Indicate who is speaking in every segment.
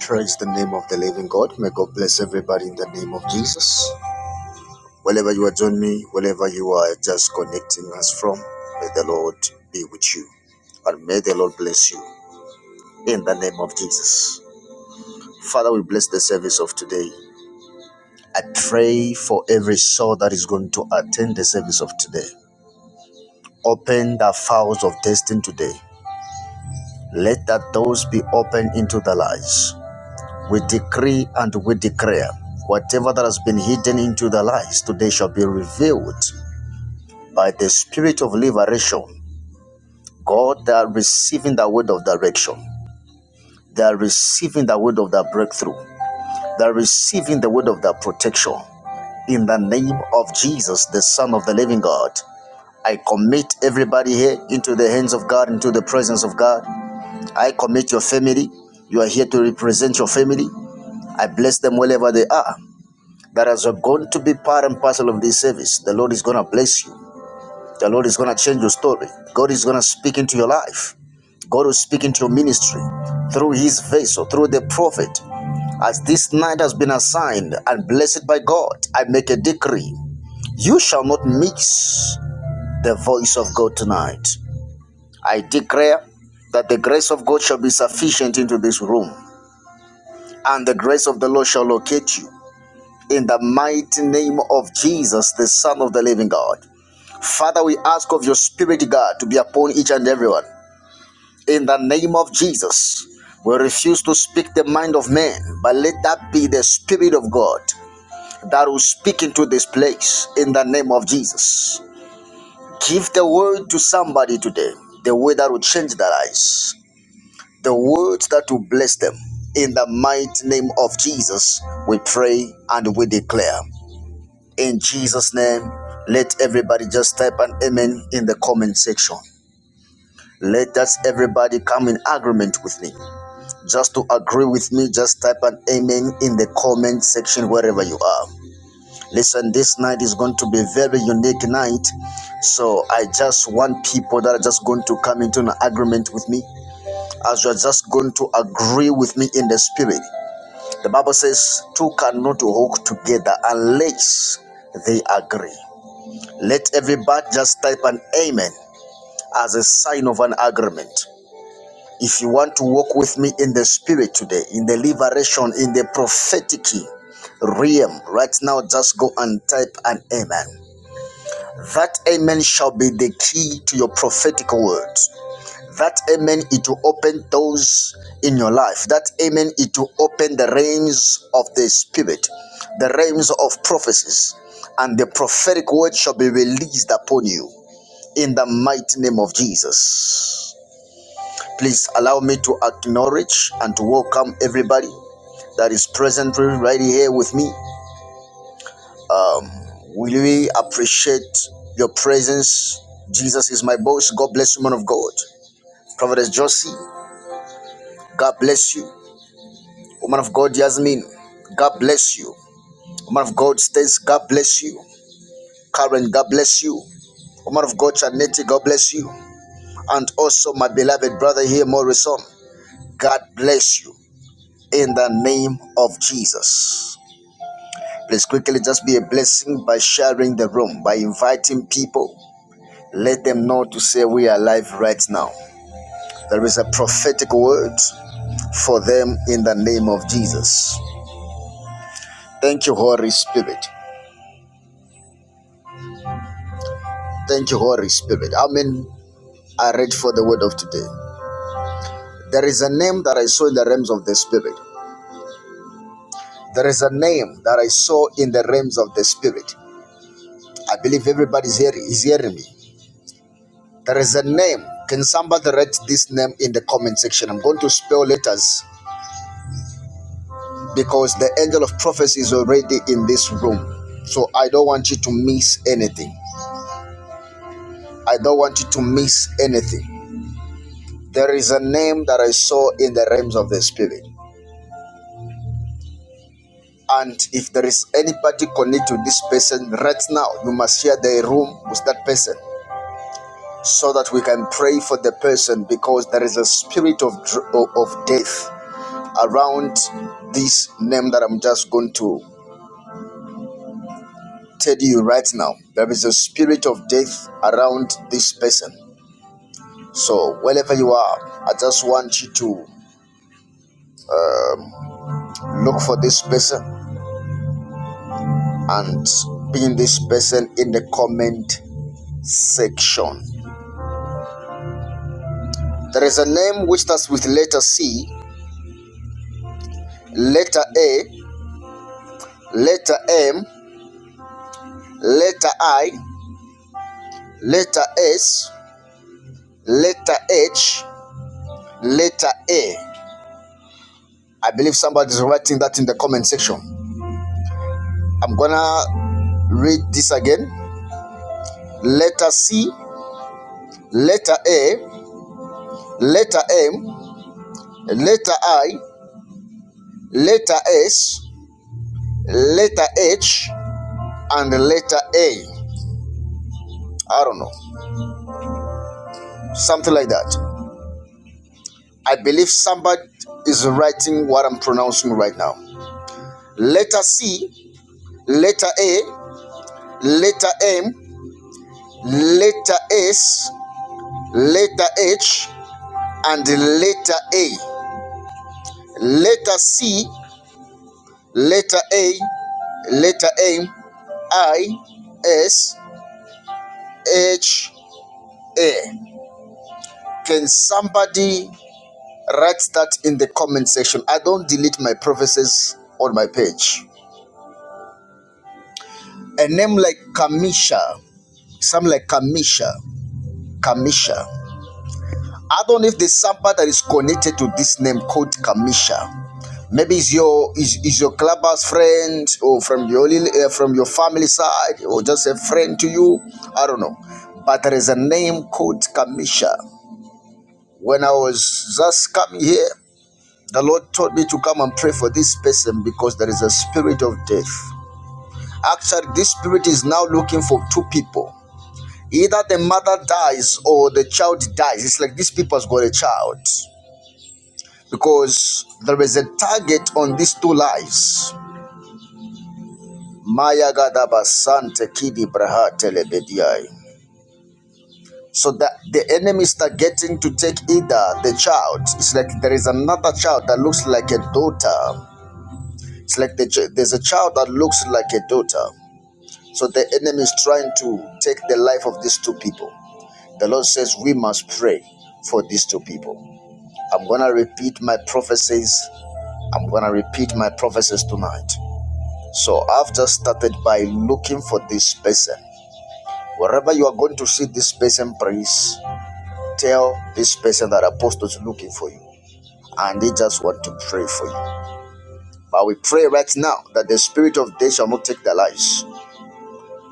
Speaker 1: Praise the name of the living God. May God bless everybody in the name of Jesus. Wherever you are joining me, wherever you are just connecting us from, may the Lord be with you. And may the Lord bless you in the name of Jesus. Father, we bless the service of today. I pray for every soul that is going to attend the service of today. Open the files of destiny today. Let that doors be open into their lives. We decree and we declare whatever that has been hidden into the lies today shall be revealed by the spirit of liberation. God, they are receiving the word of direction. They are receiving the word of the breakthrough. They are receiving the word of the protection. In the name of Jesus, the Son of the living God, I commit everybody here into the hands of God, into the presence of God. I commit your family. You are here to represent your family. I bless them wherever they are. that as you're going to be part and parcel of this service, the Lord is going to bless you. The Lord is going to change your story. God is going to speak into your life. God will speak into your ministry through his vessel, through the prophet. As this night has been assigned and blessed by God, I make a decree. You shall not mix the voice of God tonight. I declare that the grace of God shall be sufficient into this room, and the grace of the Lord shall locate you. in the mighty name of Jesus, the Son of the living God. Father, we ask of your Spirit, God, to be upon each and everyone. In the name of Jesus, we refuse to speak the mind of man, but let that be the Spirit of God that will speak into this place in the name of Jesus. Give the word to somebody today, the word that will change their lives, the word that will bless them. In the mighty name of Jesus, we pray and we declare. in Jesus' name. Let everybody just type an amen in the comment section. Let us everybody come in agreement with me. Just to agree with me, just type an amen in the comment section wherever you are. Listen, this night is going to be a very unique night. So I just want people that are just going to come into an agreement with me as you are just going to agree with me in the spirit. The Bible says, Two cannot walk together unless they agree. Let everybody just type an amen as a sign of an agreement. If you want to walk with me in the spirit today, in the liberation, in the prophetic realm, right now just go and type an amen. That amen shall be the key to your prophetic words. That amen it will open doors in your life. That amen it will open the realms of the spirit, the realms of prophecies, and the prophetic word shall be released upon you in the mighty name of Jesus. Please allow me to acknowledge and to welcome everybody that is present right here with me. Um, we really appreciate your presence. Jesus is my boss. God bless you, man of God. Prophetess Josie, God bless you. Woman of God, Yasmin, God bless you. Woman of God, Stace, God bless you. Karen, God bless you. Woman of God, Chanette, God bless you. And also my beloved brother here, Morrison, God bless you. in the name of Jesus. Please quickly just be a blessing by sharing the room, by inviting people. Let them know to say we are alive right now. There is a prophetic word for them in the name of Jesus. Thank you, Holy Spirit. Thank you, Holy Spirit. Amen. I read for the word of today. There is a name that I saw in the realms of the Spirit. There is a name that I saw in the realms of the Spirit. I believe everybody is hearing is hearing me. There is a name. Can somebody write this name in the comment section? I'm going to spell letters because the angel of prophecy is already in this room. So I don't want you to miss anything. I don't want you to miss anything. There is a name that I saw in the realms of the spirit. And if there is anybody connected to this person right now, you must share the room with that person so that we can pray for the person because there is a spirit of, of of death around this name that I'm just going to tell you right now. There is a spirit of death around this person. So, wherever you are, I just want you to look for this person and pin this person in the comment section. There is a name which starts with letter C, letter A, letter M, letter I, letter S, letter H, letter A. I believe somebody's writing that in the comment section. I'm gonna read this again. Letter C, letter A, letter M, letter I, letter S, letter H, and letter A. I don't know. Something like that. I believe somebody is writing what I'm pronouncing right now. Letter C, letter A, letter M, letter S, letter H, and letter A. Letter C, letter A, letter A I S H A. Can somebody write that in the comment section? I don't delete my prophecies on my page. A name like Kamisha, some like Kamisha, Kamisha. I don't know if there's somebody that is connected to this name called Kamisha. Maybe it's your is, is your clubhouse friend or from your lil- uh, from your family side or just a friend to you. I don't know, but there is a name called Kamisha. When I was just coming here, the Lord told me to come and pray for this person because there is a spirit of death. Actually, this spirit is now looking for two people. Either the mother dies or the child dies. It's like these people has got a child because there is a target on these two lives. Maya gadaba kidi braha telebediai. So that the enemy is targeting to take either the child. It's like there is another child that looks like a daughter It's like the, ch- there's a child that looks like a daughter. So the enemy is trying to take the life of these two people. The Lord says we must pray for these two people. I'm going to repeat my prophecies. I'm going to repeat my prophecies tonight. So I've just started by looking for this person. Wherever you are going to see this person, please tell this person that apostle is looking for you and they just want to pray for you. But we pray right now that the spirit of death shall not take their lives.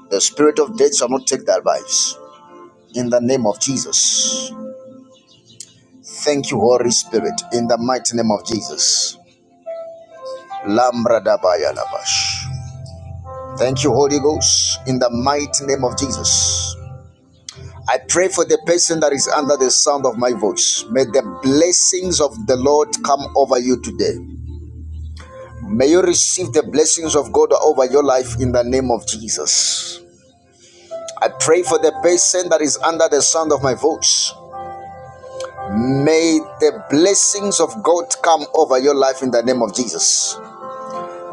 Speaker 1: The spirit of death shall not take their lives. In the name of Jesus. Thank you, Holy Spirit. In the mighty name of Jesus. Lambra dabaya labash. Thank you, Holy Ghost. In the mighty name of Jesus. I pray for the person that is under the sound of my voice. May the blessings of the Lord come over you today. May you receive the blessings of God over your life in the name of Jesus. I pray for the person that is under the sound of my voice. May the blessings of God come over your life in the name of Jesus.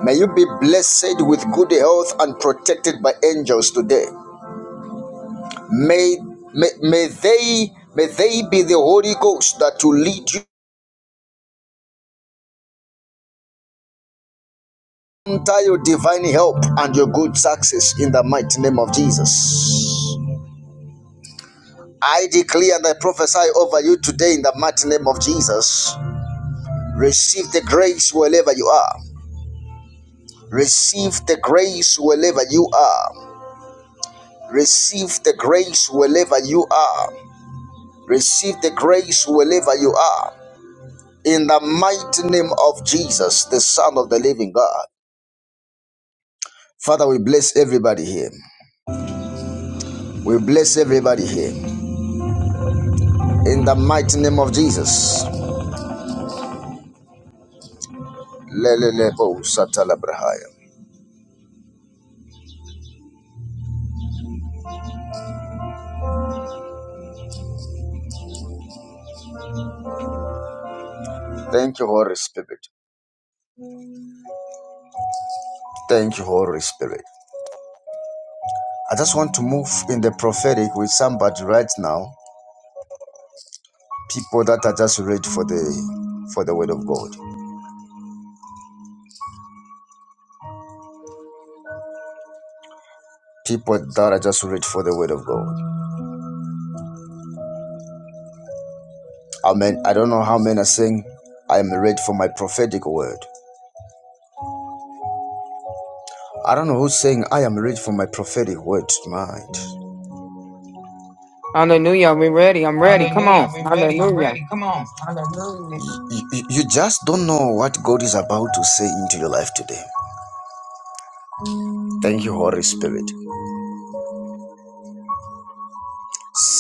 Speaker 1: May you be blessed with good health and protected by angels today. May, may, may they may they be the Holy Ghost that will lead you into your divine help and your good success in the mighty name of Jesus. I declare and I prophesy over you today in the mighty name of Jesus. Receive the grace wherever you are. Receive the grace wherever you are. Receive the grace wherever you are. Receive the grace wherever you are. In the mighty name of Jesus, the Son of the living God. Father, we bless everybody here. We bless everybody here. In the mighty name of Jesus. Lelelebo satalabrahaya. Thank you, Holy Spirit. Thank you, Holy Spirit. I just want to move in the prophetic with somebody right now. People that are just ready for the for the word of God. People that are just ready for the word of God. Amen. I don't know how men are saying, I am ready for my prophetic word. I don't know who's saying, I am ready for my prophetic word tonight.
Speaker 2: Hallelujah. We ready. I'm ready. Come on.
Speaker 1: Hallelujah. We're ready. I'm
Speaker 2: Hallelujah.
Speaker 1: ready. Come on. Hallelujah. You, you you just don't know what God is about to say into your life today. Thank you, Holy Spirit.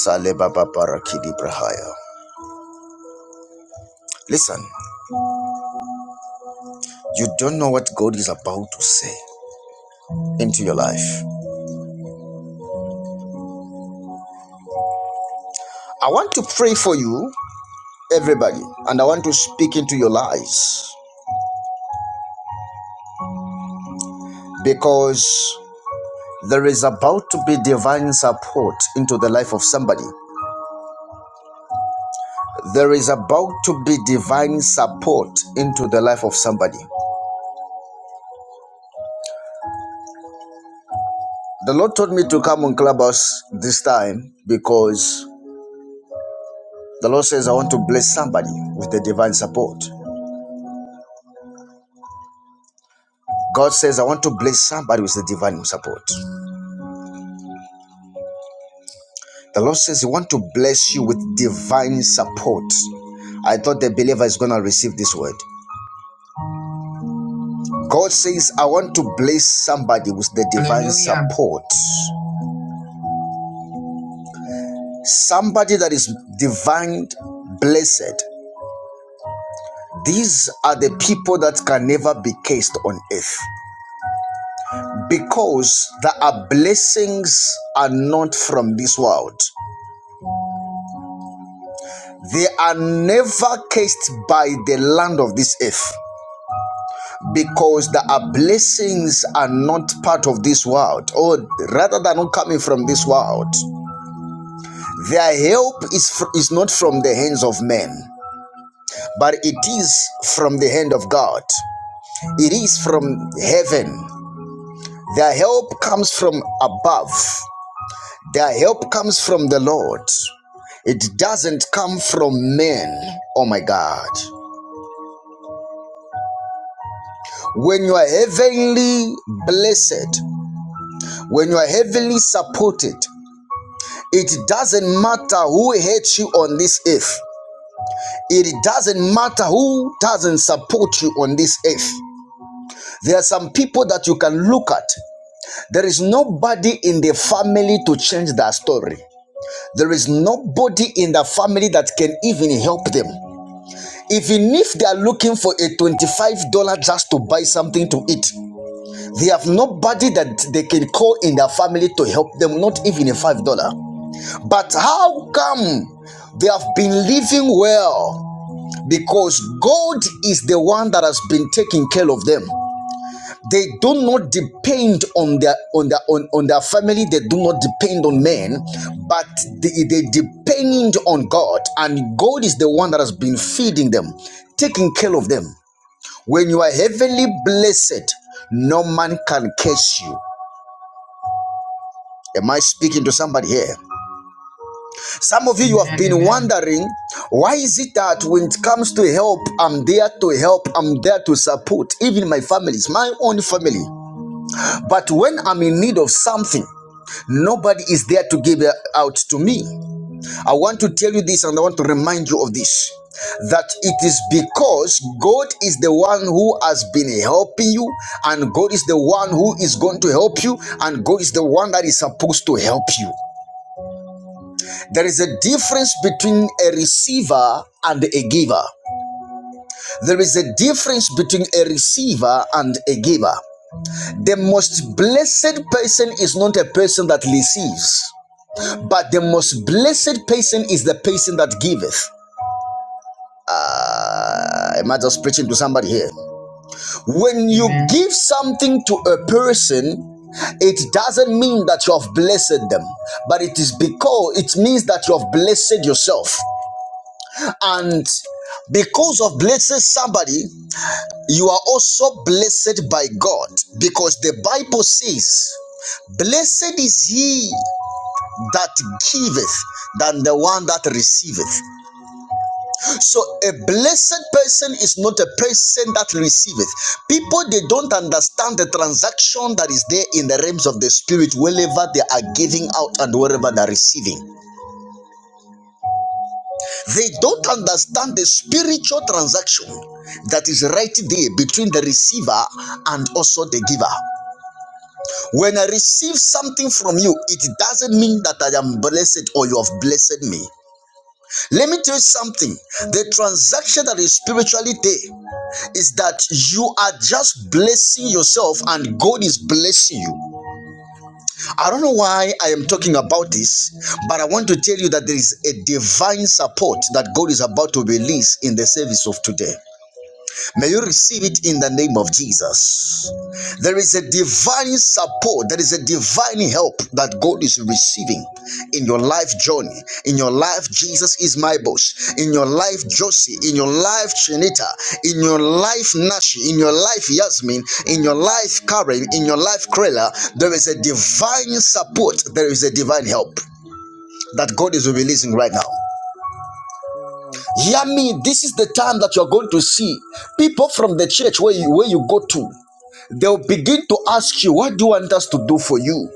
Speaker 1: Sale Baba Barakidi Brahaya. Listen, you don't know what God is about to say into your life. I want to pray for you, everybody, and I want to speak into your lives because There is about to be divine support into the life of somebody. There is about to be divine support into the life of somebody. The Lord told me to come on Clubhouse this time because the Lord says, I want to bless somebody with the divine support. God says, I want to bless somebody with the divine support. The Lord says, He want to bless you with divine support. I thought the believer is going to receive this word. God says, I want to bless somebody with the divine Hallelujah. support. Somebody that is divine blessed. These are the people that can never be cursed on earth because their blessings are not from this world. They are never cursed by the land of this earth because the blessings are not part of this world or rather than not coming from this world their help is, fr- is not from the hands of men but it is from the hand of god It is from heaven. Their help comes from above. Their help comes from the Lord. It doesn't come from men. Oh my God. When you are heavenly blessed, when you are heavenly supported, it doesn't matter who hates you on this earth. It doesn't matter who doesn't support you on this earth. There are some people that you can look at. There is nobody in the family to change their story. There is nobody in the family that can even help them. Even if they are looking for a $25 just to buy something to eat, they have nobody that they can call in their family to help them, not even a $5. But how come they have been living well? Because God is the one that has been taking care of them they do not depend on their on their on, on their family they do not depend on men but they, they depend on god and god is the one that has been feeding them taking care of them when you are heavenly blessed no man can curse you am i speaking to somebody here some of you you have been wondering why is it that when it comes to help i'm there to help i'm there to support even my families my own family but when i'm in need of something Nobody is there to give out to me. I want to tell you this and I want to remind you of this that it is because God is the one who has been helping you, and God is the one who is going to help you, and God is the one that is supposed to help you. There is a difference between a receiver and a giver. There is a difference between a receiver and a giver. The most blessed person is not a person that receives. But the most blessed person is the person that giveth. Uh, am I just preaching to somebody here? When you Amen. give something to a person, it doesn't mean that you have blessed them, but it is because it means that you have blessed yourself. And
Speaker 3: Amen.
Speaker 1: because of blessing somebody, you are also blessed by God because the Bible says, Blessed is he that giveth than the one that receiveth. So
Speaker 3: Amen.
Speaker 1: a blessed person is not a person that receiveth. People they don't understand the transaction that is there in the realms of the spirit, wherever they are giving out and wherever they are receiving. They don't understand the spiritual transaction that is right there between the receiver and also the giver. When I receive something from you, it doesn't mean that I am blessed or you have blessed me. Let me tell you something. The transaction that is spiritually there. is that you are just blessing yourself and God is blessing you. I don't know why I am talking about this, but I want to tell you that there is a divine support that God is about to release in the service of today. May you receive it in the name of Jesus. There is a divine support, there is a divine help that God is receiving in your life journey. In your life, Jesus is my boss. In your life, Josie. In your life, Chinita. In your life, Nashi. In your life, Yasmin. In your life, Karen. In your life, Krela. There is a divine support, there is a divine help that God is releasing
Speaker 3: Amen.
Speaker 1: right now.
Speaker 3: Amen.
Speaker 1: Hear
Speaker 3: Amen.
Speaker 1: me, this is the time that you're going to see people from the church where you, where you go to. They'll begin to ask you, What do you want us to do for you?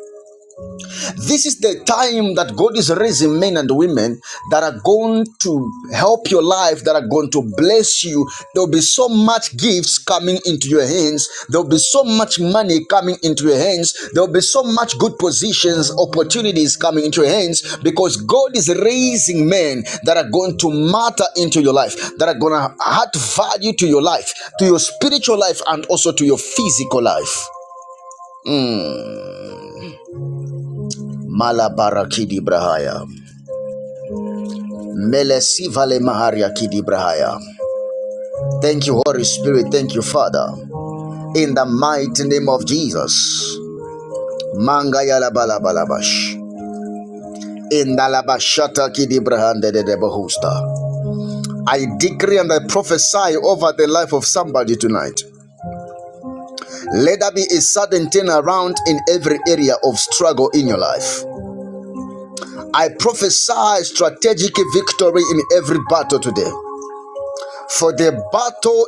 Speaker 3: Hmm.
Speaker 1: This is the
Speaker 3: Hmm.
Speaker 1: time that God is raising men and women that are going to help your life, that are going to bless you. There'll be so much gifts
Speaker 3: Amen.
Speaker 1: coming into your hands. There'll be so much
Speaker 3: Amen.
Speaker 1: money coming into your hands. There'll be so much good positions, opportunities coming into your hands because God is raising men that are going to matter into your life, that are going to add value to
Speaker 3: Amen.
Speaker 1: your life, to your spiritual life, and also to your physical life. Mm.
Speaker 3: Amen. Amen. Amen. Amen.
Speaker 1: Malabarakidi Brahaya. Melesiva le maharia kidibrahaya. Thank you, Holy Spirit. Thank you, Father. In the mighty name of Jesus. Manga yala balabalabash. In the labashata kidibrahande de debohusta. I decree and I prophesy over the life of somebody tonight. Let there be a sudden turnaround in every area of struggle in your life. I prophesy strategic victory in every battle today. For the battle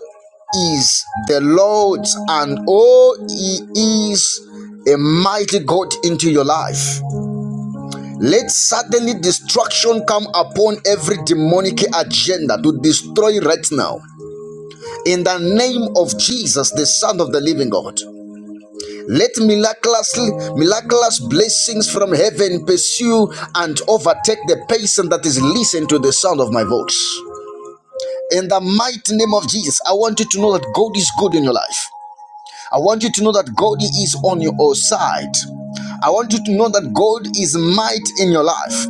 Speaker 1: is the Lord's, and oh, He is a mighty God into your life. Let suddenly destruction come upon every demonic agenda to destroy right now. In the
Speaker 3: Amen.
Speaker 1: name
Speaker 3: Amen.
Speaker 1: of Jesus, the Son of the Living God. Let miraculous, miraculous blessings from heaven pursue and overtake the person that is listening to the sound of my voice. In the mighty name of Jesus, I want you to know that God is good in your life. I want you to know that God
Speaker 3: Amen.
Speaker 1: is on your side. I want you to know
Speaker 3: Amen. Amen.
Speaker 1: that God is might in your life.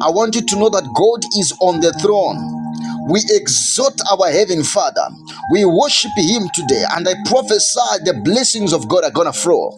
Speaker 1: I want you to know
Speaker 3: Amen.
Speaker 1: that God is on the throne. We
Speaker 3: Amen.
Speaker 1: exalt our heaven Father. We worship Him today, and I prophesy the blessings of God are gonna flow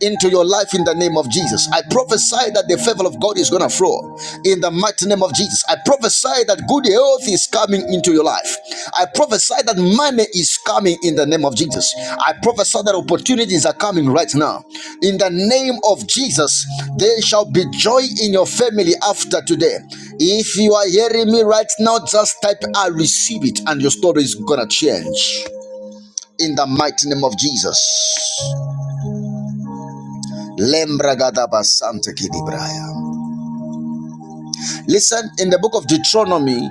Speaker 1: into your life in the name of Jesus. I prophesy that the favor of God is gonna flow in the mighty name of Jesus. I prophesy that good health is coming into your life. I prophesy that money is coming in the name of Jesus. I prophesy that opportunities are coming right now. In the name of Jesus, there shall be joy in your family after today. If you are hearing me right now, just type I receive it and your story is gonna change. In the mighty name of Jesus. Lembra gadaba sante kidibraya. Listen, in the book of Deuteronomy,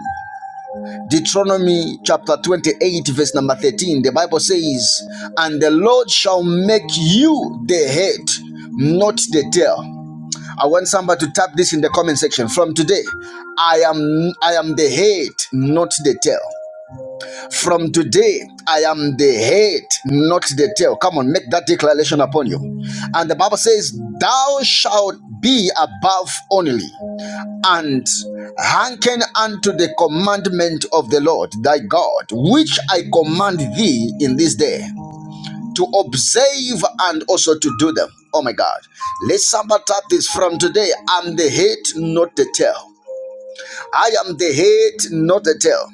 Speaker 1: Deuteronomy chapter 28, verse number 13, the Bible says, And the Lord shall make you the head, not the tail. I want somebody to tap this in the comment section. From today, I am I am the head, not the tail. From today, I am the head, not the tail. Come on, make that declaration upon you. And the Bible says, Thou shalt be above only and hearken unto the commandment of the Lord thy God, which I command thee in this day, to observe and also to do them. Oh my God. Let's somebody up this from today. I'm the head, not the tail. I am the head, not the tail.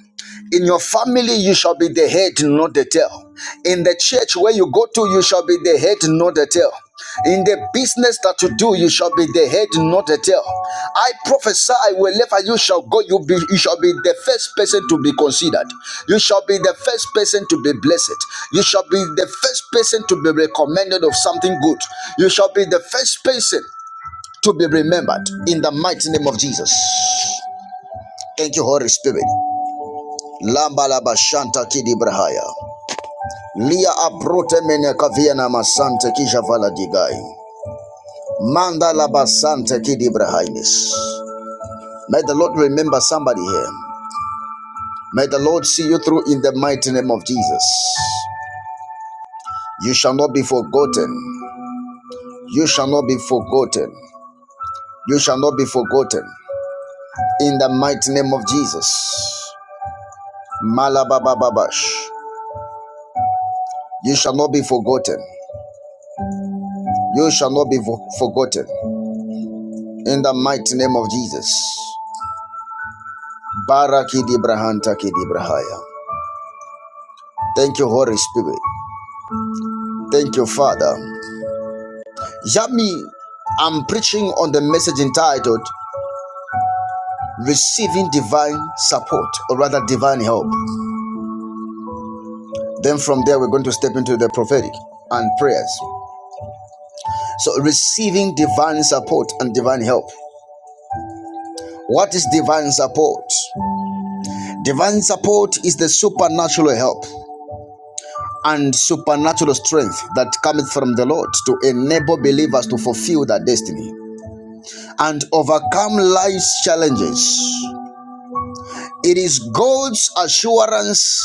Speaker 1: In your family, you shall be the head, not the tail. In the church where you go to, you shall be the head, not the tail. In the business that you do, you shall be the head, not the tail. I prophesy wherever you shall go, you, be, you shall be the first person to be considered. You shall be the first person to be blessed. You shall be the first person to be recommended of something good. You shall be the first person to be remembered in the mighty name of Jesus. Thank you, Holy Spirit. Lambala bashanta kidibrahaya. Lia abrote mene kaviana masante kijavala digai. Manda la basante kidibrahainis. May the Lord remember somebody here. May the Lord see you through in the mighty name of Jesus. You shall not be forgotten. You shall not be forgotten. You shall not be forgotten. In the mighty name of Jesus. Malabababash. You shall not be forgotten. You shall not be forgotten. in the mighty name of Jesus. Barakidi Brahanta Kidi Brahaya. Thank you, Holy Spirit. Thank you, Father. Yami, I'm preaching on the message entitled Receiving Divine Support, or rather, Divine Help. Then from there, we're going to step into the prophetic and prayers. So, receiving divine support and divine help. What is divine support? Divine support is the supernatural help and supernatural strength that cometh from the Lord to enable believers to fulfill their destiny and overcome life's challenges. It is God's assurance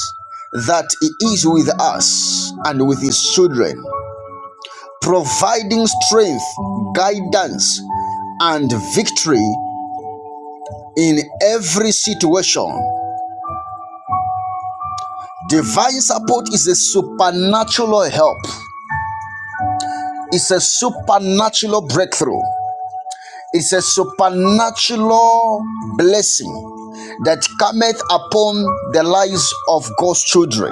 Speaker 1: that He is with us and with His children, providing strength, guidance, and victory in every situation. Divine support is a supernatural help, it's a supernatural breakthrough. It's a supernatural blessing that cometh upon the lives of God's children.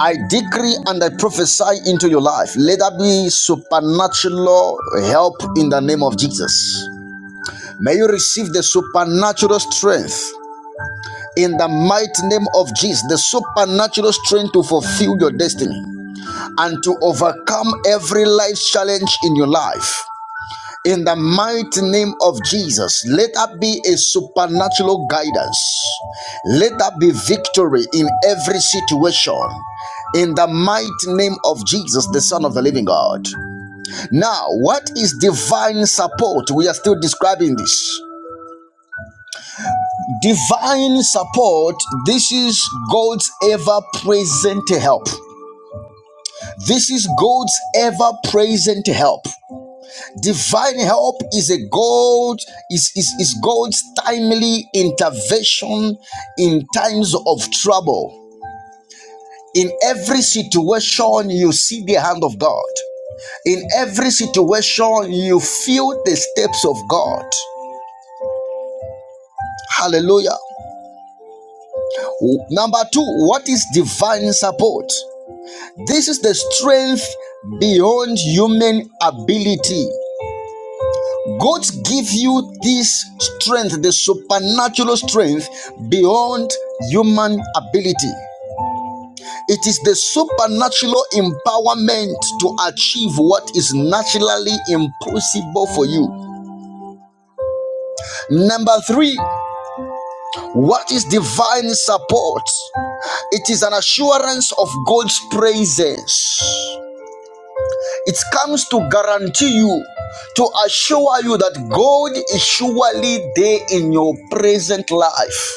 Speaker 1: I decree and I prophesy into your life. Let there be supernatural help in the name of Jesus. May you receive the supernatural strength in the mighty name of Jesus, the supernatural strength to fulfill your destiny and to overcome every life challenge in your life. In the mighty name of Jesus, let that be a supernatural guidance. Let that be victory in every situation. In the mighty name of Jesus, the Son of the Living God. Now, what is divine support? We are still describing this. Divine support, this is God's ever present help. This is God's ever present help. Divine help is a God, is, is, is God's timely intervention in times of trouble. In every situation, you see the hand of God. In every situation, you feel the steps of God. Hallelujah. Number two, what is divine support? This is the strength beyond human ability. God give you this strength, the supernatural strength beyond human ability. It is the supernatural empowerment to achieve what is naturally impossible for you. Number three, what is divine support? It is an assurance of God's presence. It comes to guarantee you, to assure you that God is surely there in your present life.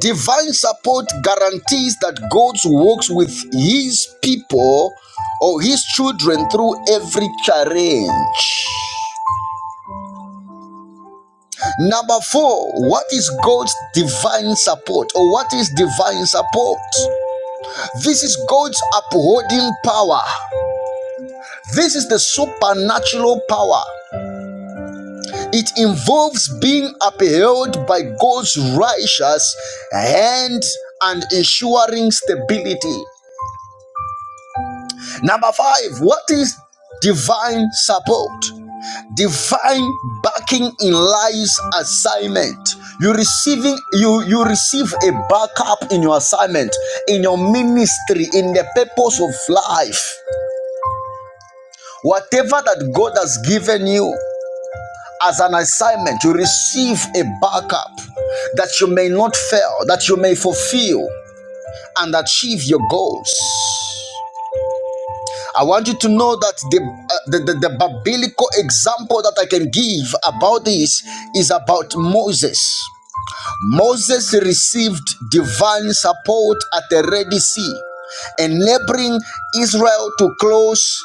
Speaker 1: Divine support guarantees that God walks with his people or his children through every challenge. Number four, what is God's divine support or what is divine support? This is God's upholding power. This is the supernatural power. It involves being upheld by God's righteous hand and ensuring stability. Number five, what is divine support? Divine backing in life's assignment. You receiving you you receive a backup in your assignment, in your ministry, in the purpose of life. Whatever that God has given you as an assignment, you receive a backup that you may not fail, that you may fulfill and achieve your goals. I want you to know that the, uh, the, the, the biblical example that I can give about this is about Moses. Moses received divine support at the Red Sea, enabling Israel to close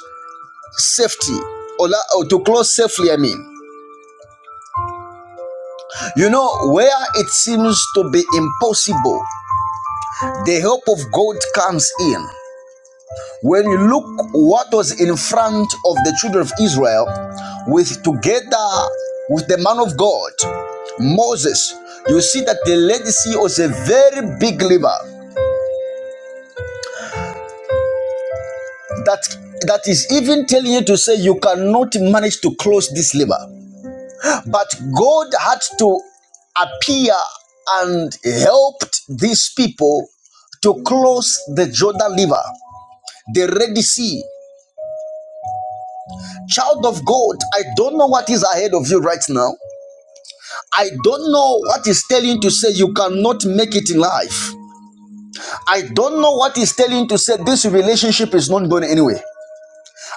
Speaker 1: safety or, or to close safely. I mean, you know, where it seems to be impossible, the help of God comes in. When you look what was in front of the children of Israel with together with the man of God, Moses, you see that the Red Sea was a very big river that that is even telling you to say you cannot manage to close this river. But God had to appear and helped these people to close the Jordan River, the Red Sea. Child of God, I don't know what is ahead of you right now, I don't know what is telling to say you cannot make it in life. I don't know what is telling to say this relationship is not going anywhere.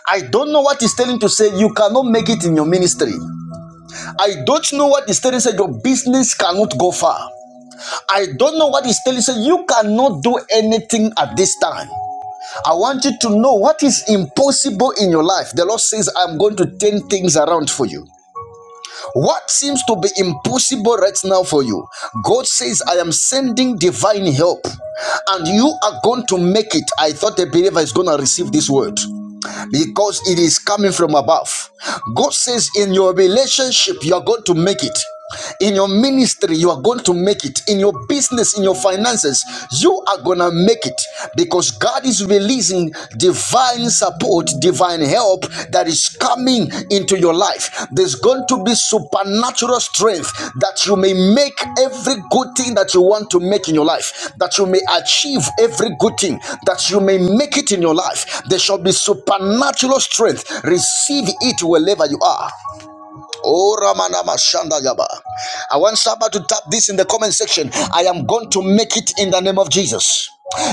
Speaker 1: I don't know what is telling to say you cannot make it in your ministry. I don't know what is telling to say your business cannot go far. I don't know what is telling to say you cannot do anything at this time. I want you to know what is impossible in your life. The Lord says, I'm going to turn things around for you. What seems to be impossible right now for you, God says, I am sending divine help, and you are going to make it. I thought a believer is going to receive this word because it is coming from above. God says, In your relationship, you are going to make it. In your ministry, you are going to make it. In your business, in your finances, you are going to make it because God is releasing divine support, divine help that is is coming into your life. There's going to be supernatural strength that you may make every good thing that you want to make in your life, that you may achieve every good thing, that you may make it in your life. There shall be supernatural strength. Receive it wherever you are. Oh, Ramana Mashanda Gaba. I want somebody to tap this in the comment section. I am going to make it in the name of Jesus.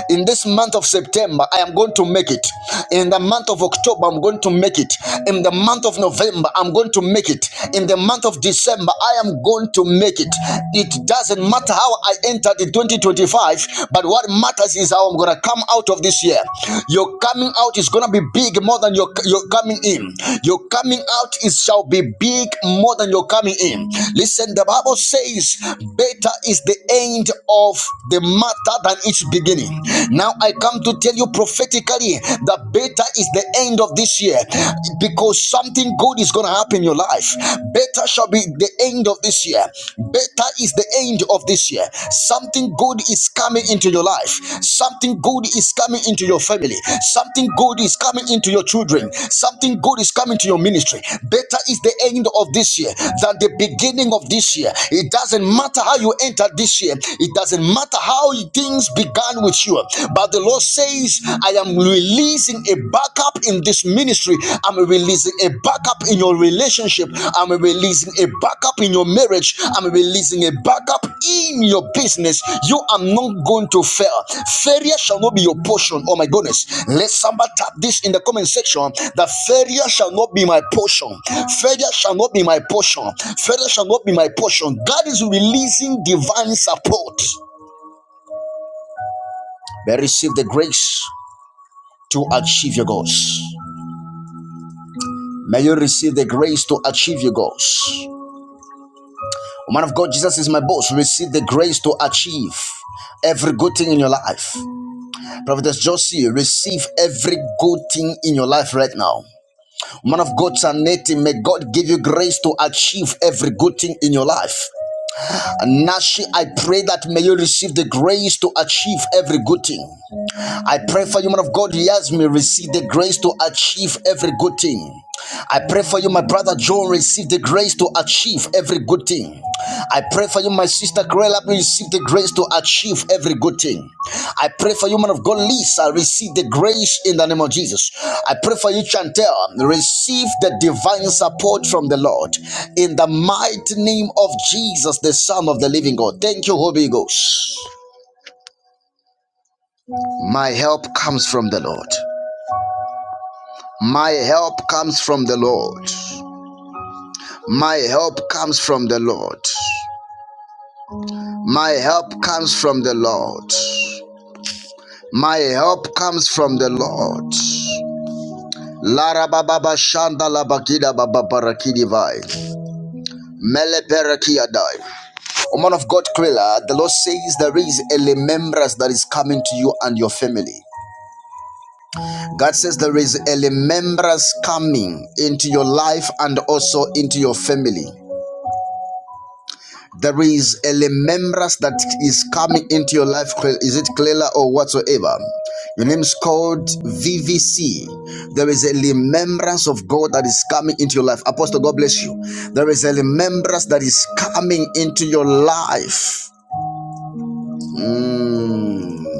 Speaker 1: In this month of September, I am going to make it. In the month of October, I'm going to make it. In the month of November, I'm going to make it. In the month of December, I am going to make it. It doesn't matter how I entered in 2025, but what matters is how I'm going to come out of this year year. Your coming out is gonna be big more than your your coming in. Your coming out is shall be big more than your coming in. Listen, the Bible says, "Better is the end of the matter than its beginning." Now I come to tell you prophetically that better is the end of this year because something good is gonna happen in your life. Better shall be the end of this year. Better is the end of this year. Something good is coming into your life. Something good is coming into your family. Something good is coming into your children. Something good is coming to your ministry. Better is the end of this year than the beginning of this year. It doesn't matter how you entered this year, it doesn't matter how things began with you. But the Lord says, I am releasing a backup in this." ministry. I'm releasing a backup in your relationship. I'm releasing a backup in your marriage. I'm releasing a backup in your business. You are not going to fail. Failure shall not be your portion. Oh my goodness. Let somebody tap this in the comment section that failure shall not be my portion. Failure shall not be my portion. Failure shall not be my portion. God is releasing divine support. May I receive the grace to achieve your goals. May you receive the grace to achieve your goals. Man of God, Jesus is my boss. Receive the grace to achieve every good thing in your life. Prophetess Josie, receive every good thing in your life right now. Man of God, Saneti, may God give you grace to achieve every good thing in your life. And Nashi, I pray that may you receive the grace to achieve every good thing. I pray for you, man of God, Yasmin, receive the grace to achieve every good thing. I pray for you, my brother John, receive the grace to achieve every good thing. I pray for you, my sister Grella, receive the grace to achieve every good thing. I pray for you, man of God, Lisa, receive the grace in the name of Jesus. I pray for you, Chantel, receive the divine support from the Lord in the mighty name of Jesus, the Son of the Living God. Thank you, Holy Ghost. My help comes from the Lord. My help comes from the Lord. My help comes from the Lord. My help comes from the Lord. My help comes from the Lord. Lara baba ba shanda la bakida baba barakidi vai. Mele perakia dai. O man of God, Krilla, the Lord says there is a remembrance that is coming to you and your family. God says there is a remembrance coming into your life and also into your family. There is a remembrance that is coming into your life. Is it clearer or whatsoever? Your name is called VVC. There is a remembrance of God that is coming into your life. Apostle, God bless you. There is a remembrance that is coming into your life. Mm.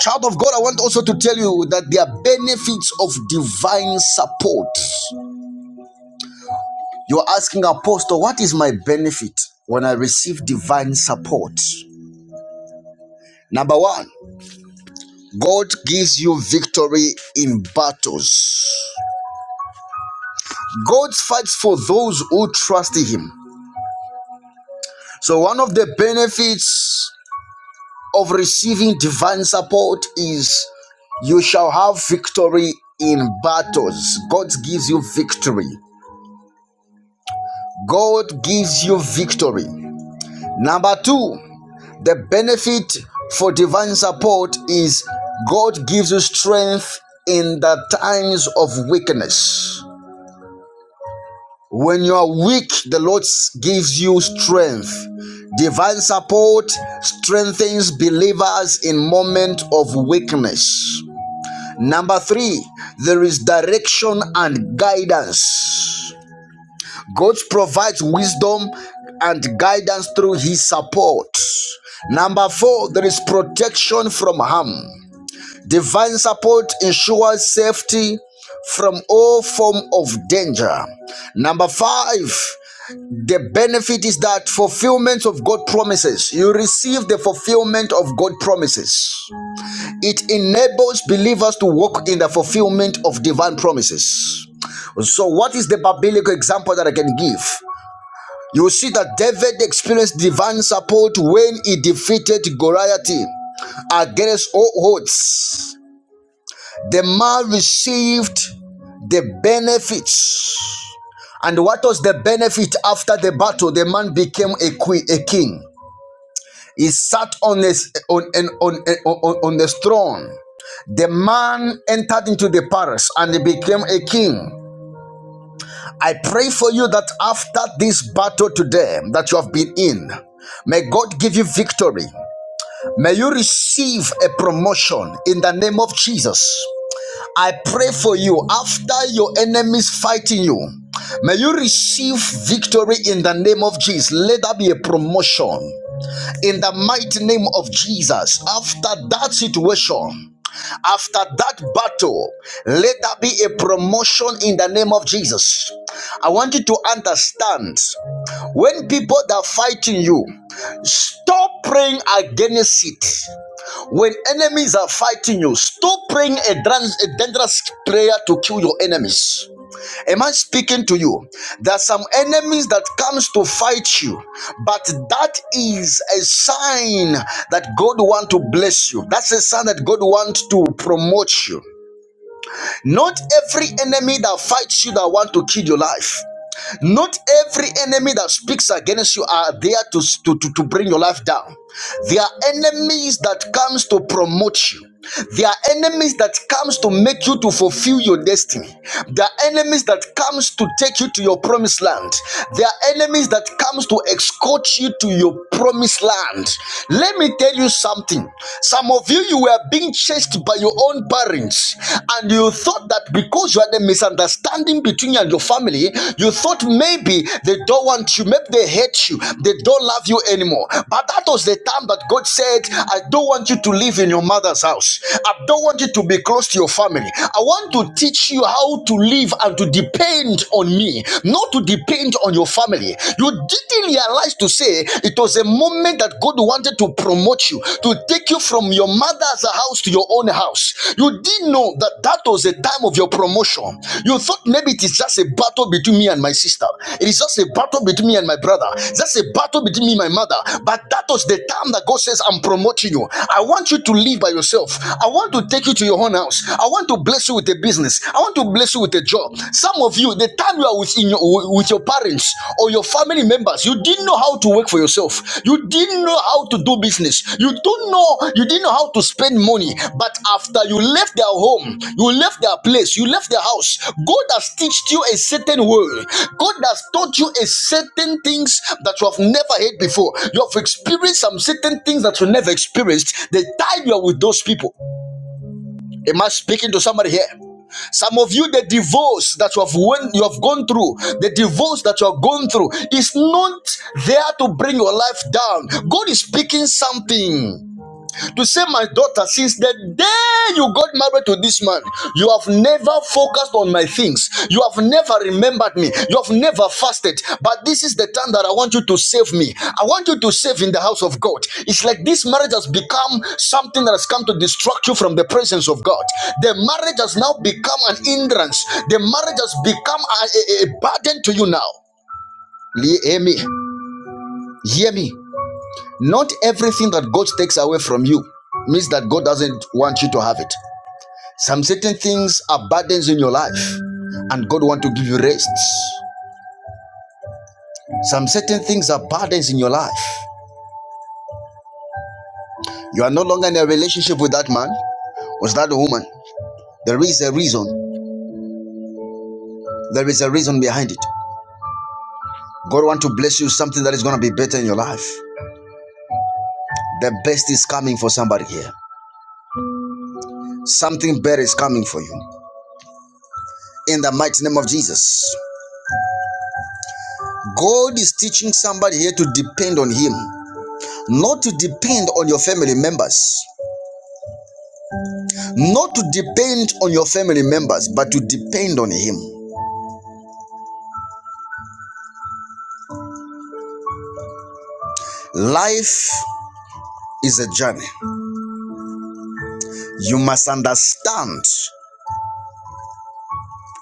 Speaker 1: Child of God, I want also to tell you that there are benefits of divine support. You're asking, Apostle, what is my benefit when I receive divine support? Number one. God gives you victory in battles. God fights for those who trust Him. So, one of the benefits of receiving divine support is you shall have victory in battles. God gives you victory. God gives you victory. Number two, the benefit for divine support is God gives you strength in the times of weakness. When you are weak, the Lord gives you strength. Divine support strengthens believers in moment of weakness. Number 3, there is direction and guidance. God provides wisdom and guidance through his support. Number 4, there is protection from harm. Divine support ensures safety from all form of danger. Number five, the benefit is that fulfillment of God promises. You receive the fulfillment of God promises. It enables believers to walk in the fulfillment of divine promises. So, what is the biblical example that I can give? You see that David experienced divine support when he defeated Goliath against all odds. The man received the benefits. And what was the benefit after the battle? The man became a, queen, a king. He sat on his on on on on, on his throne. The man entered into the palace and he became a king. I pray for you that after this battle today that you have been in, may God give you victory. May you receive a promotion in the name of Jesus. I pray for you after your enemies fighting you. May you receive victory in the name of Jesus. Let that be a promotion in the mighty name of Jesus. After that situation, after that battle, let that be a promotion in the name of Jesus. I want you to understand when people that are fighting you, stop praying against it. When enemies are fighting you, stop praying a, dran- a dangerous prayer to kill your enemies. Am I speaking to you? There are some enemies that comes to fight you, but that is a sign that God want to bless you. That's a sign that God wants to promote you. Not every enemy that fights you that want to kill your life. Not every enemy that speaks against you are there to, to, to, to bring your life down. There are enemies that comes to promote you. There are enemies that comes to make you to fulfill your destiny. There are enemies that comes to take you to your promised land. There are enemies that comes to escort you to your promised land. Let me tell you something. Some of you you were being chased by your own body parents and you thought that because you had a misunderstanding between you and your family you thought maybe they don't want you maybe they hate you they don't love you anymore but that was the time that god said i don't want you to live in your mother's house i don't want you to be close to your family i want to teach you how to live and to depend on me not to depend on your family you didn't realize to say it was a moment government that God wanted to promote you, to take you from your mother's house to your own house. You didn't know that that was the time of your promotion. You thought maybe it is just a battle between me and my sister. It is just a battle between me and my brother. It's Just a battle between me and my mother. But that was the time that God says, I'm promoting you. I want you to live by yourself. I want to take you to your own house. I want to bless you with a business. I want to bless you with a job. Some of you, the the time you are with, in your, with your parents or your family members, you didn't know how to work for yourself. You didn't know how to do business. You don't know, you didn't know how to spend money. But after you left their home, you left their place, you left their house, God has taught you a certain way. God has taught you a certain things that you have never heard before. You have experienced some certain things that you never experienced. The time you are with those people, Am I speaking to somebody here? Some of you, the divorce that you have went, you have gone through, the divorce that you have gone through is not there to bring your life down. God is speaking something to say, My daughter, since the day you got married to this man, you have never focused on my things. You have never remembered me. You have never fasted. But this is the time that I want you to save me. I want you to save in the house of God. It's like this marriage has become something that has come to distract you from the presence of God. The marriage has now become an hindrance, the marriage has become a, a, a burden to you now. Hear me. Hear me. Not everything that God takes away from you means that God doesn't want you to have it. Some certain things are burdens in your life, and God wants to give you rest. Some certain things are burdens in your life. You are no longer in a relationship with that man or that woman. There is a reason. There is a reason behind it. God wants to bless you with something that is going to be better in your life. The best is coming for somebody here. Something better is coming for you. In the mighty name of Jesus. God is teaching somebody here to depend on Him. not to depend on your family members, not to depend on your family members, but to depend on Him. Life is a journey. You must understand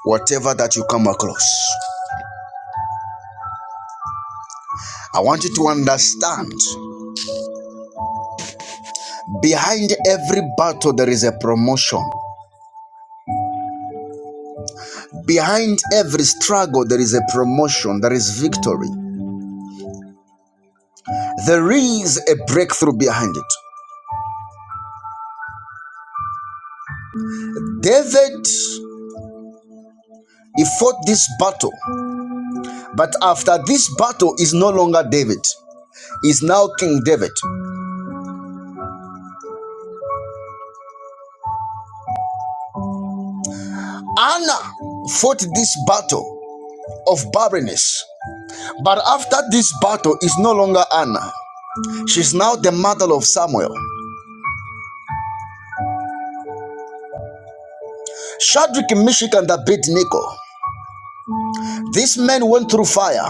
Speaker 1: whatever that you come across. I want you to understand behind every battle, there is a promotion. Behind every struggle, there is a promotion, there is victory. There is a breakthrough behind it. David, he fought this battle But after this battle is no longer David, is now King David. Anna fought this battle of barrenness. But after this battle is no longer Anna. She's now the mother of Samuel. Shadrach, Meshach, and Abednego. These men went through fire.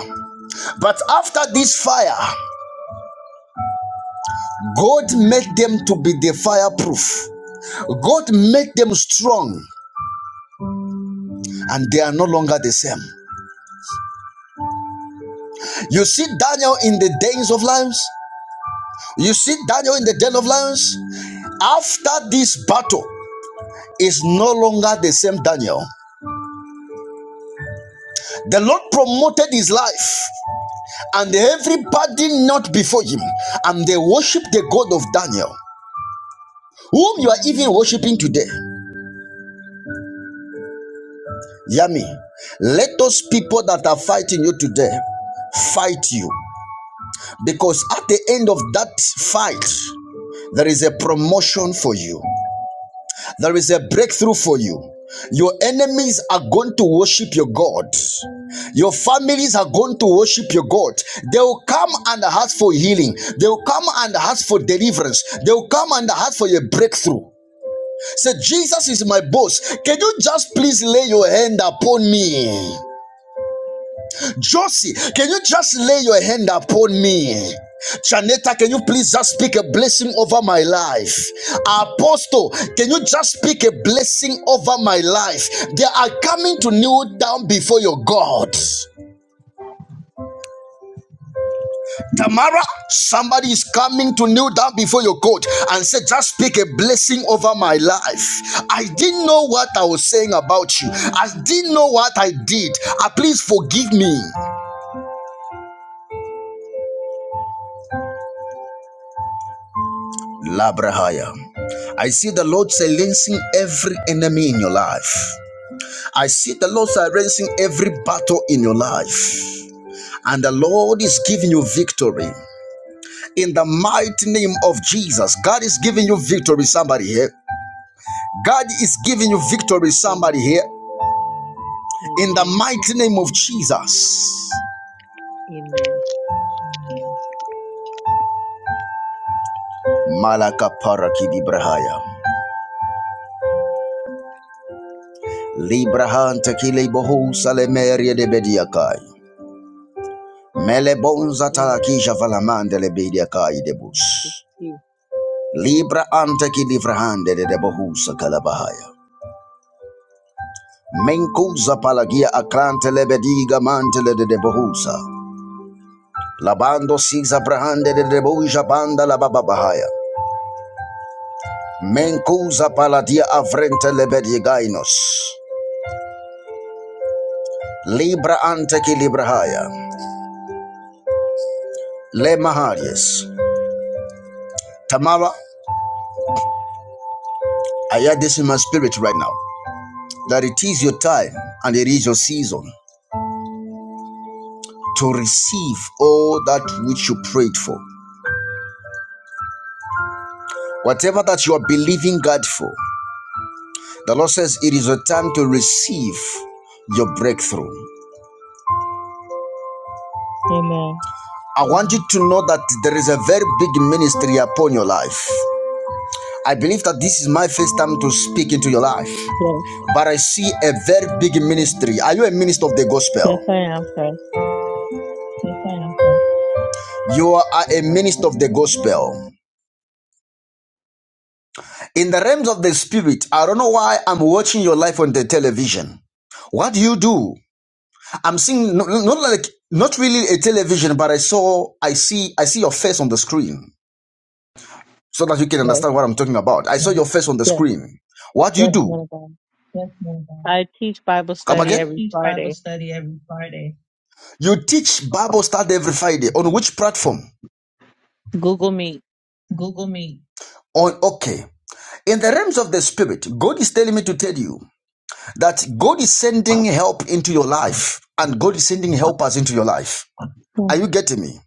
Speaker 1: But after this fire, God made them to be the fireproof. God made them strong, and they are no longer the same. You see Daniel in the days of lives. You see Daniel in the den of lions? After this battle, is no longer the same Daniel. The Lord promoted his life, and everybody not before him, and they worship the God of Daniel, whom you are even worshiping today. Yami, let those people that are fighting you today fight you, because at the end of that fight, there is a promotion for you. There is a breakthrough for you. Your enemies are going to worship your God. Your families are going to worship your God. They will come and ask for healing. They will come and ask for deliverance. They will come and ask for your breakthrough. Say, Jesus is my boss. Can you just please lay your hand upon me? Josie, can you just lay your hand upon me? Janetta, can you please just speak a blessing over my life? Apostle, can you just speak a blessing over my life? They are coming to kneel down before your God. Tamara, somebody is coming to kneel down before your God and say, Just speak a blessing over my life. I didn't know what I was saying about you. I didn't know what I did. Ah, please forgive me. Labrahaya. I see the Lord silencing every enemy in your life. I see the Lord silencing every battle in your life. And the Lord is giving you victory. In the mighty name of Jesus, God is giving you victory, somebody here. God is giving you victory, somebody here. In the mighty name of Jesus.
Speaker 3: Amen.
Speaker 1: Malaka para kidibrahaya. Librahanta kilebohu salemeria de bediakai. Mele bonza
Speaker 3: Amen. Amen. Amen.
Speaker 1: talakisha valamande le kai debus.
Speaker 3: Amen.
Speaker 1: Libra ante ki livrahande de debohusa kalabahaya. Menkuza palagia akrante lebediga mantele de debohusa. Labando siza brahande de deboja banda la bababahaya. Menkuza paladia avrente lebedigainos. Libra ante ki librahaya. Le maharias. Tamara, I hear this in my spirit right now. That it is your time and it is your season. to receive all that which you prayed for. Whatever that you are believing God for, the Lord says it is a time to receive your breakthrough.
Speaker 4: Amen.
Speaker 1: I want you to know that there is a very big ministry upon your life. I believe that this is my first time to speak into your life,
Speaker 4: Yes,
Speaker 1: but I see a very big ministry. Are you a minister of the
Speaker 4: yes, I
Speaker 1: gospel?
Speaker 4: am, sir.
Speaker 1: You are a minister of the gospel. In the realms of the spirit, I don't know why I'm watching your life on the television. What do you do? I'm seeing no, no, not like not really a television, but I saw I see I see your face on the screen so that you can
Speaker 4: Yes,
Speaker 1: understand what I'm talking about. I saw your face on the
Speaker 4: yes,
Speaker 1: screen. What do you
Speaker 4: yes,
Speaker 1: do?
Speaker 4: man of God. I teach Bible
Speaker 1: Come
Speaker 4: study
Speaker 1: again?
Speaker 4: every Friday.
Speaker 1: You teach Bible study every Friday on which platform?
Speaker 4: Google Meet.
Speaker 1: On okay. In the realms of the spirit, God is telling me to tell you that God is sending help into your life and God is sending helpers into your life. Are you getting me?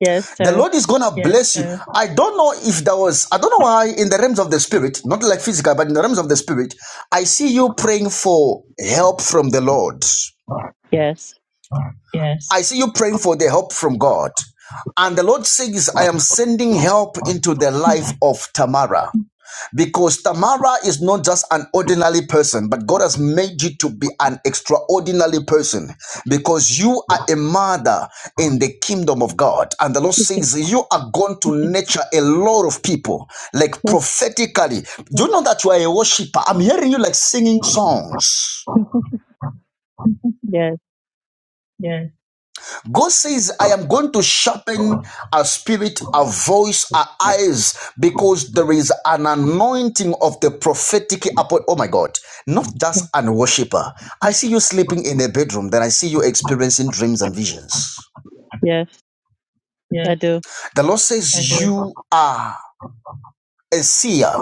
Speaker 4: Yes,
Speaker 1: The
Speaker 4: sir.
Speaker 1: Lord is gonna Yes, bless sir. you. I don't know if there was, I don't know why, in the realms of the spirit, not like physical, but in the realms of the spirit, I see you praying for help from the Lord.
Speaker 4: Yes.
Speaker 1: Yes, I Yes. see you praying for the help from God. And the Lord says, I am sending help into the life of Tamara. Because Tamara is not just an ordinary person, but God has made you to be an extraordinary person because you are a mother in the kingdom of God. And the Lord says, You are going to nurture a lot of people, like prophetically. Do you know that you are a worshiper? I'm hearing you like singing songs.
Speaker 4: Yes,
Speaker 1: God says, I am going to sharpen our spirit, our voice, our eyes, because there is an anointing of the prophetic upon. Oh my God, not just an worshiper. I see you sleeping in a bedroom, then I see you experiencing dreams and visions.
Speaker 4: yes, I do.
Speaker 1: The Lord I says, You are a seer.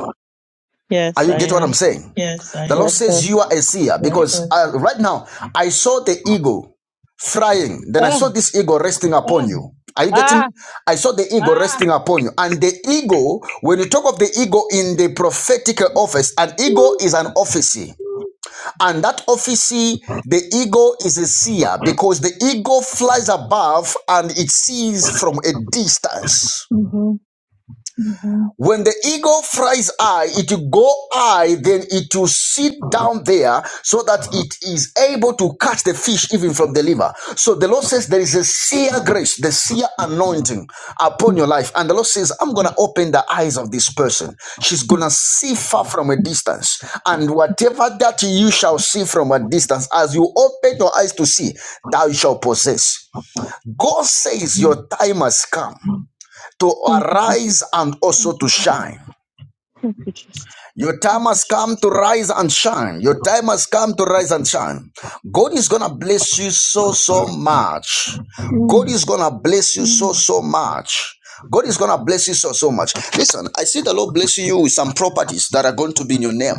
Speaker 1: Are
Speaker 4: Yes,
Speaker 1: you get
Speaker 4: I
Speaker 1: what
Speaker 4: am.
Speaker 1: I'm saying? Yes, I The Lord
Speaker 4: Yes,
Speaker 1: am.
Speaker 4: sir.
Speaker 1: says you are a seer Yes, because sir. uh, right now I saw the eagle flying. Then I
Speaker 4: Oh,
Speaker 1: saw this eagle resting upon Oh, you. Are you getting
Speaker 4: ah.
Speaker 1: me? I saw the eagle ah, resting upon you. And the eagle, when you talk of the eagle in the prophetic office, an eagle is an officer. And that officer, the eagle is a seer because the eagle flies above and it sees from a distance.
Speaker 4: Mm-hmm.
Speaker 1: When the eagle flies high, it will go high, then it will sit down there so that Uh-huh. it is able to catch the fish even from the liver. So the Lord says there is a seer grace, the seer anointing upon your life. And the Lord says, I'm going to open the eyes of this person. She's going to see far from a distance. And whatever that you shall see from a distance, as you open your eyes to see, thou shalt possess. God says your time has come to
Speaker 4: Thank you, Jesus.
Speaker 1: arise and also to shine.
Speaker 4: Thank you, Jesus.
Speaker 1: Your time has come to rise and shine. Your time has come to rise and shine. God is gonna bless you so so much. God
Speaker 4: Mm.
Speaker 1: is gonna bless you so so much. God is gonna bless you so so much. Listen, I see the Lord blessing you with some properties that are going to be in your name.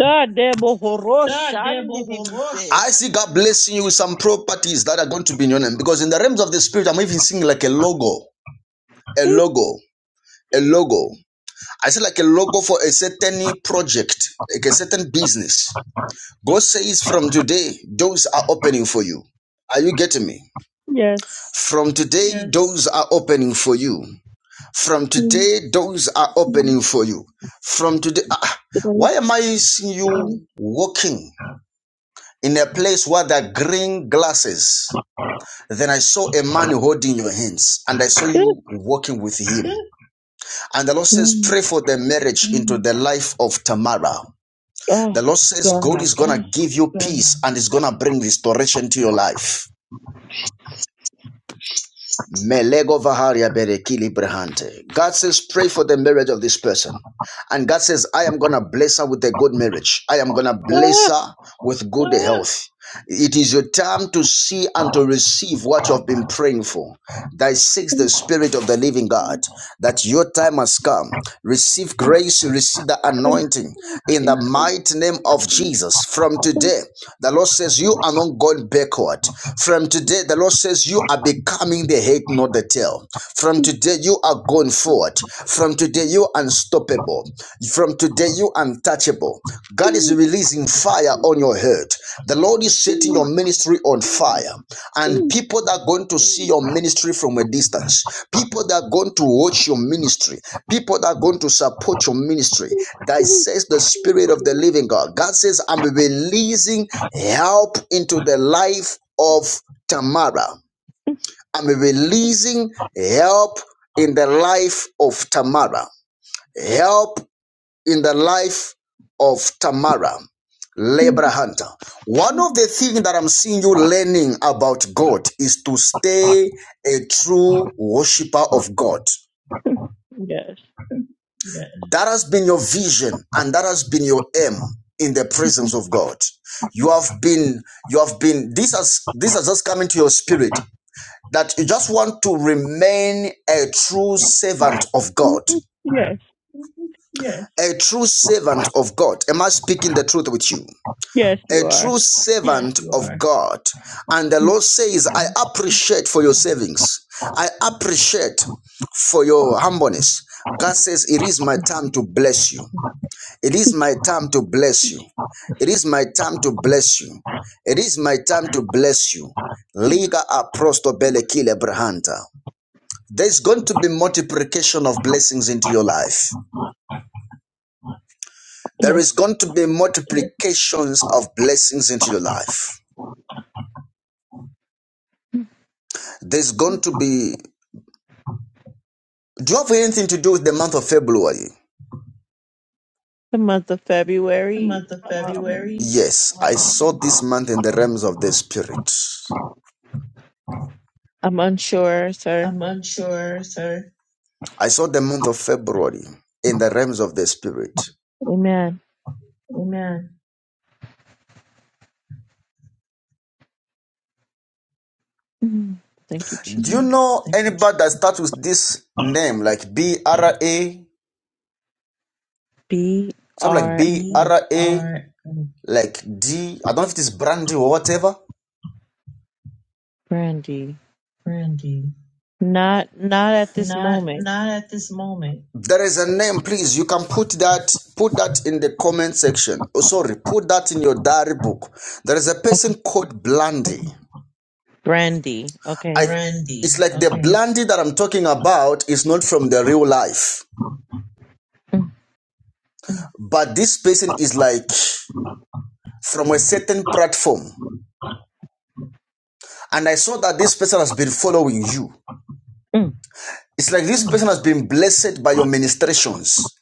Speaker 4: God, damn, oh, horo, shandi, did you say?
Speaker 1: I see God blessing you with some properties that are going to be in your name because in the realms of the spirit, I'm even seeing like a logo, a logo, a logo. I see like a logo for a certain project, like a certain business. God says from today, doors are opening for you. Are you getting me?
Speaker 4: Yes.
Speaker 1: From today, Yes. doors are opening for you. From
Speaker 4: Mm.
Speaker 1: today, doors are opening for you. From today, ah, ah.
Speaker 4: Great.
Speaker 1: why am I seeing you walking in a place where there are green glasses? Then I saw a man holding your hands, and I saw you walking with him. And the Lord says,
Speaker 4: Mm.
Speaker 1: Pray for the marriage into the life of Tamara.
Speaker 4: Oh,
Speaker 1: The Lord says, God
Speaker 4: God.
Speaker 1: is going to give you peace and is going to bring restoration to your life. Melego Vaharia Berekili Brahante. God says, pray for the marriage of this person. And God says, I am going to bless her with a good marriage. I am going to bless
Speaker 4: Ah,
Speaker 1: her with good health. It is your time to see and to receive what you have been praying for. Thy seeks the Spirit of the Living God that your time has come. Receive grace, receive the
Speaker 4: thank
Speaker 1: anointing in the
Speaker 4: you,
Speaker 1: mighty name of Jesus. From
Speaker 4: Jesus.
Speaker 1: today, the Lord says, You are not going backward. From today, the Lord says, You are becoming the head, not the tail. From today, you are going forward. From today, you are unstoppable from today, you are untouchable. God is releasing fire on your head. The Lord is setting your ministry on fire. And people that are going to see your ministry from a distance, people that are going to watch your ministry, people that are going to support your ministry. That says the Spirit of the Living God. God says, I'm releasing help into the life of Tamara. I'm releasing help in the life of Tamara help in the life of Tamara, labor hunter. One of the things that I'm seeing you learning about God is to stay a true worshiper of God.
Speaker 4: Yes.
Speaker 1: That has been your vision and that has been your aim in the presence of God. You have been, you have been, this has, this has just come into your spirit that you just want to remain a true servant of God.
Speaker 4: Yes.
Speaker 1: A true servant of God. Am I speaking the truth with you?
Speaker 4: Yes,
Speaker 1: a
Speaker 4: you
Speaker 1: true
Speaker 4: are.
Speaker 1: Yes, servant of God. And the Lord says, I appreciate for your savings. I appreciate for your humbleness. God says, It is my time to bless you. It is my time to bless you. It is my time to bless you. It is my time to bless you. Liga aprosto bele brahanta. There's going to be multiplication of blessings into your life. There
Speaker 4: Yes.
Speaker 1: is going to be multiplications of blessings into your life. There's going to be Do you have anything to do with the month of February?
Speaker 4: The month of February. Um,
Speaker 1: Yes, I saw Um, this month in the realms of the spirit.
Speaker 4: I'm unsure, sir.
Speaker 1: I saw the month of February in the realms of the spirit.
Speaker 4: Amen. Mhm. Thank you, Jesus.
Speaker 1: Do you mhm. know anybody that starts with this name, like B R A,
Speaker 4: B
Speaker 1: something like
Speaker 4: R
Speaker 1: B
Speaker 4: and
Speaker 1: R A, like D? I don't know if it is Brandy or whatever.
Speaker 4: Brandy. Not not at this moment.
Speaker 1: There is a name, please. You can put that put that in the comment section. Oh, sorry, put that in your diary book. There is a person called Blandy.
Speaker 4: Brandy.
Speaker 1: I
Speaker 4: Okay.
Speaker 1: it's like the Okay. Blandy that I'm talking about is not from the real life,
Speaker 4: Mm,
Speaker 1: but this person is like from a certain platform. And I saw that this person has been following you.
Speaker 4: mm.
Speaker 1: It's like this person has been blessed by your ministrations.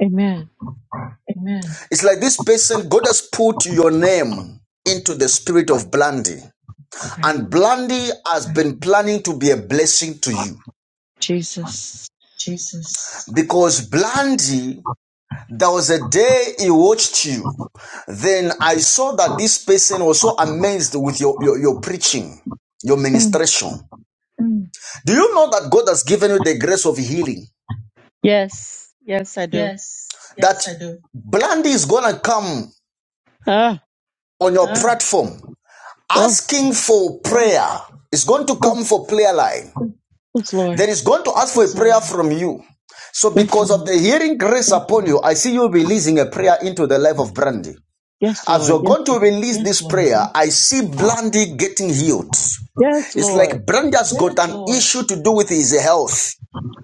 Speaker 4: Amen.
Speaker 1: It's like this person, God has put your name into the spirit of Blandy.
Speaker 4: Brandy.
Speaker 1: And Blandy has been planning to be a blessing to you
Speaker 4: Jesus.
Speaker 1: because Blandy There was a day he watched you. Then I saw that this person was so amazed with your, your, your preaching, your
Speaker 4: Mm.
Speaker 1: ministration. Do you know that God has given you the grace of healing?
Speaker 4: Yes. Yes, I do.
Speaker 1: That that Blandy is going to come
Speaker 4: Ah.
Speaker 1: on your Ah. platform
Speaker 4: Well.
Speaker 1: asking for prayer. It's going to come for prayer line.
Speaker 4: Yes, Lord.
Speaker 1: Then it's going to ask for a prayer So, from you. So
Speaker 4: Yes,
Speaker 1: because of
Speaker 4: Lord.
Speaker 1: the hearing grace upon you, I see you releasing a prayer into the life of Brandy.
Speaker 4: Yes,
Speaker 1: As
Speaker 4: Lord.
Speaker 1: we're
Speaker 4: Yes,
Speaker 1: going
Speaker 4: Lord.
Speaker 1: to release this prayer, I see Brandy getting healed.
Speaker 4: Yes,
Speaker 1: It's
Speaker 4: Lord.
Speaker 1: like Brandy's got an issue to do with his health.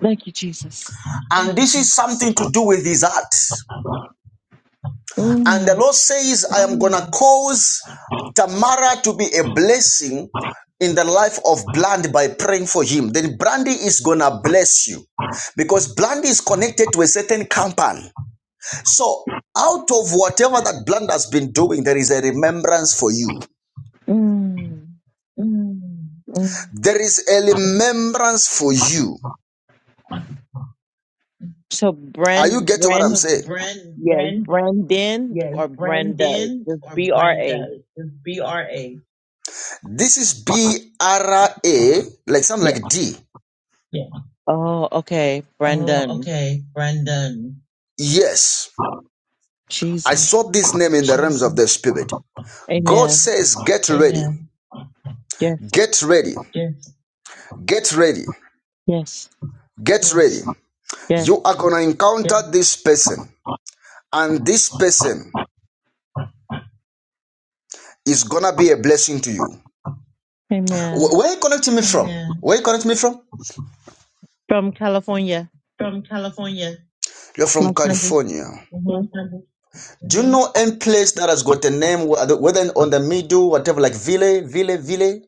Speaker 4: Thank you, Jesus.
Speaker 1: And this is something to do with his heart. And the
Speaker 4: Mm,
Speaker 1: Lord says, I am going to cause Tamara to be a blessing in the life of Bland by praying for him. Then Brandy is going to bless you because Bland is connected to a certain company. So, out of whatever that Bland has been doing, there is a remembrance for you.
Speaker 4: mm, mm.
Speaker 1: There is a remembrance for you.
Speaker 4: So
Speaker 1: Are you
Speaker 4: Bren,
Speaker 1: getting what I'm
Speaker 4: Bren,
Speaker 1: So saying? Brand,
Speaker 4: yes,
Speaker 1: brand.
Speaker 4: Brendan or Brenda, just B R A.
Speaker 1: This is B R A, like something
Speaker 4: Yes.
Speaker 1: like D.
Speaker 4: Oh, okay, Brendan.
Speaker 1: Yes, I
Speaker 4: Jesus.
Speaker 1: saw this name in the realms of the spirit. God
Speaker 4: Amen.
Speaker 1: says, Get ready,
Speaker 4: Yes,
Speaker 1: get ready, get ready,
Speaker 4: yes,
Speaker 1: get ready. Yes.
Speaker 4: yes.
Speaker 1: You are gonna Yes. encounter this person, and this person is gonna be a blessing to you.
Speaker 4: Amen.
Speaker 1: Where are you connecting me from? Amen. Where are you connecting me from?
Speaker 4: From California,
Speaker 1: You're from
Speaker 4: Los Angeles.
Speaker 1: California.
Speaker 4: hmm
Speaker 1: Do you know any place that has got a name, whether on the middle, whatever, like Ville, Ville, Ville?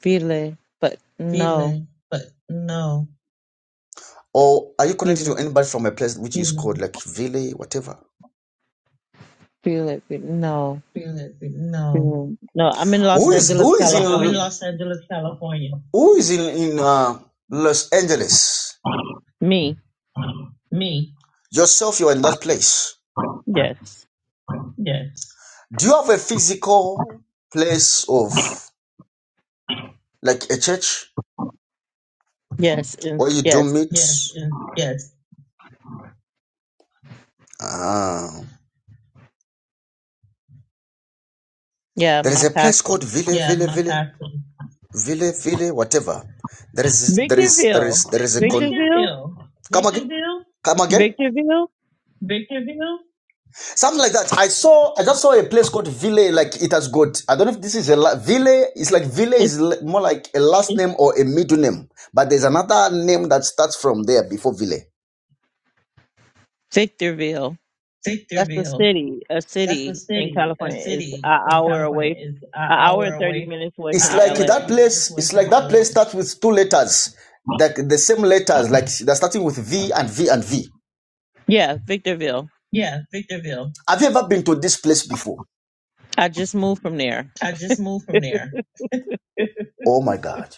Speaker 4: Feel it, but no.
Speaker 1: Or are you connected
Speaker 4: Feel it.
Speaker 1: to anybody from a place which is mm-hmm. called like Ville, whatever?
Speaker 4: Feel it. Feel No. Feel it. No, I'm in Los
Speaker 1: Who is
Speaker 4: Angeles,
Speaker 1: who is I'm in
Speaker 4: California.
Speaker 1: who is in in uh, Los Angeles?
Speaker 4: Me.
Speaker 1: Yourself, you're in that place.
Speaker 4: Yes.
Speaker 1: Do you have a physical place of like a church
Speaker 4: Yes. And
Speaker 1: where you do
Speaker 4: yes.
Speaker 1: meet? Ah.
Speaker 4: Yeah,
Speaker 1: There is
Speaker 4: my
Speaker 1: a place
Speaker 4: pastor.
Speaker 1: called Ville, Ville, Ville, Ville, Ville, whatever. There is, there is, there
Speaker 4: Victorville.
Speaker 1: is, there is a con.
Speaker 4: Victorville?
Speaker 1: Come again, come again.
Speaker 4: Victorville?
Speaker 1: Something like that. I saw, I just saw a place called Ville. Like it has got. I don't know if this is a la- Ville. It's like Ville
Speaker 4: It's
Speaker 1: is l- more like a last name or a middle name. But there's another name that starts from there before Ville.
Speaker 4: Victorville. That's a city. A city in California. It's an hour away, an hour and 30 minutes away
Speaker 1: It's
Speaker 4: from
Speaker 1: like
Speaker 4: LA.
Speaker 1: that place. It's like that place talking starts with two letters, like the same letters, like they're starting with V and V and V.
Speaker 4: Yeah, Victorville.
Speaker 1: Have you ever been to this place before?
Speaker 4: I just moved from there.
Speaker 1: Oh my God.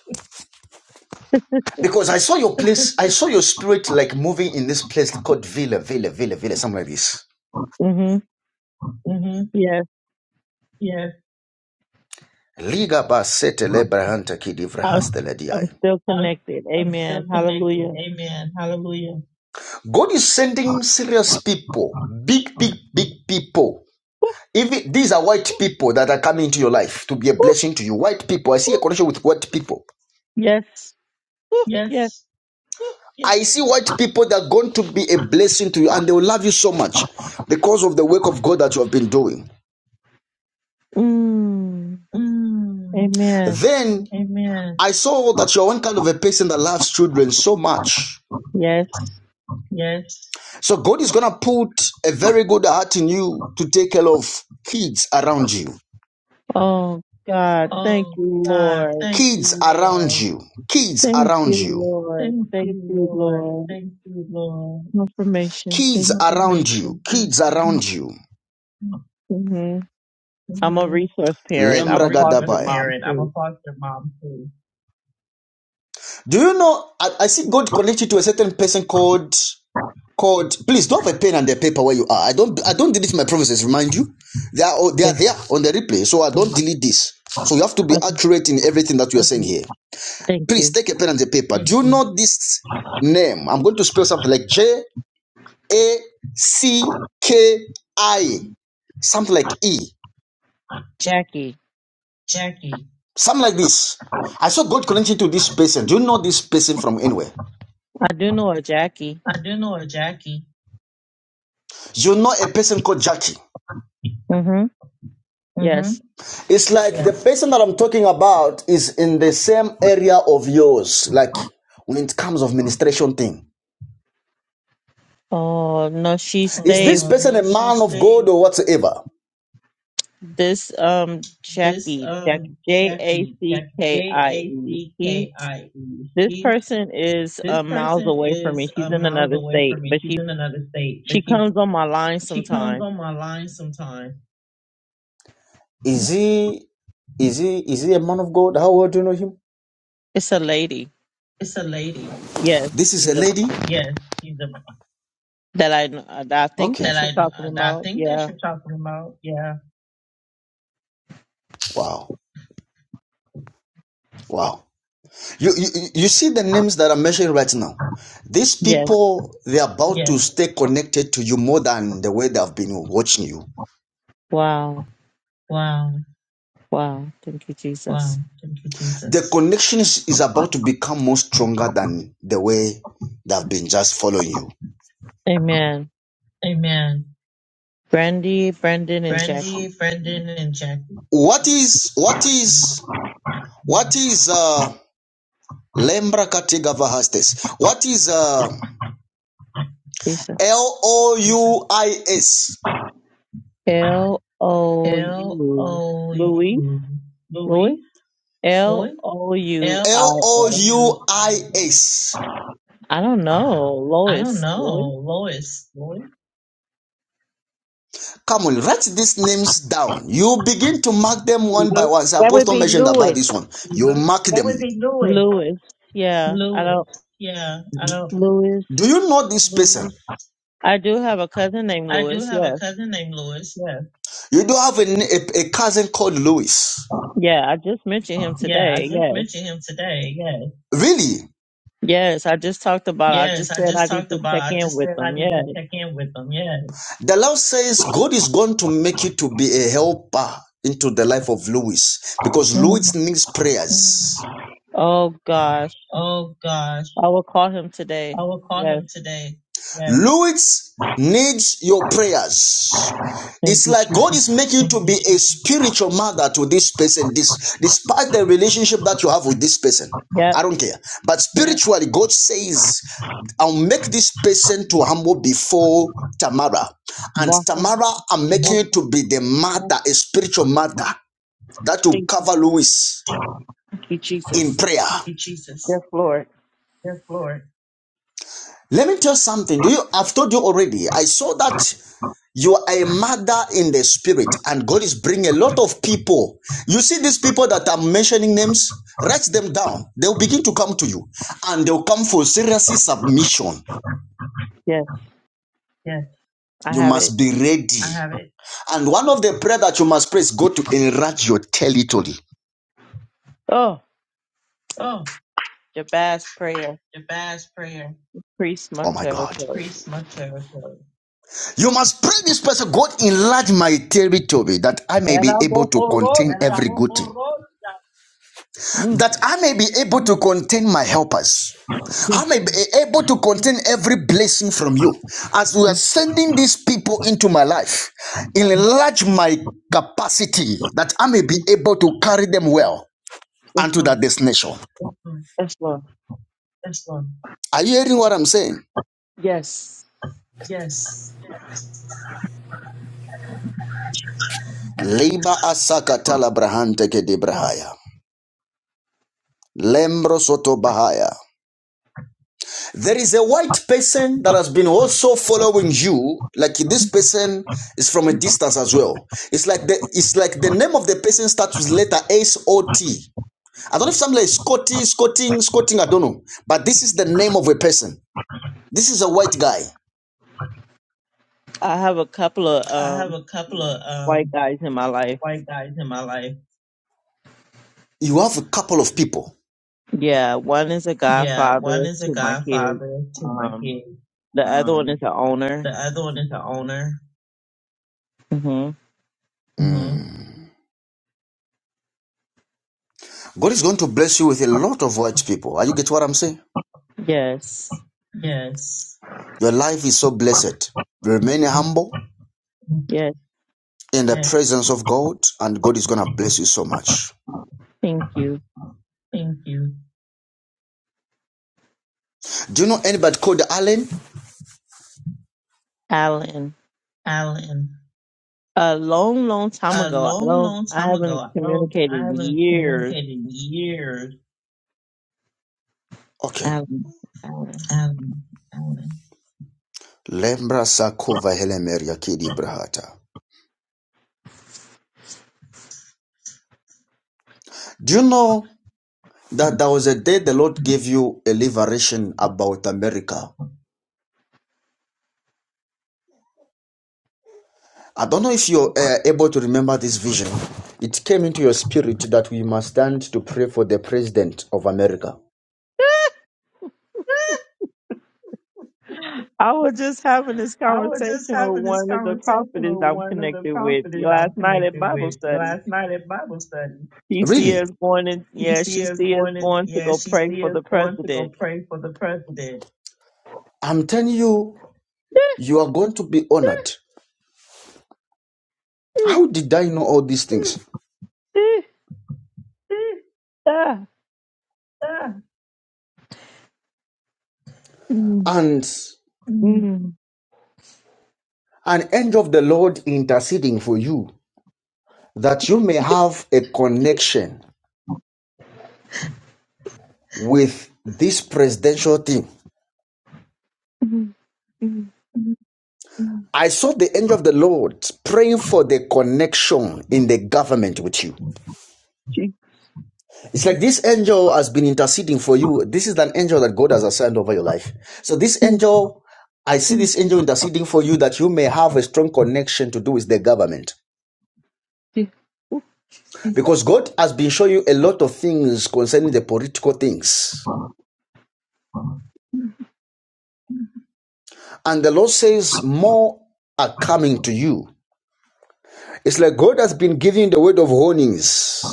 Speaker 1: Because I saw your place, I saw your spirit like moving in this place called Villa, Villa, Villa, Villa, something like this.
Speaker 4: hmm Yes,
Speaker 1: Liga ba sete lebra hanta kidivra
Speaker 4: I'm,
Speaker 1: hasta
Speaker 4: I'm
Speaker 1: lediai.
Speaker 4: still connected. Amen. Hallelujah.
Speaker 1: God is sending serious people, big, big, big people. Even these are white people that are coming into your life to be a blessing to you. White people, I see a connection with white people.
Speaker 4: Yes. Woo, yes.
Speaker 1: I see white people that are going to be a blessing to you and they will love you so much because of the work of God that you have been doing.
Speaker 4: Mm. Amen.
Speaker 1: Then. I saw that you're one kind of a person that loves children so much.
Speaker 4: Yes.
Speaker 1: So God is gonna put a very good heart in you to take care of kids around you.
Speaker 4: Oh, God. Thank you, Lord.
Speaker 1: Kids around you. Kids
Speaker 4: Thank
Speaker 1: around
Speaker 4: you,
Speaker 1: you.
Speaker 4: Lord. Thank you, Lord. Confirmation.
Speaker 1: Kids
Speaker 4: Thank
Speaker 1: Mm,
Speaker 4: you.
Speaker 1: around you. mm. Kids around you.
Speaker 4: hmm I'm a resource parent.
Speaker 1: Lembra
Speaker 4: I'm a foster
Speaker 1: gadabaya.
Speaker 4: mom too.
Speaker 1: Do you know? I, I see God connected to a certain person called. called please do have a pen and a paper where you are i don't i don't delete my promises remind you they are oh, they are
Speaker 4: Yeah.
Speaker 1: there on the replay so i don't delete this so you have to be
Speaker 4: Okay.
Speaker 1: accurate in everything that you are saying here
Speaker 4: Thank
Speaker 1: please
Speaker 4: you,
Speaker 1: take a pen and a paper do you know this name i'm going to spell something like j a c k i something like e
Speaker 4: Jackie.
Speaker 1: something like this i saw god connecting to this person do you know this person from anywhere
Speaker 4: I do know a Jackie.
Speaker 1: you know a person called jackie
Speaker 4: Mm-hmm. Yes.
Speaker 1: It's like yeah. the person that I'm talking about is in the same area of yours, like when it comes of ministration thing.
Speaker 4: Oh no, she
Speaker 1: Is
Speaker 4: stayed.
Speaker 1: this person a man of God or whatsoever?
Speaker 4: This um Jackie, Jackie J A C K I E. She's this person is uh, miles away from me. She's in another state, but she's she comes on my line sometime.
Speaker 1: Is he is he is he a man of God? How well do you know him?
Speaker 4: It's a lady. Yes,
Speaker 1: This is
Speaker 4: she's
Speaker 1: a
Speaker 4: a
Speaker 1: lady?
Speaker 4: That I kn- I think
Speaker 1: Okay.
Speaker 4: that you're talking about. Yeah.
Speaker 1: Wow. Wow. You, you you see the names that I'm mentioning right now. These
Speaker 4: Yes.
Speaker 1: people they're about to stay connected to you more than the way they've been watching you.
Speaker 4: Wow. Wow. Thank you, Jesus.
Speaker 1: The The connection is, is about to become more stronger than the way they've been just following you.
Speaker 4: Amen. Brandy, Brendan, and Jackie.
Speaker 1: What is what is what is uh Lembra Katigava What is uh
Speaker 4: Lisa.
Speaker 1: L O U I S?
Speaker 4: L O U. Louis. Louis. L O U I
Speaker 1: L O
Speaker 4: S.
Speaker 1: U U I S.
Speaker 4: I don't know. Lois. Lois.
Speaker 1: Come on, write these names down. You begin to mark them one by
Speaker 5: Mhm.
Speaker 1: one. The
Speaker 5: That would
Speaker 1: apostle
Speaker 5: be
Speaker 1: mentioned about
Speaker 5: Louis.
Speaker 1: this one. You mark them.
Speaker 4: Louis. Yeah. I don't. Louis.
Speaker 1: Do you know this person?
Speaker 4: I do have a cousin named Louis. Yes.
Speaker 1: You don't have a a, a cousin called Louis.
Speaker 4: Yeah. I just mentioned him today. Yes.
Speaker 1: Really?
Speaker 4: Yes, I just talked about. I just said I need to check in with them. Yes.
Speaker 1: The Lord says God is going to make you to be a helper into the life of Louis because
Speaker 4: Mm.
Speaker 1: Louis needs prayers.
Speaker 4: Oh gosh, I will call him today. Yes.
Speaker 1: Louis needs your prayers.
Speaker 4: Thank
Speaker 1: It's
Speaker 4: you,
Speaker 1: like God
Speaker 4: Jesus.
Speaker 1: is making you to be a spiritual mother to this person, this despite the relationship that you have with this person.
Speaker 4: Yep.
Speaker 1: I don't care. But spiritually, God says, I'll make this person to humble before Tamara. And
Speaker 4: Baka.
Speaker 1: Tamara, I'm making you to be the mother, a spiritual mother that will
Speaker 4: Thank
Speaker 1: cover Louis
Speaker 4: you,
Speaker 1: in
Speaker 4: Jesus.
Speaker 1: prayer.
Speaker 4: Yes, Lord.
Speaker 1: Let me tell you something. Do you I've told you already. I saw that You are a mother in the spirit, and God is bringing a lot of people. You see these people that I'm mentioning names, write them down. They'll begin to come to you, and they'll come for seriously submission.
Speaker 4: Yes, I
Speaker 1: You
Speaker 4: have it.
Speaker 1: must be ready. And one of the prayer that you must pray is God to enlarge your territory.
Speaker 4: Oh, Jabaz prayer, priest my
Speaker 1: Oh my God.
Speaker 4: territory.
Speaker 1: You must pray this person, God enlarge my territory that I may be able to contain
Speaker 4: Yalabohorosha.
Speaker 1: every good thing.
Speaker 4: Mm.
Speaker 1: that I may be able to contain my helpers.
Speaker 4: Yes,
Speaker 1: I may be able to contain every blessing from you. As we are
Speaker 4: yes,
Speaker 1: sending these people into my life, enlarge my capacity that I may be
Speaker 4: yes,
Speaker 1: able to carry them well
Speaker 4: yes,
Speaker 1: unto
Speaker 4: Lord.
Speaker 1: that destination.
Speaker 4: Yes, Lord.
Speaker 1: Are you hearing what I'm saying?
Speaker 4: Yes.
Speaker 1: Leba asakatala brahante kedebrahaya. Lembro soto bahaya. There is a white person that has been also following you. Like this person is from a distance as well. It's like the it's like the name of the person starts with letter S O T. I don't know if something like Scotty, Scotting, Scotting, I don't know. But this is the name of a person. This is a white guy.
Speaker 4: I have a couple of um white guys in my life.
Speaker 1: You have a couple of people.
Speaker 4: Yeah, one is a godfather to my kids. Um, the other one is the owner. hmm
Speaker 1: God is going to bless you with a lot of white people. Are you get what I'm saying?
Speaker 4: Yes,
Speaker 1: Your life is so blessed. Remain humble
Speaker 4: yes.
Speaker 1: in the presence of God, and God is gonna bless you so much.
Speaker 4: Thank you,
Speaker 1: Do you know anybody called Allen?
Speaker 4: Alan. A long, long time ago. I don't. I haven't communicated in years.
Speaker 1: Okay.
Speaker 4: Alan, Alan.
Speaker 1: Lembra sakova helemeria kidi brahata. Do you know that there was a day the Lord gave you a liberation about America? I don't know if you're uh, able to remember this vision. It came into your spirit that we must stand to pray for the president of America.
Speaker 4: I was just having this conversation with one of the prophets I'm connected with last night at Bible study. She see
Speaker 1: Really?
Speaker 4: us going in. Yeah, she see us going to go pray for the president.
Speaker 1: I'm telling you, you are going to be honored. How did I know all these things?
Speaker 4: Ah.
Speaker 1: And
Speaker 4: Mm,
Speaker 1: an angel of the Lord interceding for you that you may have a connection with this presidential team.
Speaker 4: mm, mm,
Speaker 1: I saw the angel of the Lord praying for the connection in the government with you.
Speaker 4: gee,
Speaker 1: It's like this angel has been interceding for you. This is an angel that God has assigned over your life. So this
Speaker 4: mm,
Speaker 1: angel, I see this angel interceding for you that you may have a strong connection to do with the government.
Speaker 4: gee,
Speaker 1: Because God has been showing you a lot of things concerning the political things. And the Lord says, more are coming to you. It's like God has been giving the word of warnings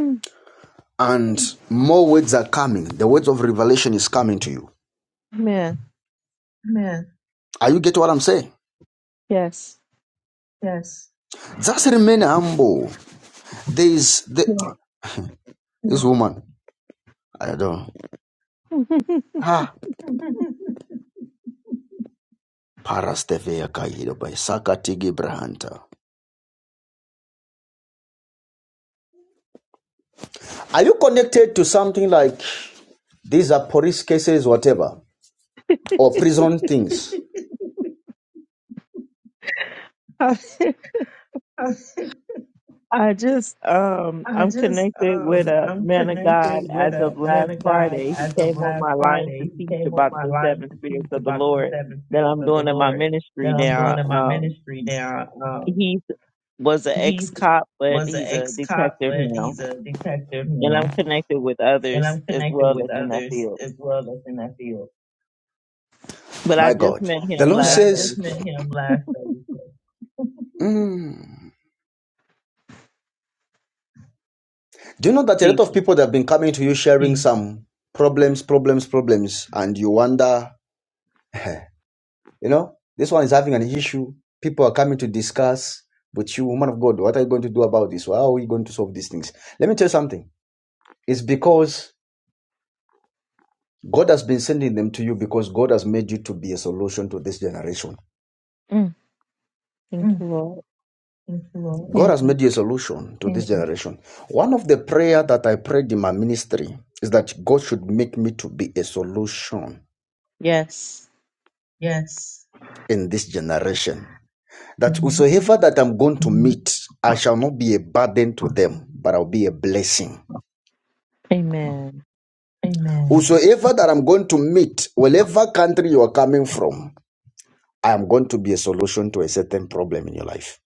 Speaker 4: mm.
Speaker 1: and more words are coming. The words of revelation is coming to you.
Speaker 4: Man,
Speaker 1: Are you getting what I'm saying?
Speaker 4: yes.
Speaker 1: Just remain humble. There is the,
Speaker 4: Yeah.
Speaker 1: this woman. I don't. Ah, Parastevea by Sakatigi Brahanta. Are you connected to something like these are police cases, whatever, or prison things?
Speaker 4: I just um I'm connected with a man of God as of last Friday. He came on my line to teach about the seven spirits of the Lord that I'm doing in my ministry now. Um he was an ex cop, but he's a detective now. And I'm connected with others as well that's in that field. But I
Speaker 1: My
Speaker 4: just
Speaker 1: God.
Speaker 4: met
Speaker 1: The
Speaker 4: him
Speaker 1: Lord But
Speaker 4: last
Speaker 1: says,
Speaker 4: Thursday.
Speaker 1: Mm. Do you know that a lot of
Speaker 4: Jesus.
Speaker 1: people that have been coming to you sharing Mm. some problems, problems, problems, and you wonder you know, this one is having an issue. People are coming to discuss with you, woman of God, what are you going to do about this? How are we going to solve these things? Let me tell you something. It's because God has been sending them to you because God has made you to be a solution to this generation.
Speaker 4: Mm. Thank you, Lord.
Speaker 1: God has made you a solution to this you. generation. One of the prayer that I prayed in my ministry is that God should make me to be a solution
Speaker 4: Yes.
Speaker 1: in this generation. That
Speaker 4: Mhm.
Speaker 1: whosoever that I'm going to meet, I shall not be a burden to them, but I'll be a blessing.
Speaker 4: Amen.
Speaker 1: Whosoever that I'm going to meet, whatever country you are coming from, I am going to be a solution to a certain problem in your life.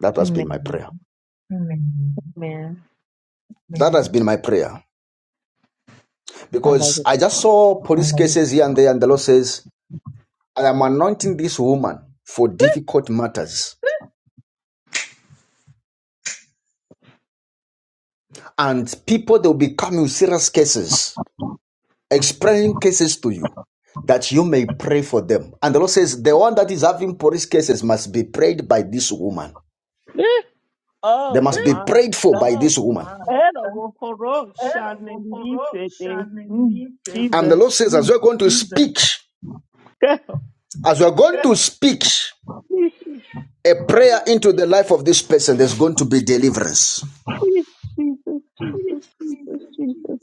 Speaker 1: That has been my
Speaker 4: Amen.
Speaker 1: prayer.
Speaker 4: Amen.
Speaker 1: Amen. That has been my prayer.
Speaker 4: I love
Speaker 1: Because
Speaker 4: it.
Speaker 1: I just saw police cases here and there, and the Lord says, I am anointing this woman for difficult matters. And people, they'll be coming with serious cases. Explaining cases to you that you may pray for them. And the Lord says, The one that is having police cases must be prayed by this woman.
Speaker 4: Eh, Oh
Speaker 1: They must be
Speaker 4: my
Speaker 1: prayed for
Speaker 4: God.
Speaker 1: by this woman.
Speaker 4: Eh, the Wokoro Shanelitete. Mm,
Speaker 1: And the
Speaker 4: Jesus.
Speaker 1: Lord says, As we're going to speak,
Speaker 4: Girl.
Speaker 1: as we're going to speak
Speaker 4: Jesus,
Speaker 1: a prayer into the life of this person, there's going to be deliverance.
Speaker 4: Jesus, Jesus, Jesus, Jesus.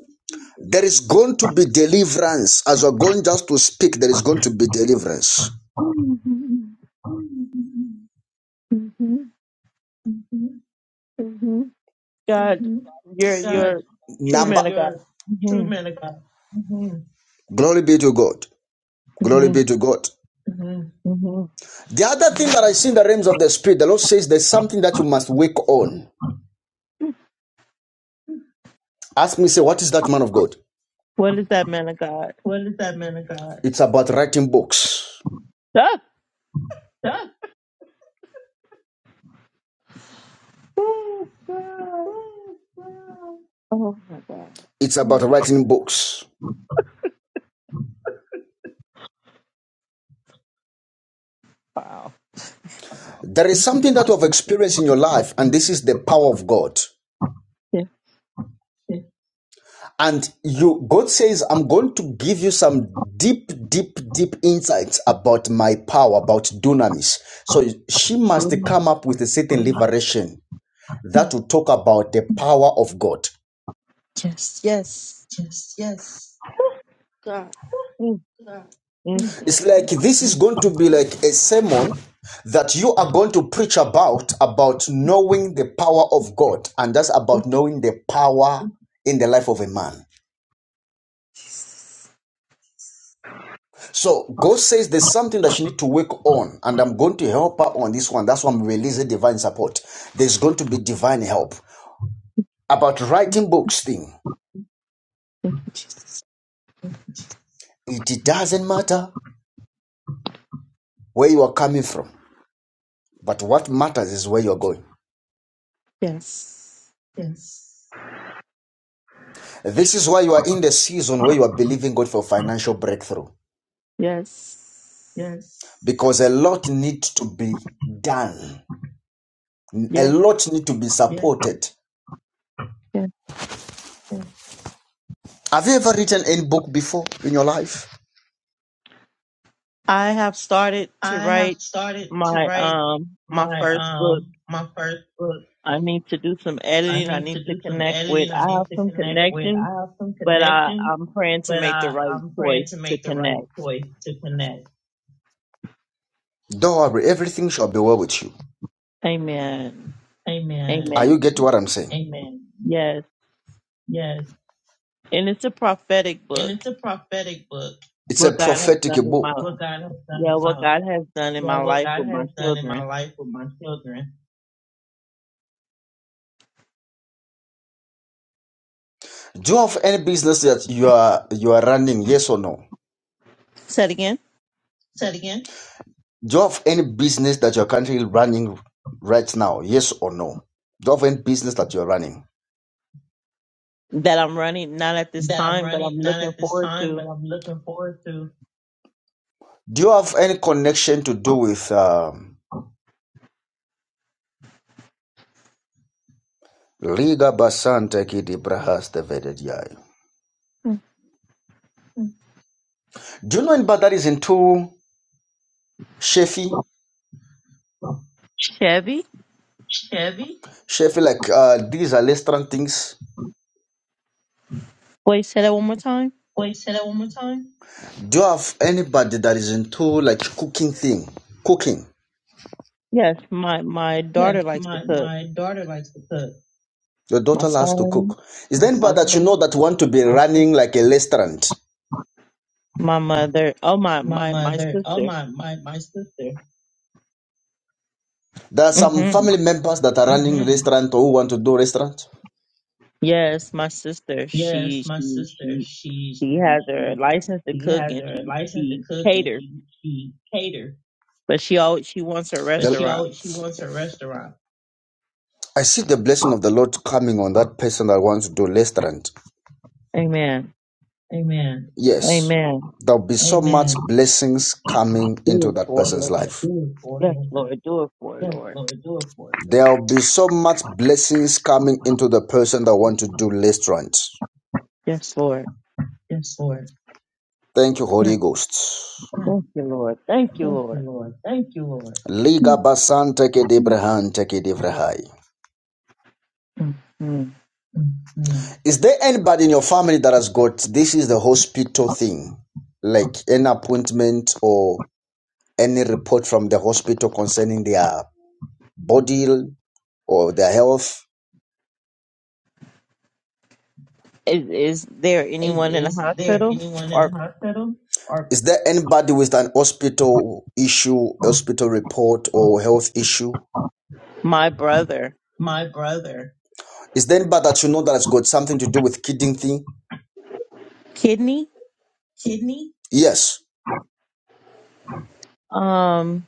Speaker 1: There is going to be deliverance. As we're going just to speak, there is going to be deliverance.
Speaker 4: Mhm, mhm, mhm. God, you're you're true
Speaker 1: Number,
Speaker 4: man of God. hmm
Speaker 1: glory be to God. Glory
Speaker 4: hmm
Speaker 1: be to God.
Speaker 4: hmm
Speaker 1: The other thing that I see in the realms of the spirit, the Lord says there's something that you must work on. Ask me, say, what is that man of God?
Speaker 4: What is that man of God?
Speaker 1: It's about writing books.
Speaker 4: Ah! Oh God. Oh my
Speaker 1: It's about writing books.
Speaker 4: God.
Speaker 1: There is something that you have experienced in your life, and this is the power of God.
Speaker 4: Wow.
Speaker 1: And you, God says, I'm going to give you some deep, deep, deep insights about my power, about dunamis. So she must
Speaker 4: Yes.
Speaker 1: come up with a certain liberation that will talk about the power of God.
Speaker 4: Yes. God. Mm, mm, mm.
Speaker 1: It's like this is going to be like a sermon that you are going to preach about about knowing the power of God and that's about knowing the power in the life of a man. So God says there's something that she need to work on and I'm going to help her on this one. That's why I'm releasing divine support. There's going to be divine help about writing books thing. It doesn't matter where you are coming from, but what matters is where you're going.
Speaker 4: Yes.
Speaker 1: This is why you are in the season where you are believing God for financial breakthrough.
Speaker 4: Yes.
Speaker 1: because a lot need to be done. A
Speaker 4: Yes.
Speaker 1: lot need to be Yes. supported.
Speaker 4: Yes.
Speaker 1: Yeah. Have you ever written any book before in your life?
Speaker 4: I have started to write my um my first book. I need to do some editing. I need to connect with I have some connection, but I, I'm praying to make the right choice to connect.
Speaker 1: Don't worry, everything shall be well with you.
Speaker 4: Amen.
Speaker 1: Are you get
Speaker 4: Amen.
Speaker 1: what I'm saying?
Speaker 4: Yes. And it's a prophetic book.
Speaker 1: It's a
Speaker 4: What God has
Speaker 1: prophetic
Speaker 4: done in my
Speaker 1: book.
Speaker 4: yeah, what God has done in my life with my children.
Speaker 1: Do you have any business that you are you are running? Yes or no?
Speaker 4: Say it again.
Speaker 1: Do you have any business that you're currently running right now? Yes or no? Do you have any business that you're running?
Speaker 4: that I'm running, not at this time, but I'm looking forward to
Speaker 1: Do you have any connection to do with? um, Liga Basanta Kidi Brahasta Vedediai. Do you know in Bad into Shefi?
Speaker 4: Chevy.
Speaker 1: Shefi, like uh, these are restaurant things.
Speaker 4: Wait, say that one more time.
Speaker 1: Do you have anybody that is into like cooking thing? Cooking.
Speaker 4: Yes, my my daughter likes to cook.
Speaker 1: Your
Speaker 4: My
Speaker 1: daughter loves to
Speaker 4: son,
Speaker 1: cook. Is there
Speaker 4: my
Speaker 1: anybody that
Speaker 4: son,
Speaker 1: you know that want to be running like a restaurant?
Speaker 4: my mother. Oh, my my my sister.
Speaker 1: There are some
Speaker 4: hmm
Speaker 1: family members that are running mm-hmm. restaurant or who want to do restaurant.
Speaker 4: Yes, my sister. She she she she has her license to cook and she she caters, but she always she wants her
Speaker 1: The-
Speaker 4: restaurant.
Speaker 1: I see the blessing of the Lord coming on that person that wants to do restaurant.
Speaker 4: Amen.
Speaker 1: Yes,
Speaker 4: Amen.
Speaker 1: there'll be so much blessings coming
Speaker 4: Do
Speaker 1: into
Speaker 4: it
Speaker 1: that
Speaker 4: for it,
Speaker 1: person's
Speaker 4: Lord.
Speaker 1: life.
Speaker 4: Yes, Lord. Do it for it, Lord.
Speaker 1: There'll be so much blessings coming into the person that want to do restaurant.
Speaker 4: Yes, Lord.
Speaker 1: Thank you,
Speaker 4: Yes.
Speaker 1: Holy Ghost.
Speaker 4: Thank you, Lord. Thank you, Lord.
Speaker 1: Liga basan teke debrahan teke devrahai.
Speaker 4: Mhm.
Speaker 1: Is there anybody in your family that has got this is the hospital thing, like an appointment or any report from the hospital concerning their body or their health?
Speaker 4: Is, is there anyone in the hospital or
Speaker 1: Is there anybody with an hospital issue, hospital report, or health issue?
Speaker 4: my brother
Speaker 1: Is there anybody that you know that has got something to do with kidney thing?
Speaker 4: kidney?
Speaker 1: Yes.
Speaker 4: Um,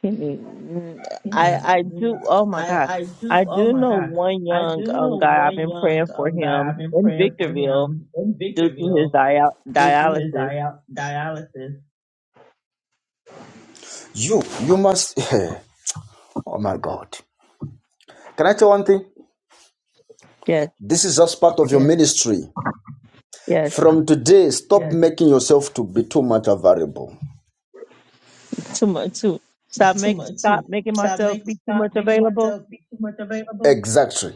Speaker 4: kidney. mm, I I do. Oh my God, I do know one young um guy. I've been praying for him in Victorville due to his dia- dialysis.
Speaker 1: You, you must. oh my God. Can I tell one thing?
Speaker 4: Yes,
Speaker 1: This is just part of your yes, ministry.
Speaker 4: yes.
Speaker 1: From today, stop making yourself to be too much available.
Speaker 4: Too much. Too stop make stop making myself be too much available.
Speaker 1: Exactly.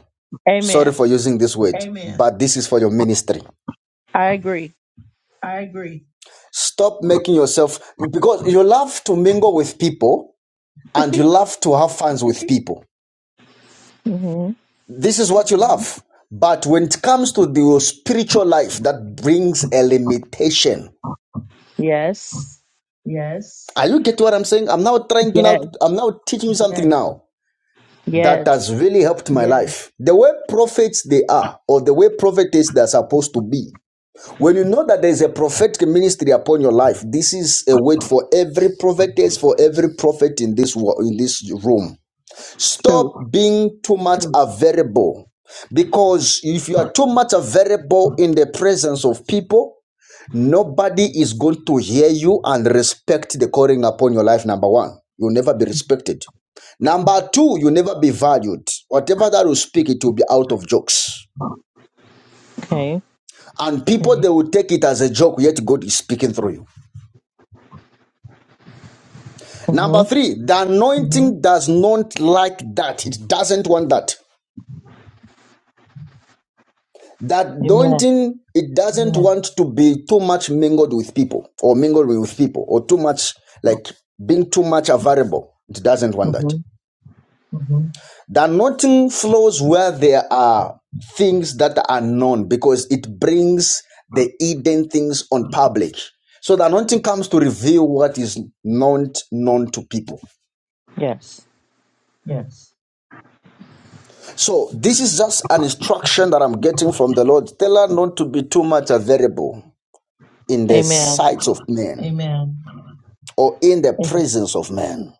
Speaker 1: Sorry
Speaker 4: Amen.
Speaker 1: for using this word, but this is for your ministry.
Speaker 4: I agree.
Speaker 1: Stop making yourself because you love to mingle with people and you love to have fun with people.
Speaker 4: hmm
Speaker 1: This is what you love. But when it comes to the spiritual life, that brings a limitation.
Speaker 4: Yes.
Speaker 1: Are you get what I'm saying? I'm now trying to
Speaker 4: Yes.
Speaker 1: now I'm now teaching you something now that
Speaker 4: Yes.
Speaker 1: has really helped my life. The way prophets they are, or the way prophetess they're supposed to be. When you know that there is a prophetic ministry upon your life, this is a word for every prophetess, for every prophet in this wo- in this room.
Speaker 4: True.
Speaker 1: Stop being too much available, because if you are too much available in the presence of people, nobody is going to hear you and respect the calling upon your life. Number one, you'll never be respected. Number two, you'll never be valued. Whatever that you speak, it will be out of jokes,
Speaker 4: Okay.
Speaker 1: and people they will take it as a joke. Yet God is speaking through you.
Speaker 4: Mm-hmm.
Speaker 1: Number three, the anointing does not like that. It doesn't want that. That
Speaker 4: Amen.
Speaker 1: anointing, it doesn't want to be too much mingled with people or mingled with people or too much, like being too much available. It doesn't want that.
Speaker 4: hmm
Speaker 1: The anointing flows where there are things that are known because it brings the hidden things on public. So the anointing comes to reveal what is not known to people.
Speaker 4: Yes.
Speaker 1: So this is just an instruction that I'm getting from the Lord. Tell her not to be too much a variable in the
Speaker 4: Amen.
Speaker 1: sights of men Amen. or in the
Speaker 4: Am-
Speaker 1: presence of men.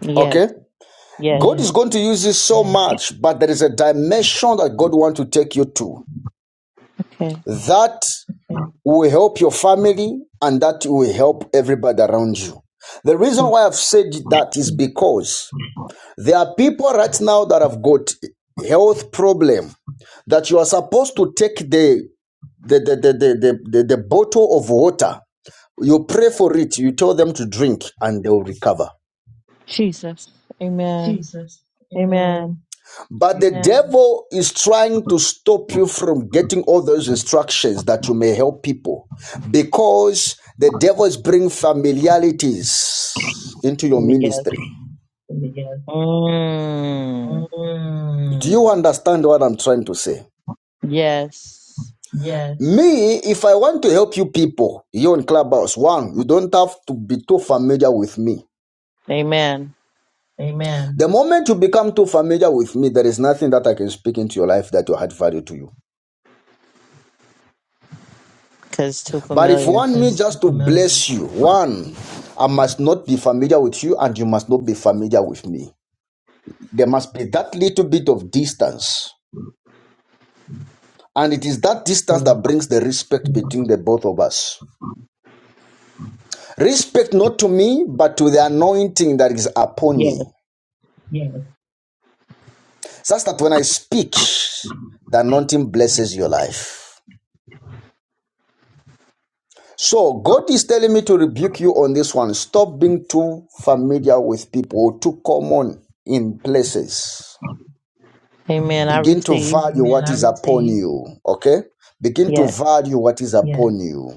Speaker 4: Yes.
Speaker 1: Okay? Mm-hmm.
Speaker 4: Yes.
Speaker 1: God Yes. is going to use this so Yes. much, but there is a dimension that God wants to take you to.
Speaker 4: Okay.
Speaker 1: That will help your family and that will help everybody around you. The reason
Speaker 4: Je-
Speaker 1: why I've said that is because there are people right now that have got health problem that you are supposed to take the the, the, the, the, the, the, bottle of water. You pray for it, you tell them to drink, and they'll recover.
Speaker 4: Jesus. Amen. Amen.
Speaker 1: But the devil is trying to stop you from getting all those instructions that you may help people because the devil is bringing familiarities into your
Speaker 4: Yes.
Speaker 1: ministry.
Speaker 4: Mm.
Speaker 1: Mm. Do Mm. you understand what I'm trying to say?
Speaker 4: Yes.
Speaker 1: Me, if I want to help you people, you on Clubhouse, one, you don't have to be too familiar with me.
Speaker 4: Amen.
Speaker 1: The moment you become too familiar with me, there is nothing that I can speak into your life that will add value to you.
Speaker 4: Because too
Speaker 1: But if you
Speaker 4: familiar.
Speaker 1: want me just to bless you, one, I must not be familiar with you and you must not be familiar with me. There must be that little bit of distance. And it is that distance
Speaker 4: Yeah.
Speaker 1: that brings the respect Mm. between the both of us. Respect not to me, but to the anointing that is upon
Speaker 4: Yes.
Speaker 1: me. Such that when I speak, the anointing blesses your life. So God is telling me to rebuke you on this one. Stop being too familiar with people, or too common in places.
Speaker 4: Amen. I
Speaker 1: Begin to
Speaker 4: receive.
Speaker 1: value Amen. what is upon you. Okay? Begin to
Speaker 4: Yes.
Speaker 1: value what is Yes. upon yes. you.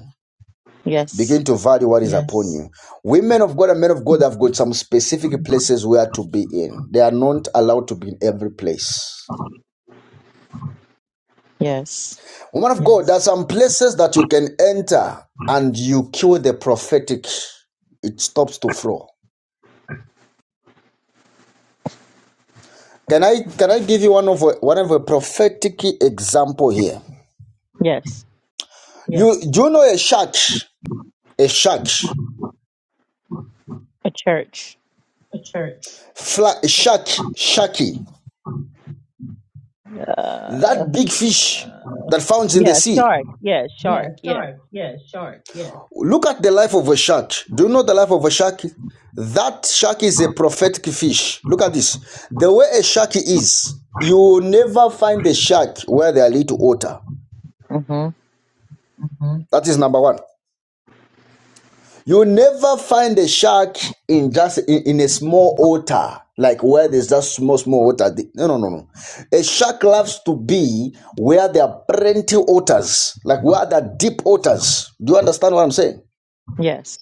Speaker 4: Yes.
Speaker 1: Begin to value what is yes. upon Yes. you. Women of God and men of God have got some specific places where to be in. They are not allowed to be in every place.
Speaker 4: Yes.
Speaker 1: Woman of yes. God, there are Yes. some places that you can enter and you kill the prophetic. It stops to flow Can I can I give you one of a, one of a prophetic example here?
Speaker 4: Yes.
Speaker 1: Yes. You Yes. do you know a shark, a shark,
Speaker 4: A church.
Speaker 1: fla, a shark, sharky,
Speaker 4: Uh,
Speaker 1: that big fish that found in the
Speaker 4: yes.
Speaker 1: sea.
Speaker 4: Shark. Yes. Shark. Yes.
Speaker 1: Look at the life of a shark. Do you know the life of a shark? That shark is a prophetic fish. Look at this. The way a shark is, you will never find a shark where there are little water.
Speaker 4: hmm
Speaker 1: That is number one. You never find a shark in just in, in a small water, like where there's just small, small water. No, no, no, no. A shark loves to be where there are plenty waters, like where there are deep waters. Do you understand what I'm saying?
Speaker 4: Yes.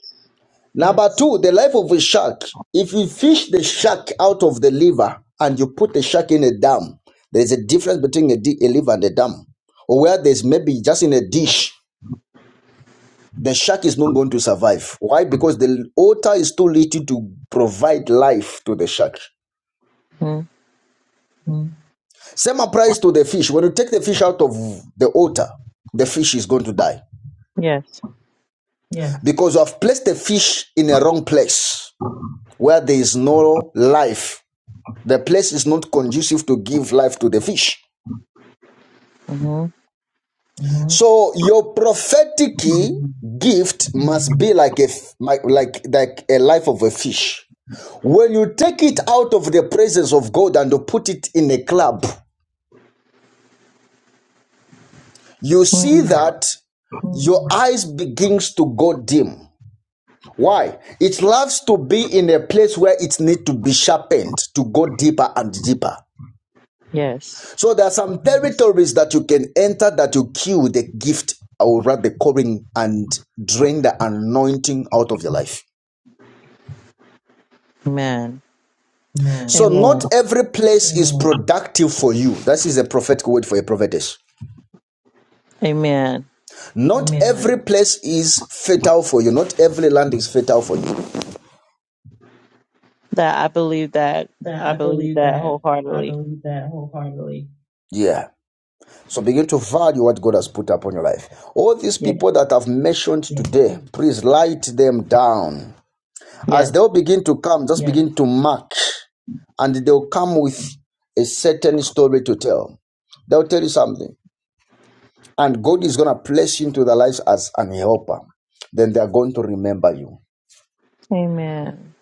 Speaker 1: Number Yes. two, the life of a shark. If you fish the shark out of the liver and you put the shark in a dam, there's a difference between a, a liver and a dam. Or where there's maybe just in a dish the shark is not going to survive. Why? Because the water is too little to provide life to the shark.
Speaker 4: hmm
Speaker 1: Same applies to the fish. When you take the fish out of the water, the fish is going to die
Speaker 4: Yes.
Speaker 1: because you have placed the fish in a wrong place where there is no life. The place is not conducive to give life to the fish.
Speaker 4: hmm
Speaker 1: So your prophetic gift must be like a like like like a life of a fish When you take it out of the presence of God and put it in a club, you see
Speaker 4: hmm
Speaker 1: that your eyes begins to go dim. Why? It loves to be in a place where it need to be sharpened to go deeper and deeper.
Speaker 4: Yes.
Speaker 1: So there are some territories that you can enter that you kill the gift or rather the calling and drain the anointing out of your life.
Speaker 4: Amen.
Speaker 1: Mm. So
Speaker 4: Amen.
Speaker 1: not every place mm. is productive for you. That is a prophetic word for a prophetess.
Speaker 4: Amen.
Speaker 1: Not Amen. every place is fatal for you. Not every land is fatal for you.
Speaker 4: That I believe that. I believe that wholeheartedly.
Speaker 1: Yeah. So begin to value what God has put upon your life. All these
Speaker 4: Yes.
Speaker 1: people that I've mentioned Yes. today, please write them down.
Speaker 4: Yes.
Speaker 1: As they'll begin to come, just Yes. begin to mark, and they'll come with a certain story to tell. They'll tell you something. And God is going to place you into their lives as an helper. Then they are going to remember you.
Speaker 4: Amen.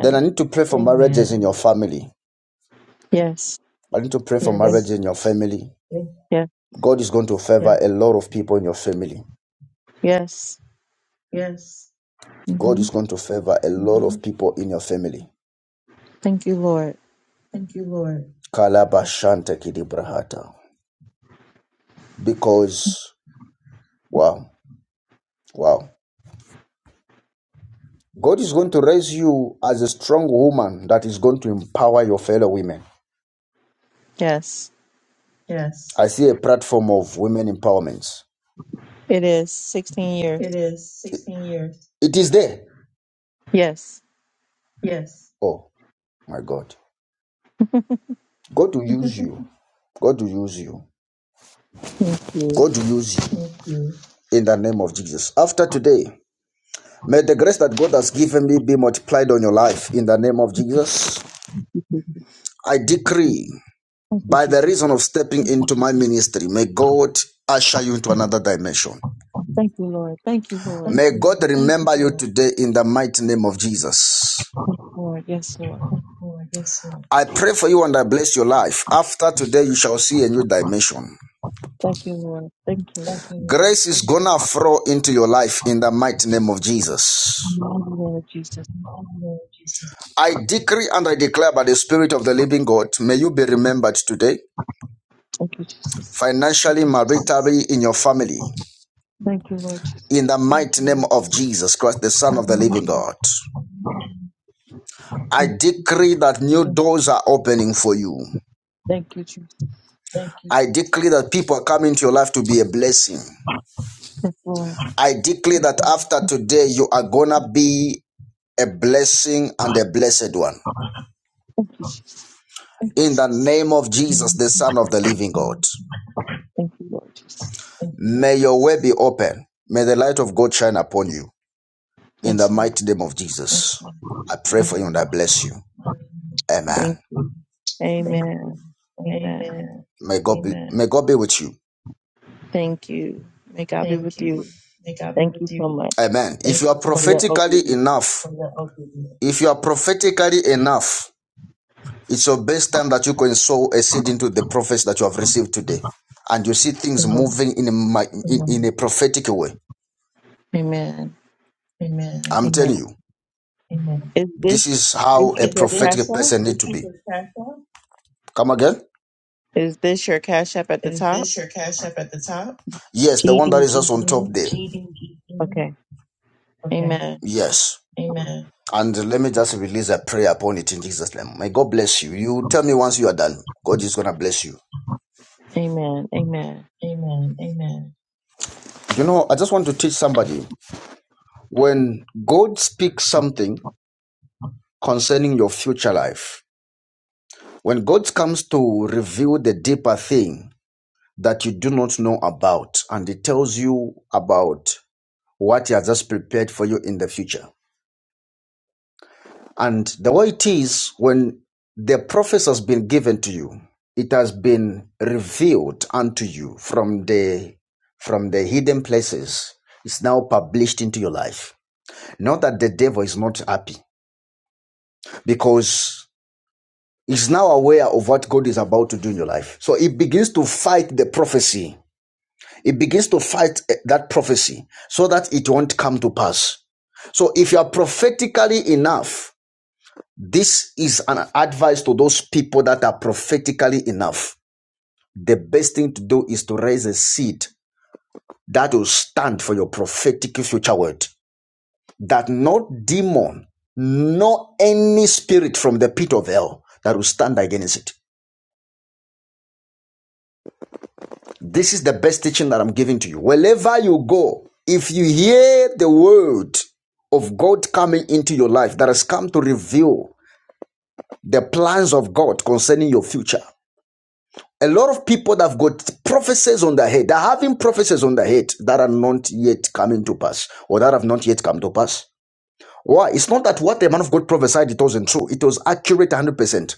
Speaker 1: Then I need to pray for Amen. marriages in your family.
Speaker 4: Yes.
Speaker 1: I need to pray for
Speaker 4: Yes.
Speaker 1: marriages Yes. marriage in your family.
Speaker 4: Yes.
Speaker 1: God is going to favor a lot of people in your family.
Speaker 4: Yes.
Speaker 1: God
Speaker 4: hmm
Speaker 1: is going to favor a lot of people in your family.
Speaker 4: Thank you, Lord.
Speaker 1: Kalabashante kidibrahata. Because, wow, wow. God is going to raise you as a strong woman that is going to empower your fellow women.
Speaker 4: Yes.
Speaker 1: I see a platform of women empowerment.
Speaker 4: It is 16 years.
Speaker 1: It is there.
Speaker 4: Yes.
Speaker 1: Oh, my God. God will use you. God will use you.
Speaker 4: Thank you.
Speaker 1: God will use you in the name of Jesus. After today, May the grace that God has given me be multiplied on your life in the name of Jesus.
Speaker 4: Thank
Speaker 1: I decree
Speaker 4: you,
Speaker 1: by the
Speaker 4: Jesus.
Speaker 1: reason of stepping into my ministry, may God usher you into another dimension.
Speaker 4: Thank you, Lord. Thank you, Lord.
Speaker 1: May God remember you today in the mighty name of Jesus.
Speaker 4: Thank you, Lord. Yes, Lord.
Speaker 1: I pray for you and I bless your life. After today, you shall see a new dimension.
Speaker 4: Thank you, Lord. Thank you, Lord.
Speaker 1: Grace is gonna flow into your life in the mighty name of Jesus.
Speaker 4: Amen, Lord Jesus.
Speaker 1: I decree and I declare by the Spirit of the living God, may you be remembered today.
Speaker 4: Thank you, Jesus.
Speaker 1: financially, maritally, in your family.
Speaker 4: Thank you, Lord Jesus.
Speaker 1: In the mighty name of Jesus Christ, the Son of the Living
Speaker 4: Amen.
Speaker 1: God, I decree that new doors are opening for you.
Speaker 4: Thank you, Jesus.
Speaker 1: I decree that people are coming to your life to be a blessing.
Speaker 4: Yes, Lord.
Speaker 1: I decree that after today, you are gonna be a blessing and a blessed one.
Speaker 4: Thank you, Jesus.
Speaker 1: In the name of Jesus,
Speaker 4: Thank
Speaker 1: the Son of the Living God,
Speaker 4: you, Lord Jesus.
Speaker 1: may your way be open. May the light of God shine upon you. In the
Speaker 4: Yes, Lord.
Speaker 1: mighty name of Jesus, I pray
Speaker 4: Mighty
Speaker 1: for you and
Speaker 4: name.
Speaker 1: I bless you. Amen.
Speaker 4: Thank you. Amen. Amen.
Speaker 1: May God be may God be with you.
Speaker 4: Thank you. May God be with you. Thank you so much
Speaker 1: Amen. If you are
Speaker 4: for your
Speaker 1: prophetically
Speaker 4: obedience.
Speaker 1: enough, if you are prophetically enough, it's your best time that you can sow a seed into the prophets that you have received today. And you see things
Speaker 4: Amen.
Speaker 1: moving in a, in, in a prophetic way.
Speaker 4: Amen.
Speaker 1: I'm telling you,
Speaker 4: Amen. Is
Speaker 1: this
Speaker 4: this
Speaker 1: is
Speaker 4: this
Speaker 1: how a
Speaker 4: is your cash
Speaker 1: prophetic
Speaker 4: app?
Speaker 1: person need to be. Come again?
Speaker 4: Is this your cash app at the top?
Speaker 1: Yes, the
Speaker 4: G
Speaker 1: one that
Speaker 4: D
Speaker 1: is
Speaker 4: E
Speaker 1: just on top
Speaker 4: N.
Speaker 1: there.
Speaker 4: Okay. Amen.
Speaker 1: Yes. And let me just release a prayer upon it in Jesus' name. May God bless you. You tell me once you are done. God is going to bless you.
Speaker 4: Amen. Amen.
Speaker 1: You know, I just want to teach somebody when God speaks something concerning your future life, when God comes to reveal the deeper thing that you do not know about, and He tells you about what He has just prepared for you in the future, And the way it is, when the prophecy has been given to you, it has been revealed unto you from the from the hidden places. It's now published into your life. Not that the devil is not happy, because he's now aware of what God is about to do in your life. So he begins to fight the prophecy. He begins to fight eh, that prophecy so that it won't come to pass. So if you are prophetically enough, This is an advice to those people that are prophetically enough. The best thing to do is to raise a seed that will stand for your prophetic future word. That no demon, no any spirit from the pit of hell that will stand against it. This is the best teaching that I'm giving to you. Wherever you go, if you hear the word of God coming into your life that has come to reveal the plans of God concerning your future, A lot of people that have got prophecies on their head, they're having prophecies on their head that are not yet coming to pass or that have not yet come to pass. Why? It's not that what the man of God prophesied, it wasn't true. It was accurate 100%.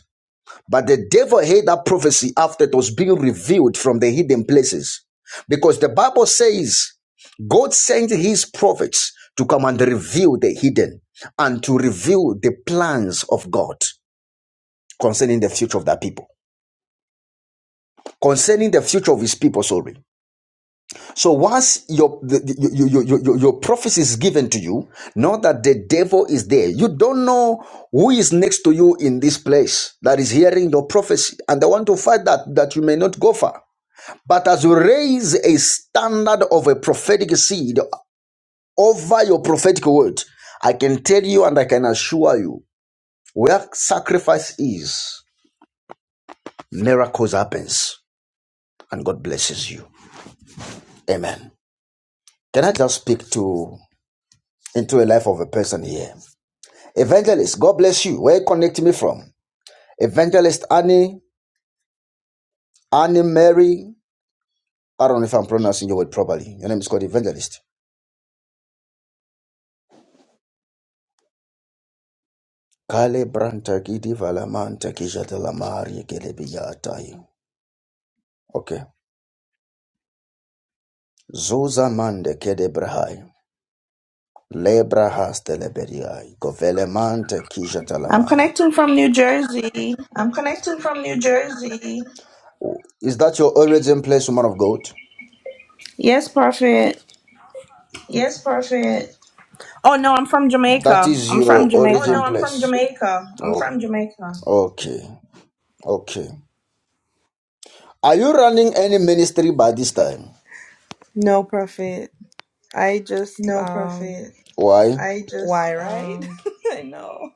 Speaker 1: But the devil hid that prophecy after it was being revealed from the hidden places. Because the Bible says God sent his prophets to come and reveal the hidden and to reveal the plans of God concerning the future of that people, concerning the future of his people, sorry. So once your, the, your, your, your your prophecy is given to you, know that the devil is there. You don't know who is next to you in this place that is hearing your prophecy and they want to fight that, that you may not go far. But as you raise a standard of a prophetic seed over your prophetic word, I can tell you and I can assure you where sacrifice is, miracles happens and God blesses you. Amen. Can I just speak to into a life of a person here? Evangelist, God bless you. Where you connecting me from? Evangelist Annie, Annie Mary. I don't know if I'm pronouncing your word properly. Your name is called Evangelist. Kale brantakidi valamanta kijatalamari kelebiyatai. Okay. Zuza mande kedebrahai. Lebrahas teleberiai. Govelemante
Speaker 6: I'm
Speaker 1: kijatalamai.
Speaker 6: connecting from New Jersey.
Speaker 1: Oh, Is that your origin place, woman of God?
Speaker 6: Yes, Prophet. Oh no, I'm from
Speaker 1: That
Speaker 6: Jamaica.
Speaker 1: is
Speaker 6: I'm from
Speaker 1: your origin Oh
Speaker 6: Jamaica.
Speaker 1: place. from Oh, okay. Okay. Are you running any ministry by this time?
Speaker 6: No, Prophet. I just um
Speaker 1: Why?
Speaker 6: why right? I know.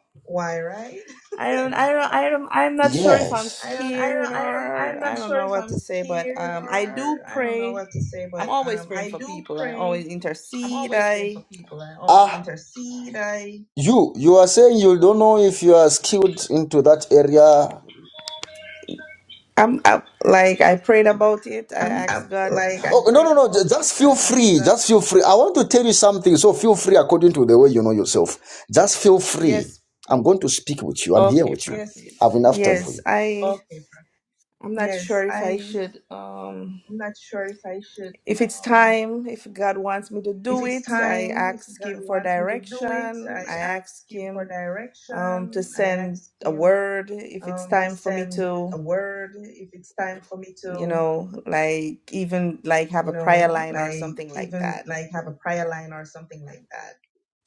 Speaker 6: I don't I don't I don't I'm not sure if I'm
Speaker 1: Yes. Yes.
Speaker 6: scared or I don't know what to say, but um I do pray. I'm always praying for people. I always intercede. I
Speaker 1: you you are saying you don't know if you are skilled into that area.
Speaker 6: I'm I, like I prayed about it. I asked God.
Speaker 1: Oh no no no! Just feel free. Just feel free. I want to tell you something. So feel free according to the way you know yourself. Just feel free.
Speaker 6: Yes.
Speaker 1: I'm going to speak with you. I'm here
Speaker 6: Okay,
Speaker 1: with you.
Speaker 6: Prophet.
Speaker 1: I have enough time for
Speaker 6: Yes,
Speaker 1: you.
Speaker 6: I. I'm not sure if I should, um, if it's time, if God wants me to do it. I ask Him for direction. I ask Him um, to send a word. If it's time for me to, you know, like even like have a prayer line or something like that.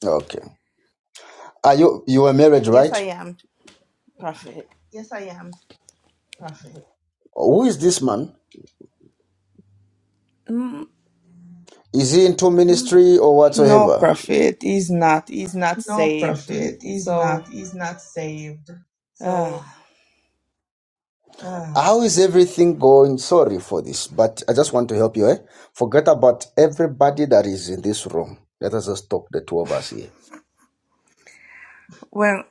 Speaker 1: Okay. Are you you were married,
Speaker 6: Yes, I
Speaker 1: right?
Speaker 6: am, prophet.
Speaker 1: Who is this man?
Speaker 6: Mm,
Speaker 1: Is he into ministry or
Speaker 6: no,
Speaker 1: whatsoever?
Speaker 6: prophet. He's not. He's not saved. So, uh,
Speaker 1: How is everything going? Sorry for this, but I just want to help you. Eh? Forget about everybody that is in this room. Let us just talk the two of us here.
Speaker 6: well,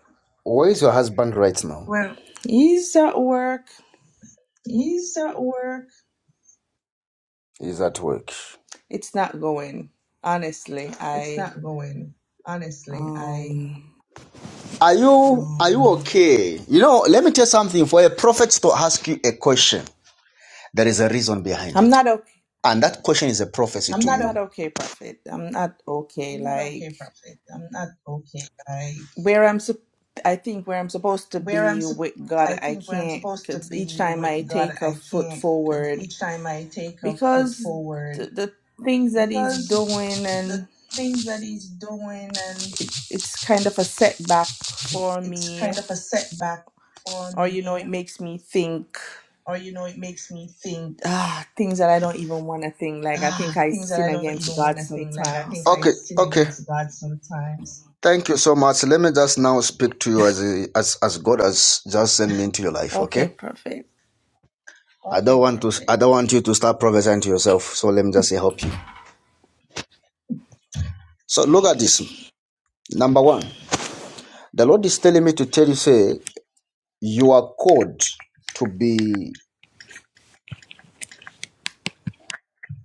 Speaker 1: Where is your husband right now?
Speaker 6: he's at work.
Speaker 1: He's at work.
Speaker 6: It's not going honestly. I. Um,
Speaker 1: Are you are you okay? You know, let me tell you something. For a prophet to ask you a question, there is a reason behind
Speaker 6: I'm
Speaker 1: it,
Speaker 6: not okay.
Speaker 1: and that question is a prophecy to
Speaker 6: I'm
Speaker 1: you.
Speaker 6: not okay, Prophet. I'm not okay. Like where I'm, sup- I think where I'm supposed to be with God, I can't. Because each time I take a foot forward, because the, the things that He's doing, and it, it's kind of a setback for me, or you know, it makes me think. Ah, things that I don't even want to think. Like I think I sin against God sometimes.
Speaker 1: Okay, okay. Thank you so much. Let me just now speak to you as a, as as God has just sent me into your life.
Speaker 6: Okay,
Speaker 1: Okay,
Speaker 6: Prophet.
Speaker 1: I don't Okay, want to prophet. I prophet. don't want you to start prophesying to yourself. So let me just help you. So look at this. Number one, the Lord is telling me to tell you, say. you are called to be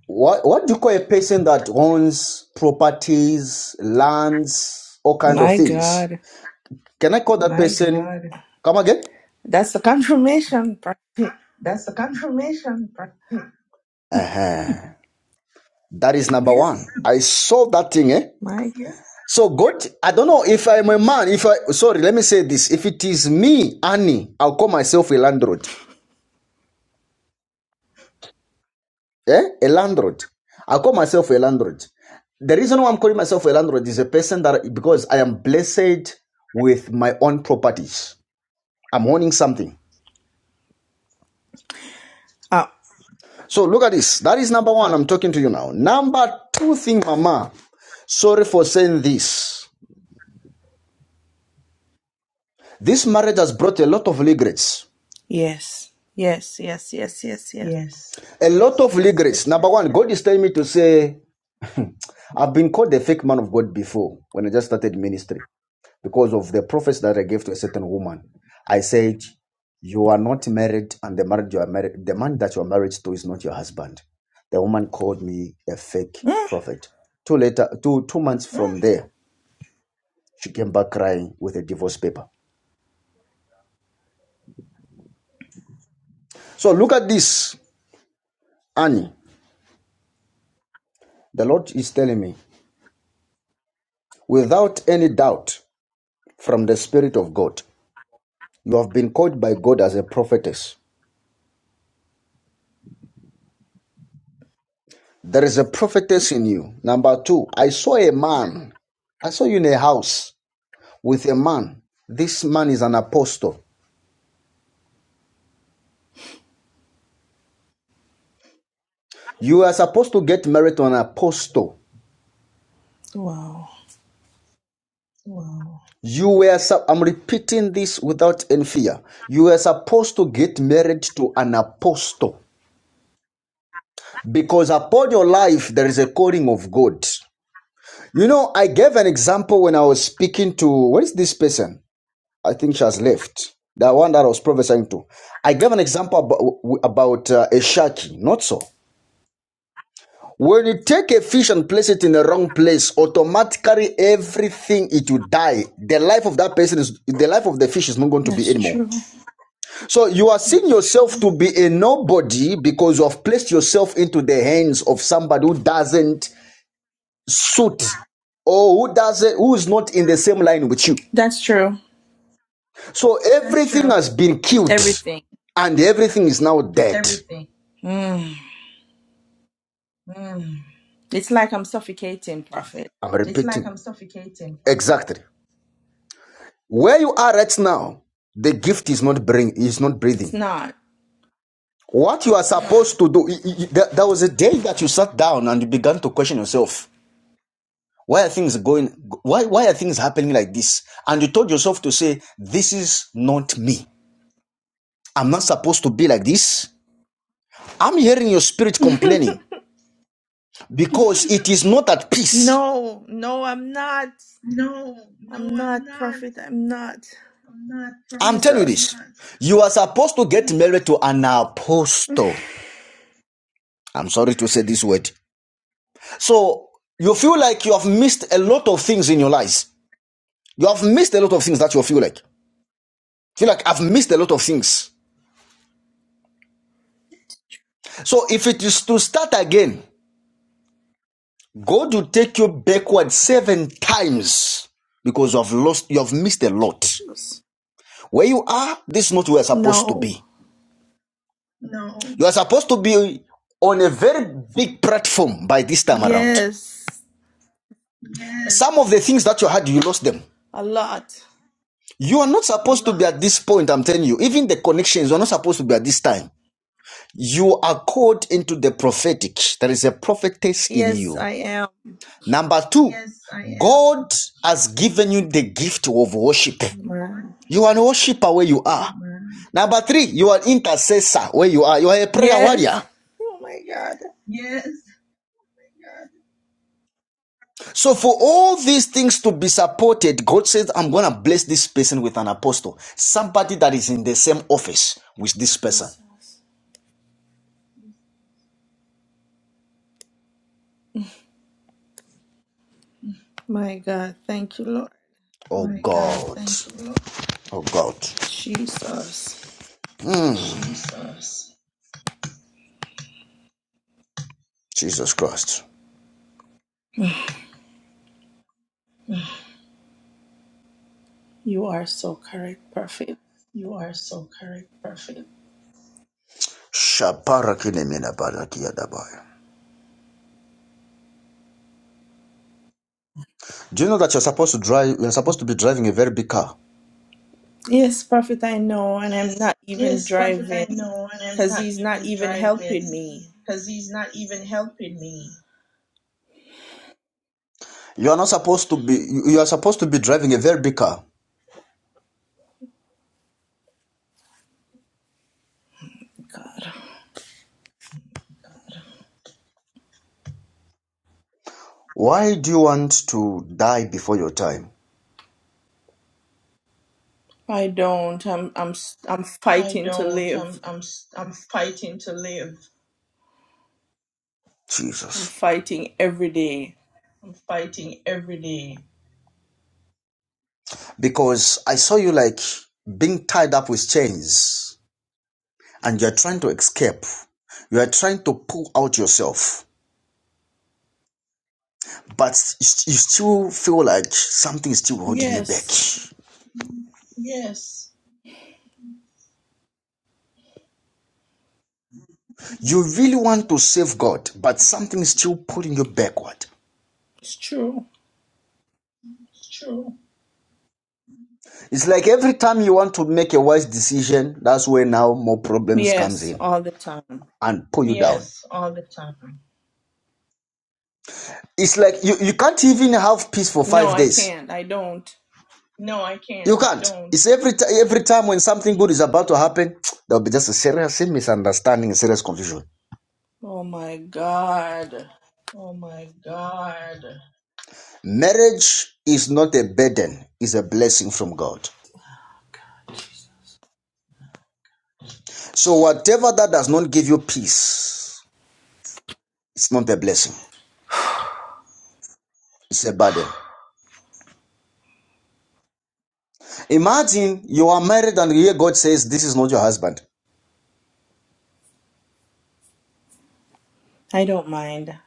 Speaker 1: what what do you call a person that owns properties, lands, all kind of
Speaker 6: My
Speaker 1: things?
Speaker 6: God.
Speaker 1: Can I call that person? Come again?
Speaker 6: That's the confirmation part.
Speaker 1: Uh-huh. That is number
Speaker 6: Yes.
Speaker 1: one. I saw that thing, eh?
Speaker 6: My.
Speaker 1: So God, I don't know if I'm a man. If I sorry, let me say this. If it is me, Annie, I'll call myself a landlord. Eh? A landlord. I call myself a landlord. The reason why I'm calling myself a landlord is a person that because I am blessed with my own properties. I'm owning something.
Speaker 6: Oh,
Speaker 1: So look at this. That is number one. I'm talking to you now. Number two thing, Mama. Sorry for saying this. This marriage has brought a lot of regrets.
Speaker 6: yes. Yes, yes, yes, yes, yes.
Speaker 1: A lot of regrets. Number one, God is telling me to say, I've been called a fake man of God before when I just started ministry. because of the prophecy that I gave to a certain woman. I said, You are not married, and the marriage you are married, the man that you are married to is not your husband. The woman called me a fake
Speaker 6: Mm.
Speaker 1: prophet. Two later, two, two months from there, she came back crying with a divorce paper. So look at this, Annie. The Lord is telling me, without any doubt from the Spirit of God, you have been called by God as a prophetess. There is a prophetess in you. Number two, I saw a man I saw you in a house. with a man. This man is an apostle. You are supposed to get married to an apostle.
Speaker 6: Wow.
Speaker 1: You were, I'm repeating this without any fear. You are supposed to get married to an apostle because upon your life there is a calling of God. You know, I gave an example when I was speaking to, where is this person? I think she has left. The one that I was prophesying to. I gave an example about, about uh, a shaki. not so. When you take a fish and place it in the wrong place, automatically everything it will die. The life of that person is the life of the fish is not going to be
Speaker 6: That's
Speaker 1: anymore.
Speaker 6: true.
Speaker 1: So you are seeing yourself to be a nobody because you have placed yourself into the hands of somebody who doesn't suit or who doesn't who is not in the same line with you.
Speaker 6: That's true.
Speaker 1: So everything has been killed
Speaker 6: Everything.
Speaker 1: and everything is now dead.
Speaker 6: Mm. It's like I'm suffocating, Prophet.
Speaker 1: I'm repeating. Exactly. Where you are right now, the gift is not bring is not
Speaker 6: It's
Speaker 1: breathing.
Speaker 6: not.
Speaker 1: What you are supposed to do, there was a day that you sat down and you began to question yourself. Why are things going? Why why are things happening like this? And you told yourself to say, "This is not me. I'm not supposed to be like this." I'm hearing your spirit
Speaker 6: no,
Speaker 1: complaining because it is not at peace.
Speaker 6: no, I'm not. I'm not, Prophet. I'm not.
Speaker 1: I'm telling you this.
Speaker 6: Jesus.
Speaker 1: You are supposed to get married to an apostle. I'm sorry to say this word. So you feel like you have missed a lot of things in your lives. You have missed a lot of things that you feel like. Feel like I've missed a lot of things. So if it is to start again, God will take you backward seven times because you have lost, you have missed a lot.
Speaker 6: Jesus.
Speaker 1: Where you are, this is not where you're supposed to
Speaker 6: No.
Speaker 1: be. You are supposed to be on a very big platform by this time around.
Speaker 6: Yes.
Speaker 1: Some of the things that you had, you lost them.
Speaker 6: A lot.
Speaker 1: You are not supposed to be at this point, I'm telling you. Even the connections, you're not supposed to be at this time. You are called into the prophetic. There is a prophetess in
Speaker 6: Yes,
Speaker 1: you.
Speaker 6: I
Speaker 1: Number two, Yes, God has given you the gift of worship.
Speaker 6: am.
Speaker 1: You are a worshiper where you are. Number three, you are an intercessor where you are. You are a prayer warrior.
Speaker 6: Yes. Oh my God.
Speaker 1: So for all these things to be supported, God says, I'm going to bless this person with an apostle. Somebody that is in the same office with this person.
Speaker 6: Jesus. My God. Thank you, Lord.
Speaker 1: Oh My God. God. Oh God.
Speaker 6: Jesus.
Speaker 1: Jesus Christ.
Speaker 6: You are so correct, Prophet.
Speaker 1: Do you know that you're supposed to drive? You're supposed to be driving a very big car.
Speaker 6: Yes, Prophet, I know. And I'm not even driving because he's not even helping me.
Speaker 1: You are not supposed to be. You are supposed to be driving a very big car.
Speaker 6: God.
Speaker 1: Why do you want to die before your time,
Speaker 6: I don't. I'm, I'm, s- I'm fighting to live. I'm
Speaker 1: Jesus?
Speaker 6: fighting every day.
Speaker 1: Because I saw you like being tied up with chains, and you're trying to escape. You are trying to pull out yourself, but you you still feel like something is still holding you back.
Speaker 6: Yes,
Speaker 1: You really want to save God, but something is still pulling you backward.
Speaker 6: it's true.
Speaker 1: It's like every time you want to make a wise decision, that's where now more problems comes
Speaker 6: Yes,
Speaker 1: in
Speaker 6: all the time.
Speaker 1: and pull you down. It's like you, you can't even have peace for
Speaker 6: No,
Speaker 1: five
Speaker 6: I
Speaker 1: days.
Speaker 6: can't. I don't.
Speaker 1: You can't. It's every ti- every time when something good is about to happen, there'll be just a serious misunderstanding, serious confusion.
Speaker 6: Oh my God.
Speaker 1: Marriage is not a burden; it's a blessing from God. So whatever that does not give you peace, it's not a blessing; it's a burden. Imagine you are married and you hear God says, "This is not your husband."
Speaker 6: I don't mind.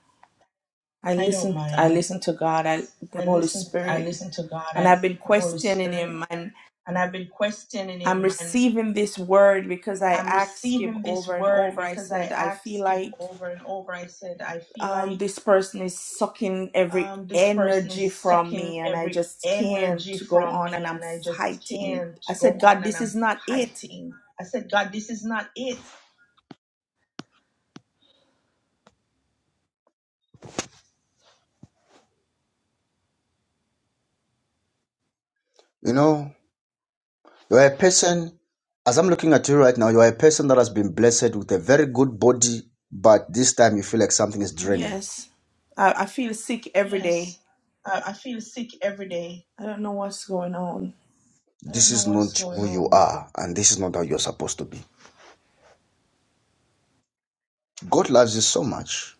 Speaker 6: I listen I listen to God, I the Holy Spirit, and I've been questioning him and I'm receiving this word because I asked him over and over. I said, I feel like um, this person is sucking every energy from me and I just can't go on and I'm fighting. I said, God, this is not it.
Speaker 1: You know, you're a person, as I'm looking at you right now, you're a person that has been blessed with a very good body, but this time you feel like something is draining.
Speaker 6: Yes. I, I feel sick every day. I don't know what's going on.
Speaker 1: This is not who you are, and this is not how you're supposed to be. God loves you so much.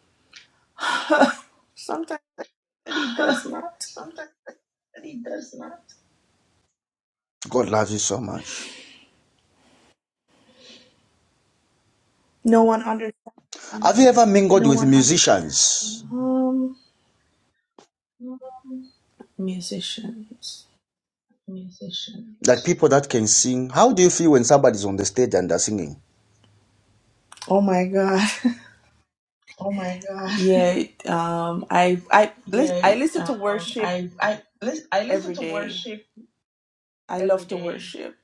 Speaker 6: Sometimes I- he does not.
Speaker 1: God loves you so much.
Speaker 6: No one
Speaker 1: Have
Speaker 6: understands.
Speaker 1: you ever mingled with musicians?
Speaker 6: Um, musicians.
Speaker 1: Musicians. Like people that can sing. How do you feel when somebody's on the stage and they're singing?
Speaker 6: Oh my God. Yeah. Um, I I lis- I listen to worship every day. I love to worship.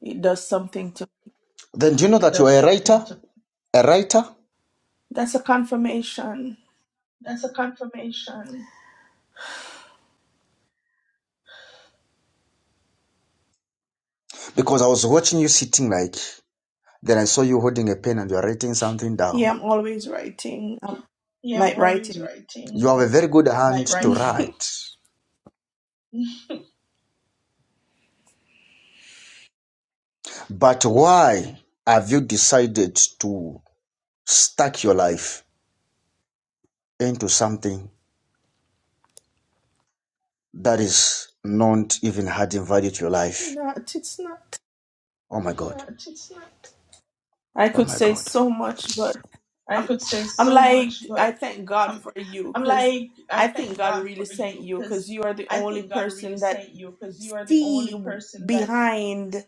Speaker 6: It does something to.
Speaker 1: Then do you know that you're a writer? A writer?
Speaker 6: That's a confirmation.
Speaker 1: Because I was watching you sitting like, then I saw you holding a pen and you're writing something down.
Speaker 6: Yeah, I'm always writing. i am like writing.
Speaker 1: You have a very good hand to write
Speaker 6: not.
Speaker 1: But why have you decided to stack your life into something that is not even adding value to your life?
Speaker 6: It's not.
Speaker 1: Oh my God.
Speaker 6: I
Speaker 1: Oh
Speaker 6: could
Speaker 1: my
Speaker 6: say
Speaker 1: God.
Speaker 6: so much, but I'm. I'm like I thank God for you because I think God really sent you because you are the only person that see behind.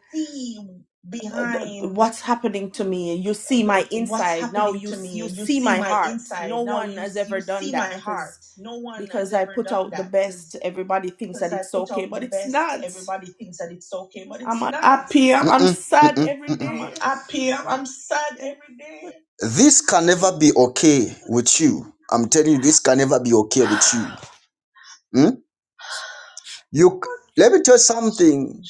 Speaker 6: what's happening to me you see my inside now you you see my heart no one has ever done that because because i put out the best everybody thinks that it's okay but it's not i'm unhappy i'm, I'm
Speaker 1: Mm-mm,
Speaker 6: sad
Speaker 1: mm-mm,
Speaker 6: every
Speaker 1: mm-mm.
Speaker 6: day
Speaker 1: This can never be okay with you. I'm telling you, this can never be okay with you. Hmm? You c- let me tell you something.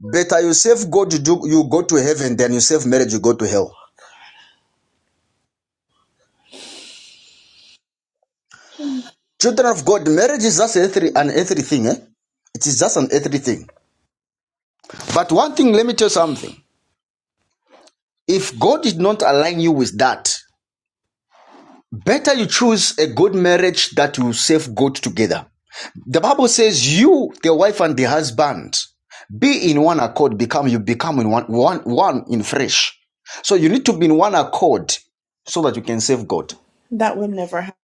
Speaker 1: Better you save God, you, do, you go to heaven, than you save marriage, you go to hell. Children of God, marriage is just earthly, an earthly thing. Eh? It is just an earthly thing. But one thing, let me tell you something. If God did not align you with that, better you choose a good marriage that will save God together. The Bible says, "You, the wife and the husband, be in one accord. Become you become in one one one in flesh." So you need to be in one accord so that you can save God.
Speaker 6: that will never happen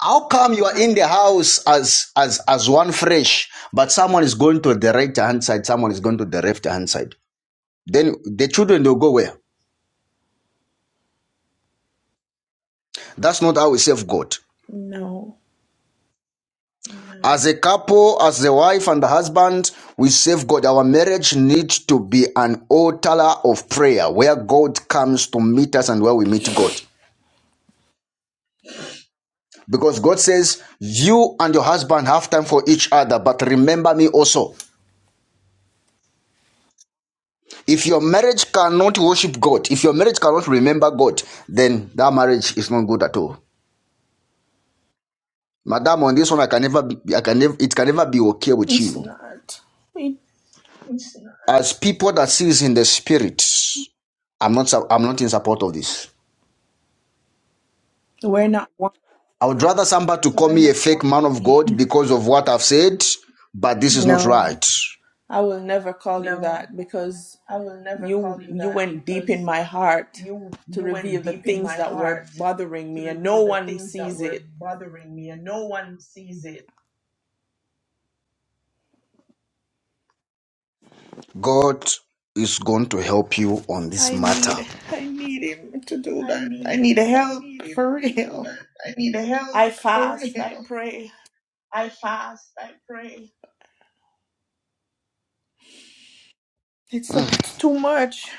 Speaker 1: How come you are in the house as as as one flesh, but someone is going to the right hand side, someone is going to the left hand side? Then the children will go where? That's not how we save God.
Speaker 6: no
Speaker 1: As a couple, as the wife and the husband, we save God. Our marriage needs to be an altar of prayer where God comes to meet us and where we meet God. Because God says, You and your husband have time for each other, but remember me also. If your marriage cannot worship God, if your marriage cannot remember God, then that marriage is not good at all. Madam, on this one, I can never be, I can never, it can never be okay with
Speaker 6: it's
Speaker 1: you.
Speaker 6: not we,
Speaker 1: As people that sees in the spirit, I'm not, su- I'm not in support of this.
Speaker 6: we're not one
Speaker 1: I would rather somebody to call me a fake man of God because of what I've said, but this is not
Speaker 6: no
Speaker 1: right.
Speaker 6: i will never call you that because. you you went deep in my heart to reveal the things that were bothering me and no one sees it
Speaker 1: God is going to help you on this
Speaker 6: i
Speaker 1: matter.
Speaker 6: need i need him to do that i need help for real i fast i pray it's
Speaker 1: Mm.
Speaker 6: it's too much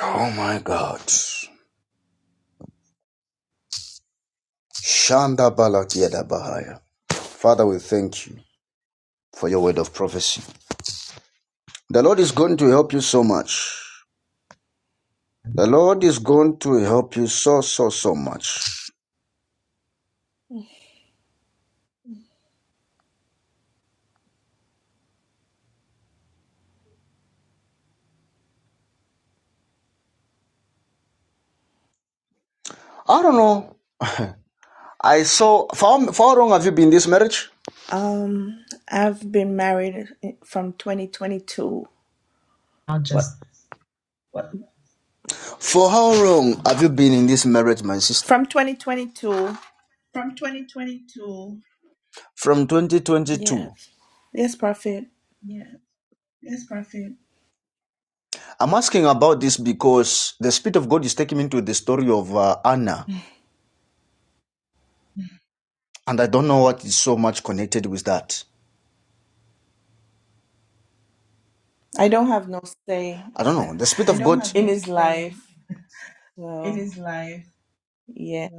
Speaker 1: Oh my God. Shanda Balakiada Bahaya. Father, we thank you. for your word of prophecy. The Lord is going to help you so much. The Lord is going to help you so, so, so much. I don't know. I saw, for how, for how long have you been in this marriage?
Speaker 6: um i've been married from 2022 but
Speaker 1: For how long have you been in this marriage, my sister?
Speaker 6: from 2022
Speaker 1: From 2022.
Speaker 6: yes yes prophet
Speaker 1: I'm asking about this because the Spirit of God is taking me into the story of uh, Anna, and I don't know what is so much connected with that.
Speaker 6: i don't have no say
Speaker 1: I don't know. The Spirit of God.
Speaker 6: in his life so yeah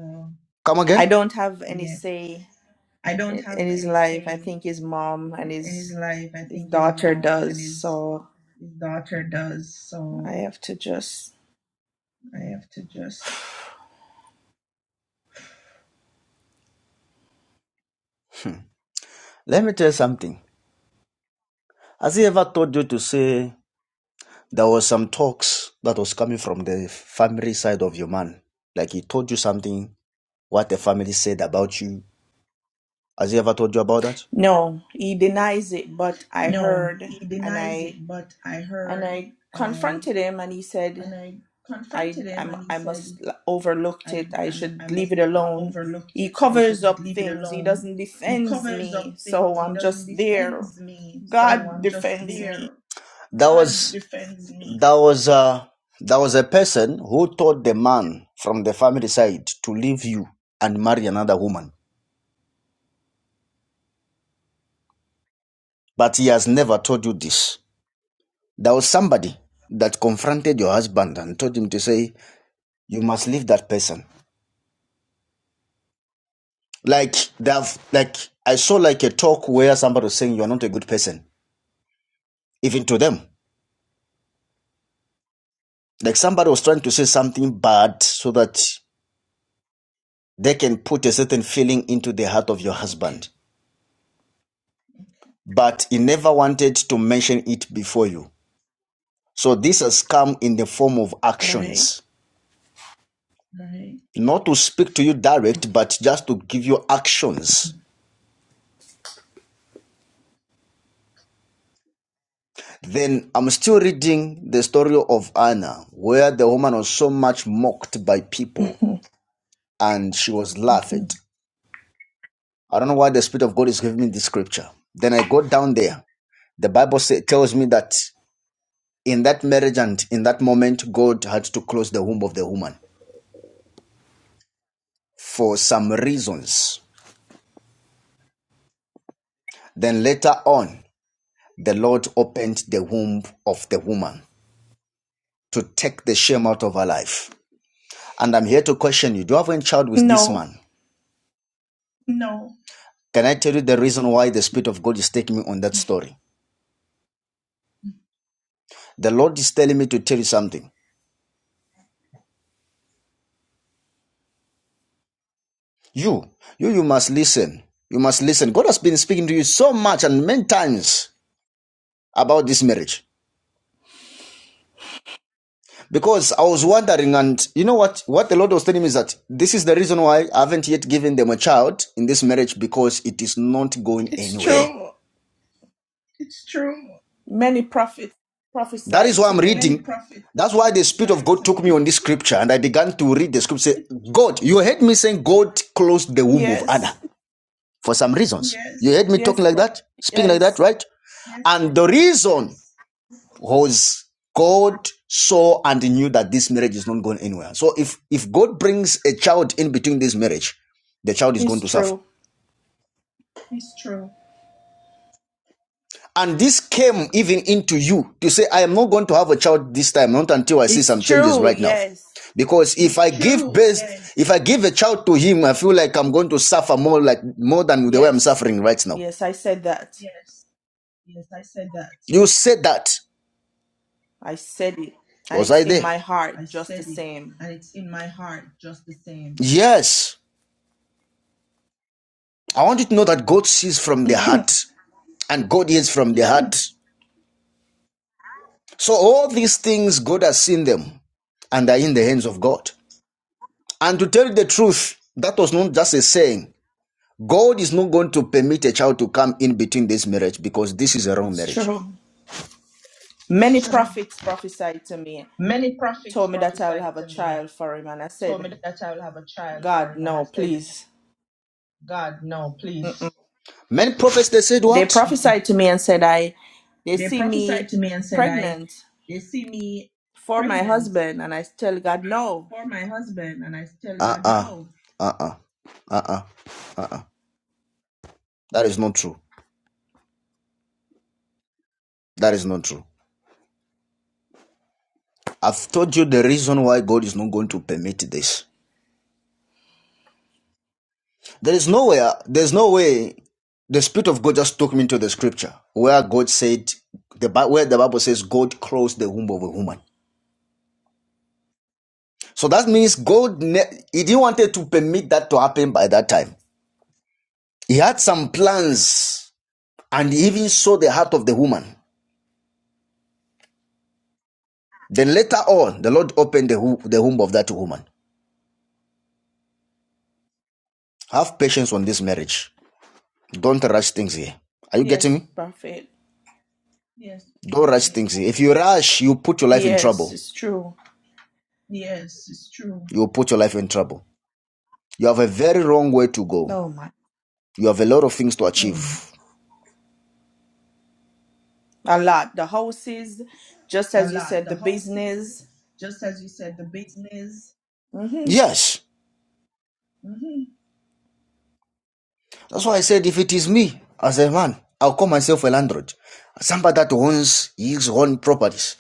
Speaker 1: Come
Speaker 6: i
Speaker 1: again?
Speaker 6: don't have any say i- in his life. I think his mom and his his daughter does. So I have to just
Speaker 1: Hmm. Let me tell you something. Has He ever told you to say, there was some talks that was coming from the family side of your man. Like he told you something, what the family said about you. Has he ever told you about that?
Speaker 6: no. He denies it, but I heard and I and I confronted him, and he said, "I I'm, I must overlooked it. I should leave it alone." He covers up things. He doesn't defends me, so I'm just there. God defends me.
Speaker 1: That was that was uh that was a person who told the man from the family side to leave you and marry another woman. But he has never told you this. There was somebody that confronted your husband and told him to say, You must leave that person. Like they have like I saw like a talk where somebody was saying you're not a good person even to them. Like somebody was trying to say something bad so that they can put a certain feeling into the heart of your
Speaker 6: Okay,
Speaker 1: husband. But he never wanted to mention it before you. So this has come in the form of
Speaker 6: all
Speaker 1: actions. Not to speak to you direct, but just to give you actions. Then I'm still reading the story of Anna, where the woman was so much mocked by people
Speaker 6: right.
Speaker 1: and she was laughed. I don't know why the Spirit of God is giving me this scripture. Then I go down there The Bible say, tells me that in that marriage and in that moment, God had to close the womb of the woman for some reasons. Then later on, the Lord opened the womb of the woman to take the shame out of her life. And I'm here to question you do you have a child with this
Speaker 6: no,
Speaker 1: man? Can I tell you the reason why the Spirit of God is taking me on that story? The Lord is telling me to tell you something. You, you, you must listen. You must listen. God has been speaking to you so much and many times about this marriage. Because I was wondering, and you know what? What the Lord was telling me is that this is the reason why I haven't yet given them a child in this marriage because it is not going
Speaker 6: it's
Speaker 1: anywhere.
Speaker 6: true. Many prophets
Speaker 1: That is
Speaker 6: prophesied
Speaker 1: why I'm
Speaker 6: to me.
Speaker 1: reading. That's why the Spirit of God took me on this scripture and I began to read the scripture. Say, God, you heard me saying God closed the womb of Anna
Speaker 6: Yes,
Speaker 1: for some reasons. Yes. You Yes, heard me talking
Speaker 6: yes,
Speaker 1: like
Speaker 6: pro-
Speaker 1: that, speaking like that,
Speaker 6: yes.
Speaker 1: right? And the reason was God saw and knew that this marriage is not going anywhere. So if if God brings a child in between this marriage, the child is going
Speaker 6: It's
Speaker 1: to suffer.
Speaker 6: true.
Speaker 1: And this came even into you to say, I am not going to have a child this time, not until I see
Speaker 6: It's
Speaker 1: some changes
Speaker 6: true.
Speaker 1: right now.
Speaker 6: Yes,
Speaker 1: Because if I give birth, if I give a child to him, I feel like I'm going to suffer more like more than the way I'm
Speaker 6: yes,
Speaker 1: suffering right now.
Speaker 6: yes. I said that.
Speaker 1: You said that.
Speaker 6: I said it, and
Speaker 1: Was
Speaker 6: it's
Speaker 1: I
Speaker 6: in
Speaker 1: there?
Speaker 6: my heart just the same.
Speaker 1: Yes. I want you to know that God sees from the heart and God hears from the heart. So all these things, God has seen them and are in the hands of God. And to tell you the truth, that was not just a saying. God is not going to permit a child to come in between this marriage because this is a wrong
Speaker 6: It's
Speaker 1: marriage.
Speaker 6: true. Many prophets prophesied to me, told me that I will have a child for him, and I said, God, no, please.
Speaker 1: Many prophets, they said
Speaker 6: They
Speaker 1: what?
Speaker 6: prophesied to me and said, I, they see me pregnant for my husband, and I tell God, no.
Speaker 1: Uh uh-uh, uh, uh uh, uh. That is not true. That is not true. I've told you the reason why God is not going to permit this. There is nowhere, there's no way the Spirit of God just took me into the scripture where God said, the, Bi- where the Bible says God closed the womb of a woman. So that means God, ne- he didn't wanted to permit that to happen by that time. He had some plans and he even saw the heart of the woman. Then later on, the Lord opened the, wo- the womb of that woman. Have patience on this marriage. Don't rush things here. Are you getting
Speaker 6: Yes,
Speaker 1: me?
Speaker 6: Prophet.
Speaker 1: Yes. Don't rush things here. If you rush, you put your life in
Speaker 6: Yes,
Speaker 1: trouble.
Speaker 6: it's true.
Speaker 1: You'll put your life in trouble. You have a very wrong way to go.
Speaker 6: No, my
Speaker 1: You have a lot of things to Mm. achieve. Mm.
Speaker 6: a lot. The houses, just as you said, the business. hmm
Speaker 1: Yes. That's why I said if it is me as a man, I'll call myself a landlord. Somebody that owns his own properties.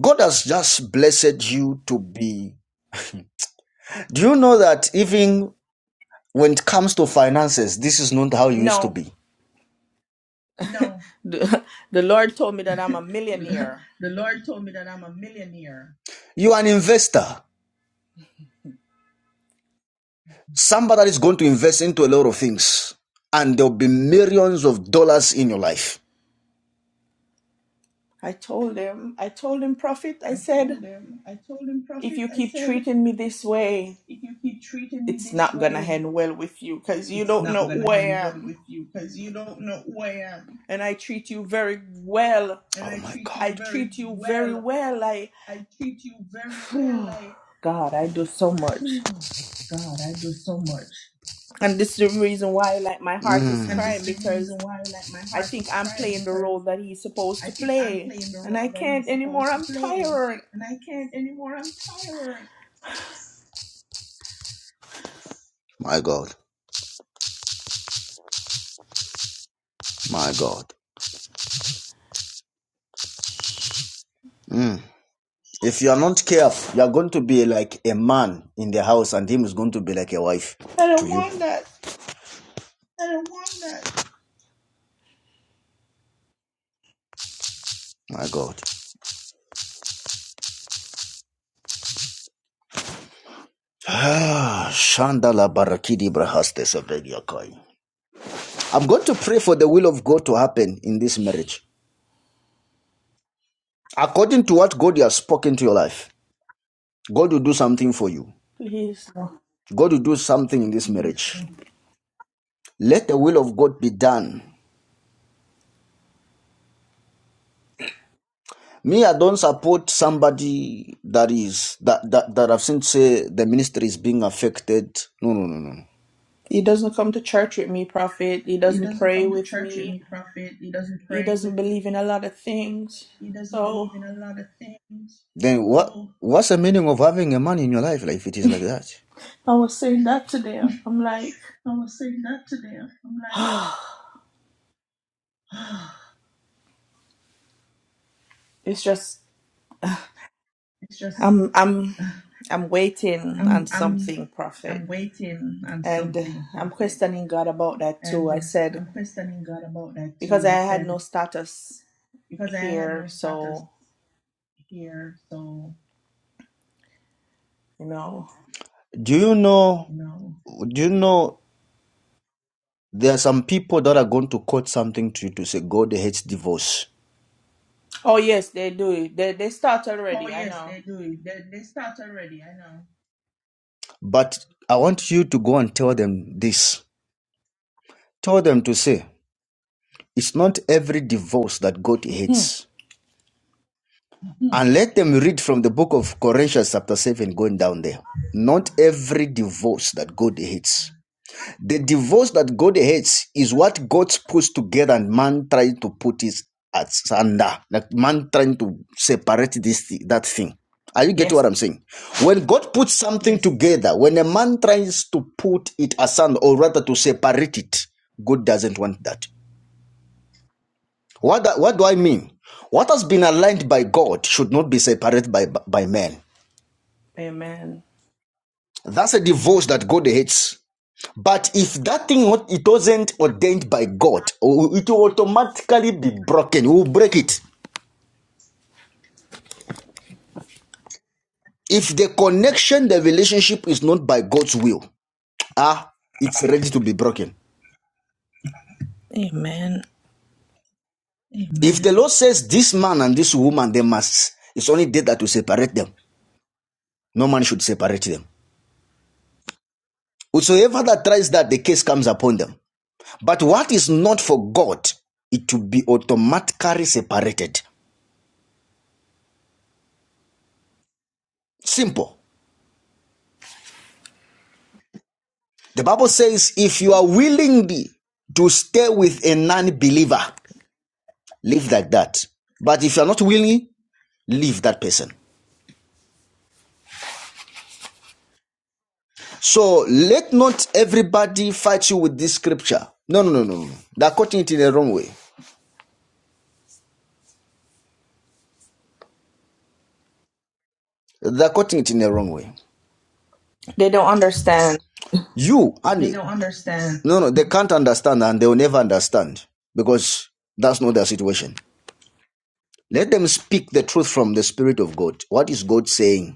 Speaker 1: God has just blessed you to be. Do you know that even when it comes to finances, this is not how you used to
Speaker 6: No,
Speaker 1: be?
Speaker 6: the, the Lord told me that I'm a millionaire.
Speaker 1: You are an investor. Somebody that is going to invest into a lot of things, and there'll be millions of dollars in your life.
Speaker 6: I told him. I told him, Prophet. I said, if you keep treating me this way, it's not gonna end well with you, cause you don't know who I am, and I treat you very well.
Speaker 1: Oh my
Speaker 6: I
Speaker 1: God. you
Speaker 6: treat you very well. I, God, I do so much. and this is the reason why like my heart is
Speaker 1: Mm. Mm.
Speaker 6: crying because i think i'm playing the role that he's supposed to play and i can't anymore i'm tired
Speaker 1: My God. My God. Mm. If you are not careful, you are going to be like a man in the house, and him is going to be like a wife
Speaker 6: i
Speaker 1: to
Speaker 6: don't
Speaker 1: you.
Speaker 6: want that
Speaker 1: My God. Ah, Shandala Barakidi Brahaste Sevediakai. I'm going to pray for the will of God to happen in this marriage. According to what God has spoken to your life, God will do something for you.
Speaker 6: please no.
Speaker 1: God will do something in this marriage. let the will of god be done me i don't support somebody that is that that, that i've seen say the ministry is being affected no no no no
Speaker 6: he doesn't come to church with me prophet he doesn't pray with me he doesn't believe in a lot of things so
Speaker 1: then what what's the meaning of having a man in your life like if it is like that
Speaker 6: i was saying that today i'm like it's just i'm i'm i'm waiting on something prophet and i'm questioning god about that too i said because I had no status here. So, you know.
Speaker 1: do you know do you know there are some people that are going to quote something to you to say god hates divorce
Speaker 6: Oh, yes, they do. it. They, they start already. I know.
Speaker 1: but i want you to go and tell them this tell them to say it's not every divorce that god hates And let them read from the book of Corinthians, chapter 7, going down there. Not every divorce that God hates. The divorce that God hates is what God puts together and man trying to put his hands under. Like man trying to separate this that thing. Are you getting what
Speaker 6: yes.
Speaker 1: I'm saying? When God puts something Yes. together, when a man tries to put it asunder or rather to separate it, God doesn't want that. What, what do I mean? What has been aligned by God should not be separated by, by man.
Speaker 6: Amen.
Speaker 1: That's a divorce that God hates. But if that thing it wasn't ordained by God, it will automatically be broken. We will break it. If the connection, the relationship is not by God's will, ah, it's ready to be broken.
Speaker 6: Amen.
Speaker 1: If the Lord says this man and this woman, they must, it's only death that will separate them. No man should separate them. Whosoever that tries that, the case comes upon them. But what is not for God, it will be automatically separated. Simple. The Bible says, if you are willing to stay with a non believer, live like that. But if you are not willing, leave that person. So let not everybody fight you with this scripture. No, no, no, no. no. They're quoting it in the wrong way. They're quoting it in the wrong way.
Speaker 6: They don't understand.
Speaker 1: You, Annie, They No, no, they can't understand and they will never understand because that's not their situation. Let them speak the truth from the Spirit of God. What is God saying?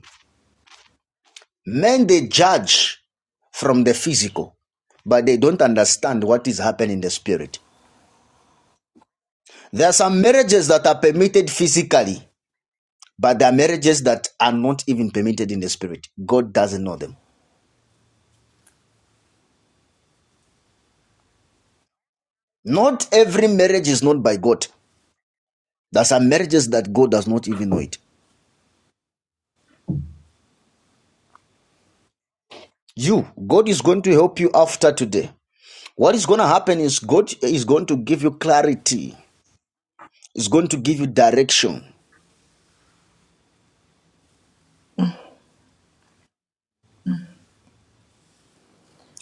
Speaker 1: Men they judge from the physical, but they don't understand what is happening in the spirit. There are some marriages that are permitted physically, but there are marriages that are not even permitted in the spirit. God doesn't know them. Not every marriage is known by God. There are some marriages that God does not even know it. You, God is going to help you after today. What is going to happen is God is going to give you clarity. It's going to give you direction.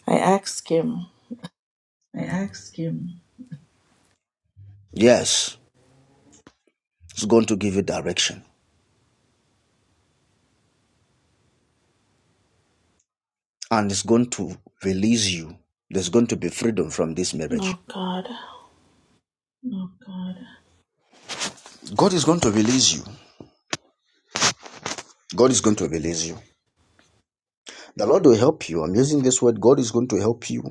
Speaker 6: I ask him.
Speaker 1: Yes, it's going to give you direction. and is going to release you. There's going to be freedom from this marriage.
Speaker 6: Oh, God.
Speaker 1: God is going to release you. God is going to release you. The Lord will help you. I'm using this word. God is going to help you,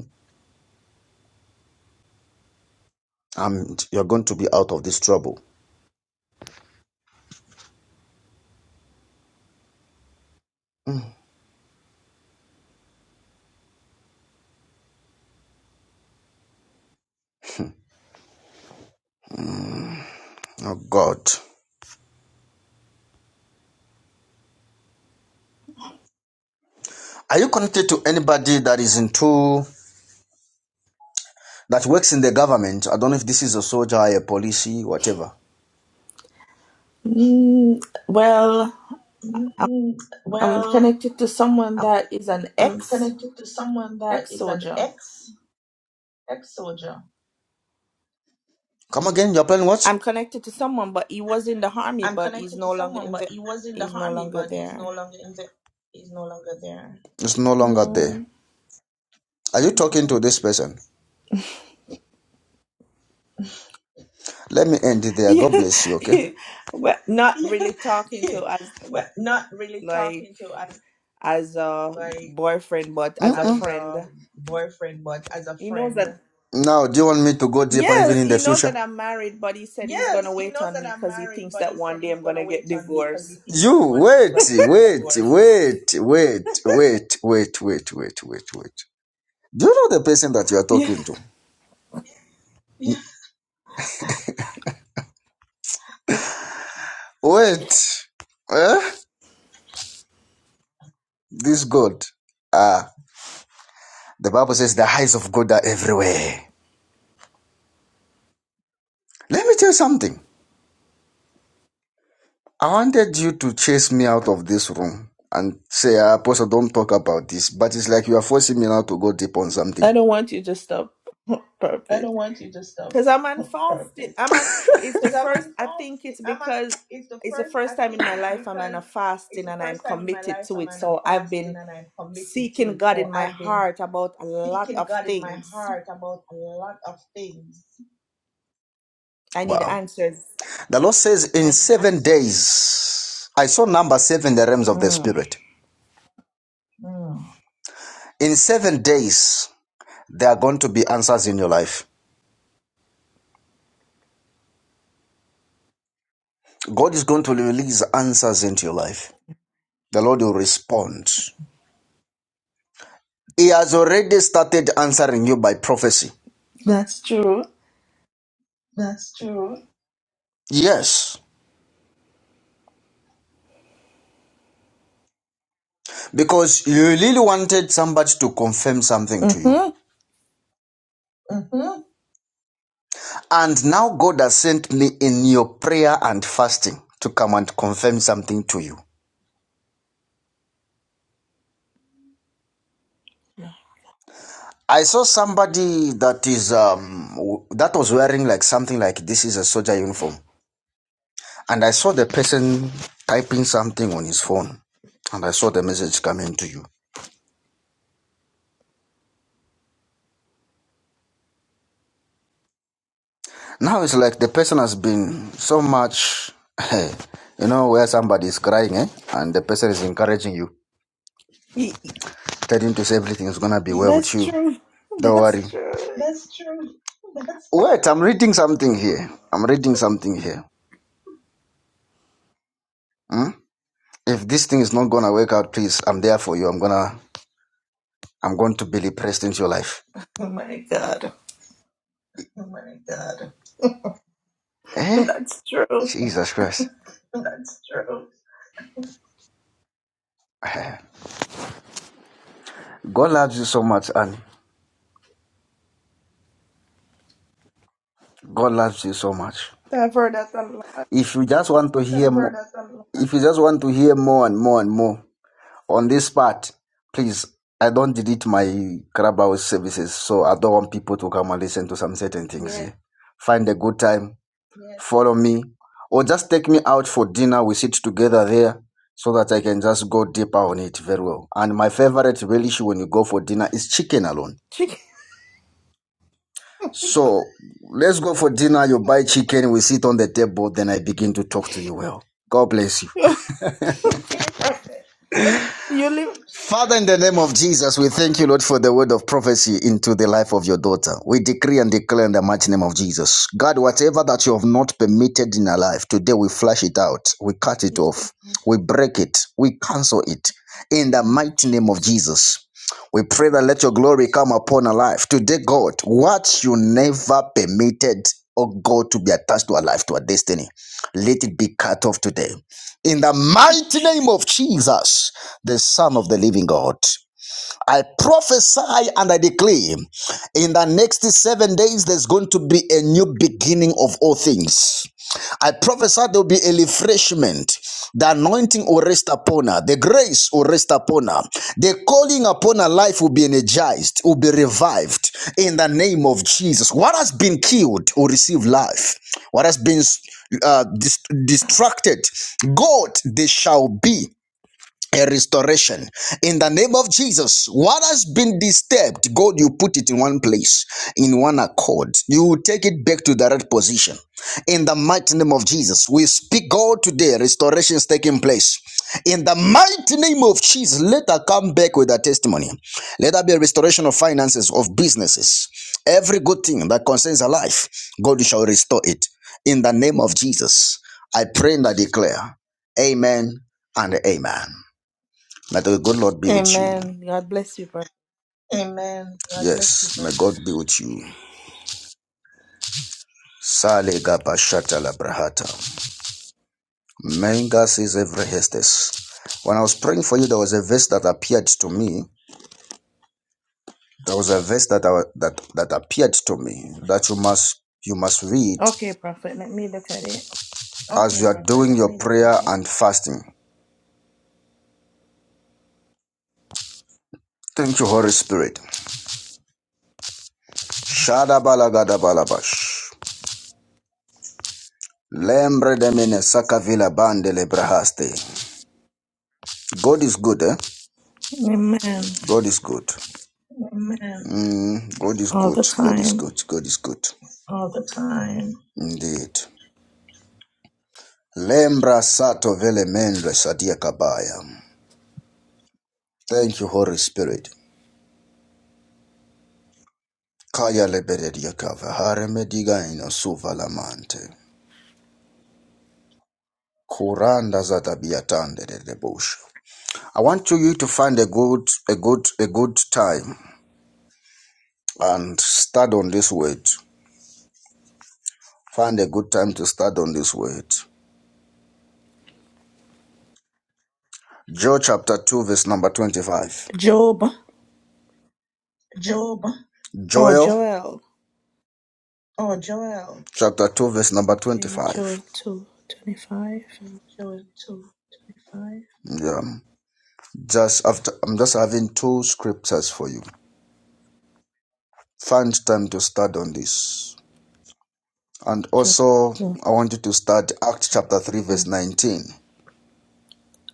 Speaker 1: and you're going to be out of this trouble. Mm. Oh God. Are you connected to anybody that is into that works in the government? I don't know if this is a soldier, a police, whatever.
Speaker 6: Mm, well, I'm, I'm connected to someone that is an ex ex soldier.
Speaker 1: Come again, you're playing what?
Speaker 6: I'm connected to someone, but he was in the army, but he's no longer in the. He's no longer there.
Speaker 1: It's no longer there.
Speaker 6: No.
Speaker 1: Are you talking to this person? Let me end it there.
Speaker 6: Yeah,
Speaker 1: God bless you, okay?
Speaker 6: well, not really talking to as like as a boyfriend, but
Speaker 1: Mm-mm.
Speaker 6: as a
Speaker 1: Mm-mm.
Speaker 6: friend. He knows that.
Speaker 1: Now, do you want me to go deeper even
Speaker 6: Yes,
Speaker 1: in
Speaker 6: he
Speaker 1: the
Speaker 6: knows
Speaker 1: future?
Speaker 6: that I'm married, but he said he's gonna wait on me because he thinks that one day I'm gonna get divorced.
Speaker 1: You wait, wait, wait, wait, wait, wait, wait, wait, wait, wait. Do you know the person that you are
Speaker 6: Yeah,
Speaker 1: talking to? Wait, eh? This God, ah, the Bible says the eyes of God are everywhere. Let me tell you something. I wanted you to chase me out of this room and say, ah, Apostle, don't talk about this. But it's like you are forcing me now to go deep on
Speaker 6: I
Speaker 1: something.
Speaker 6: don't want you to stop. Perfect. Because I'm on fasting. I'm on. It's the first. I think it's because it's the first time in my life I'm on a fasting and I'm committed to it. So I've been seeking God in my heart about a lot of things. I need
Speaker 1: Wow.
Speaker 6: answers.
Speaker 1: The Lord says, in seven days, I saw number seven, the realms of the
Speaker 6: Mm,
Speaker 1: Spirit. In seven days, there are going to be answers in your life. God is going to release answers into your life. The Lord will respond. He has already started answering you by prophecy.
Speaker 6: that's true.
Speaker 1: Yes, because you really wanted somebody to confirm something to you.
Speaker 6: hmm
Speaker 1: And now God has sent me in your prayer and fasting to come and confirm something to you. I saw somebody that is um that was wearing like something like this is a soldier uniform, and I saw the person typing something on his phone, and I saw the message coming to you. Now it's like the person has been so much, you know, where somebody is crying, eh, and the person is encouraging you, telling you to say everything is gonna be well with
Speaker 6: That's
Speaker 1: you.
Speaker 6: true.
Speaker 1: Don't worry,
Speaker 6: That's true.
Speaker 1: Wait, I'm reading something here. I'm reading something here. Hmm? If this thing is not gonna work out, please, I'm there for you. I'm gonna, I'm going to be depressed into your life.
Speaker 6: Oh my God.
Speaker 1: Eh?
Speaker 6: That's true.
Speaker 1: Jesus Christ. God loves you so much, and God loves you so much.
Speaker 6: I've heard that a lot.
Speaker 1: If you just want to hear more, if you just want to hear more and more and more on this part, please, I don't delete my Clubhouse services, so I don't want people to come and listen to some certain things
Speaker 6: Yeah.
Speaker 1: here. Find a good time follow me, or just take me out for dinner. We sit together there so that I can just go deeper on it very well. And my favorite relish when you go for dinner is chicken alone.
Speaker 6: Chicken.
Speaker 1: So let's go for dinner. You buy chicken, we sit on the table, then I begin to talk to you well. God bless you.
Speaker 6: okay, prophet. You live.
Speaker 1: Father, in the name of Jesus, we thank you, Lord, for the word of prophecy into the life of your daughter. We decree and declare in the mighty name of Jesus. God, whatever that you have not permitted in her life, today we flash it out, we cut it
Speaker 6: Yes,
Speaker 1: off,
Speaker 6: Lord.
Speaker 1: we break it, we cancel it. In
Speaker 6: In
Speaker 1: the
Speaker 6: the name of
Speaker 1: mighty name of
Speaker 6: Jesus.
Speaker 1: Jesus. We pray that let your glory come upon our life. Today, God, what you never permitted, oh God, to be attached to our life, to our destiny, let it be cut off today in the mighty name of Jesus, the Son of the living God. I prophesy and I declare in the next seven days, there's going to be a new beginning of all things. I prophesy there will be a refreshment. The anointing will rest upon her. The grace will rest upon her. The calling upon her life will be energized, will be revived in the name of Jesus. What has been killed will receive life. What has been uh, dis- distracted, God, they shall be a restoration in the name of Jesus. What has been disturbed, God, you put it in one place, in one accord. You will take it back to the right position. In the mighty name of Jesus, we speak God today. Restoration is taking place. In the mighty name of Jesus, let her come back with a testimony. Let there be a restoration of finances, of businesses. Every good thing that concerns her life, God you shall restore it. In the name of Jesus, I pray and I declare, Amen and Amen. May the good Lord be with you.
Speaker 6: Amen. God bless you, prophet.
Speaker 1: Yes, may God be with you. Sale gabashata la brahata. Menga says every hestes. When I was praying for you, there was a verse that appeared to me. There was a verse that I, that that appeared to me that you must you must read
Speaker 6: Okay, prophet. Let me look at it.
Speaker 1: okay. as you are doing your prayer and fasting. Thank you, Holy Spirit. Shada balagada balabash. Lembre demine sakavila bande le brahaste. God is good, eh?
Speaker 6: Amen.
Speaker 1: God is good. Mm, God is
Speaker 6: All
Speaker 1: good.
Speaker 6: the
Speaker 1: God is
Speaker 6: time.
Speaker 1: good. God is good. Indeed. Lembra sato vele mendwe sadia kabaya. Thank you, Holy Spirit. Kaya lebededia kava hare mediga ino suva lamante. Kuranda za tabia de debushu. I want you to find a good, a good, a good time and start on this word. Find a good time to start on this word. Joel chapter 2 verse number 25.
Speaker 6: Job. Oh,
Speaker 1: Joel
Speaker 6: Joel.
Speaker 1: chapter 2 verse number
Speaker 6: Okay, Joel
Speaker 1: 25
Speaker 6: two twenty five,
Speaker 1: yeah just after i'm just having two scriptures for you find time to start on this and
Speaker 6: Joel
Speaker 1: also
Speaker 6: 2,
Speaker 1: i want you to start act chapter 3 verse 19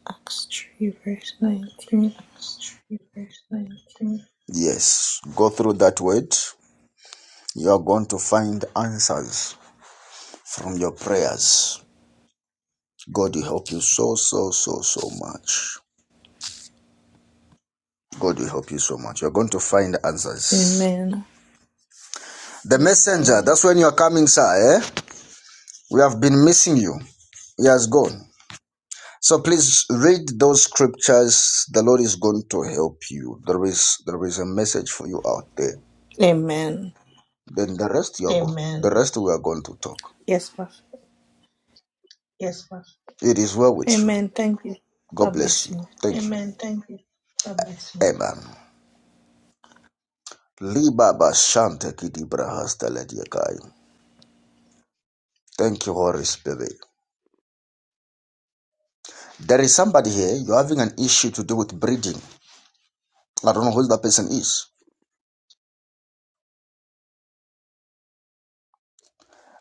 Speaker 6: Acts 3, verse 19.
Speaker 1: yes go through that word you are going to find answers from your prayers god will help you so so so so much god will help you so much you're going to find answers
Speaker 6: Amen.
Speaker 1: the messenger that's when you're coming sir eh? we have been missing you he has gone So please read those scriptures. The Lord is going to help you. There is there is a message for you out there.
Speaker 6: Amen.
Speaker 1: Then the rest you are go- the rest we are going to talk.
Speaker 6: Yes, Prophet.
Speaker 1: It is well with you.
Speaker 6: Amen. Thank you.
Speaker 1: God
Speaker 6: God
Speaker 1: bless
Speaker 6: bless
Speaker 1: you.
Speaker 6: you.
Speaker 1: Thank you. Amen. Libaba Shante Kidi Brahasta Lediakai. Thank you, Holy Spirit. There is somebody here, you're having an issue to do with breeding. I don't know who that person is.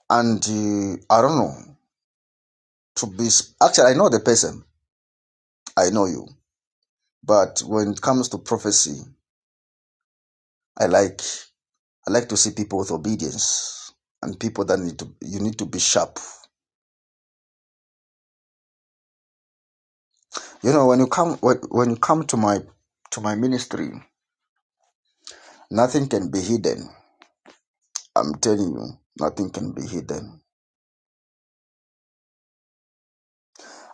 Speaker 1: And uh, I don't know. To be s- actually, I know the person. I know you. But when it comes to prophecy, I like I like to see people with obedience and people that need to you need to be sharp. You know, when you come when, when you come to my to my ministry, nothing can be hidden. I'm telling you, nothing can be hidden.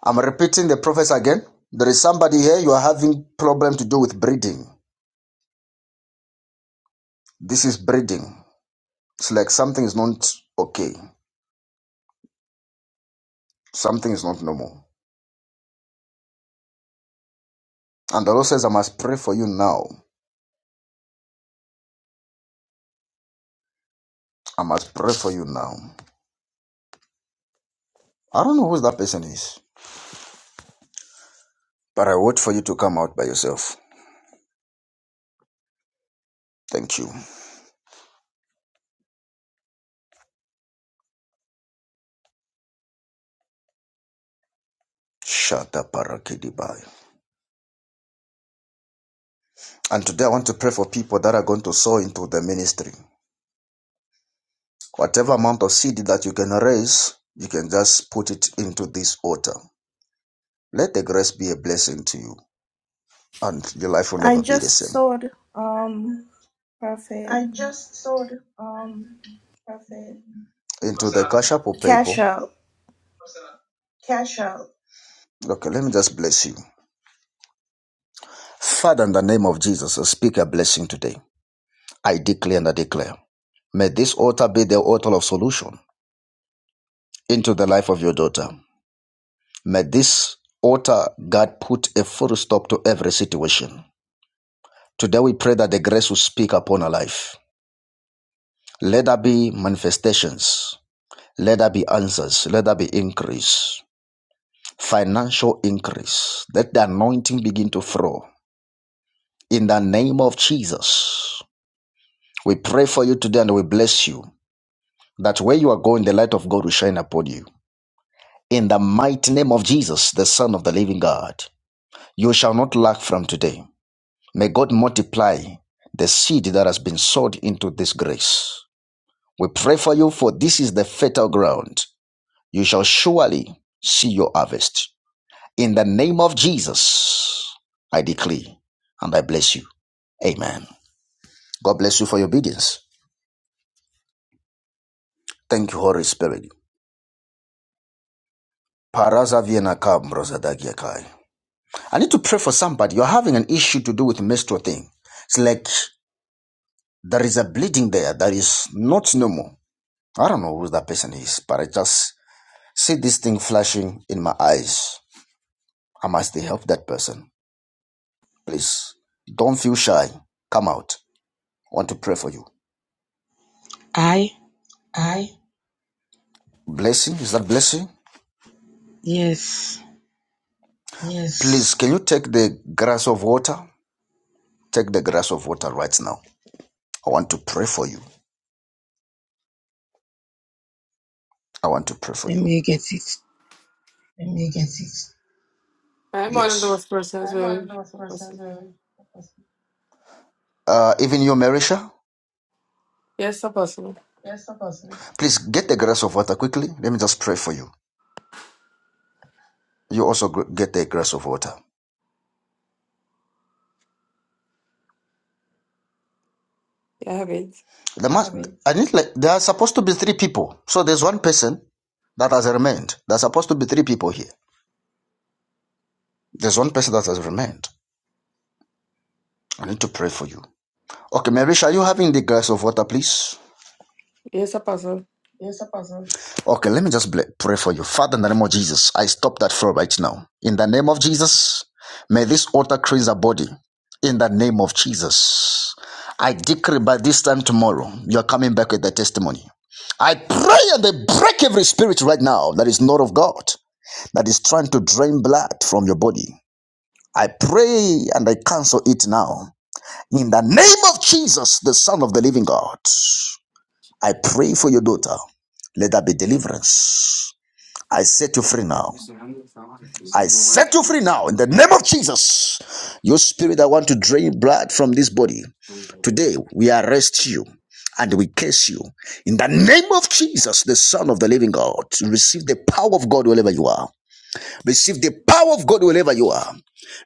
Speaker 1: I'm repeating the prophets again. There is somebody here you are having problem to do with breeding. This is breeding. It's like something is not okay. Something is not normal. And the Lord says, I must pray for you now. I must pray for you now. I don't know who that person is, but I wait for you to come out by yourself. Thank you. Shada Barakedibai. And today I want to pray for people that are going to sow into the ministry. Whatever amount of seed that you can raise, you can just put it into this altar. Let the grace be a blessing to you, and your life will
Speaker 6: I
Speaker 1: never be the
Speaker 6: just
Speaker 1: same.
Speaker 6: saw the, um Prophet
Speaker 1: Into
Speaker 6: What's
Speaker 1: the
Speaker 6: that?
Speaker 1: cash app or
Speaker 6: Cash
Speaker 1: PayPal.
Speaker 6: Out.
Speaker 1: Okay, let me just bless you. Father, in the name of Jesus, I speak a blessing today. I declare and I declare. May this altar be the altar of solution. into the life of your daughter. May this altar, God, put a full stop to every situation. Today we pray that the grace will speak upon her life. Let there be manifestations. Let there be answers. Let there be increase. Financial increase. Let the anointing begin to flow. In the name of Jesus, we pray for you today and we bless you that where you are going, the light of God will shine upon you. In the mighty name of Jesus, the Son of the living God, you shall not lack from today. May God multiply the seed that has been sowed into this grace. We pray for you, for this is the fertile ground. You shall surely see your harvest. In the name of Jesus, I decree and I bless you. Amen. God bless you for your obedience. Thank you, Holy Spirit. I need to pray for somebody. You're having an issue to do with menstrual thing. It's like there is a bleeding there that is not normal. I don't know who that person is, but I just see this thing flashing in my eyes. I must help that person. Please don't feel shy. Come out. I want to pray for you.
Speaker 7: I?
Speaker 1: Blessing, is that blessing?
Speaker 7: Yes.
Speaker 1: Please, can you take the glass of water? Take the glass of water right now. I want to pray for you. I want to pray for
Speaker 7: Let
Speaker 1: you.
Speaker 7: me get it.
Speaker 8: I'm one of
Speaker 1: Yes.
Speaker 8: those persons who. Apostle.
Speaker 1: Uh, even you, Marisha,
Speaker 8: Yes, Apostle.
Speaker 1: please get the glass of water quickly. Let me just pray for you. You also get the glass of water.
Speaker 8: I have it.
Speaker 1: There must, I need like, there are supposed to be three people. So there's one person that has remained. There's supposed to be three people here. There's one person that has remained. I need to pray for you. Okay, Mary, are you having the glass of water, please?
Speaker 8: Yes, Apostle.
Speaker 1: Okay, let me just pray for you. Father, in the name of Jesus, I stop that flow right now. In the name of Jesus, may this altar cleanse our body. In the name of Jesus, I decree by this time tomorrow, you're coming back with the testimony. I pray and they break every spirit right now that is not of God. that is trying to drain blood from your body. I pray and I cancel it now. In the name of Jesus, the Son of the Living God, I pray for your daughter. Let there be deliverance. I set you free now. I set you free now in the name of Jesus. Your spirit that want to drain blood from this body. Today we arrest you and we curse you. In the name of Jesus, the Son of the Living God, receive the power of God wherever you are. Receive the power of God wherever you are.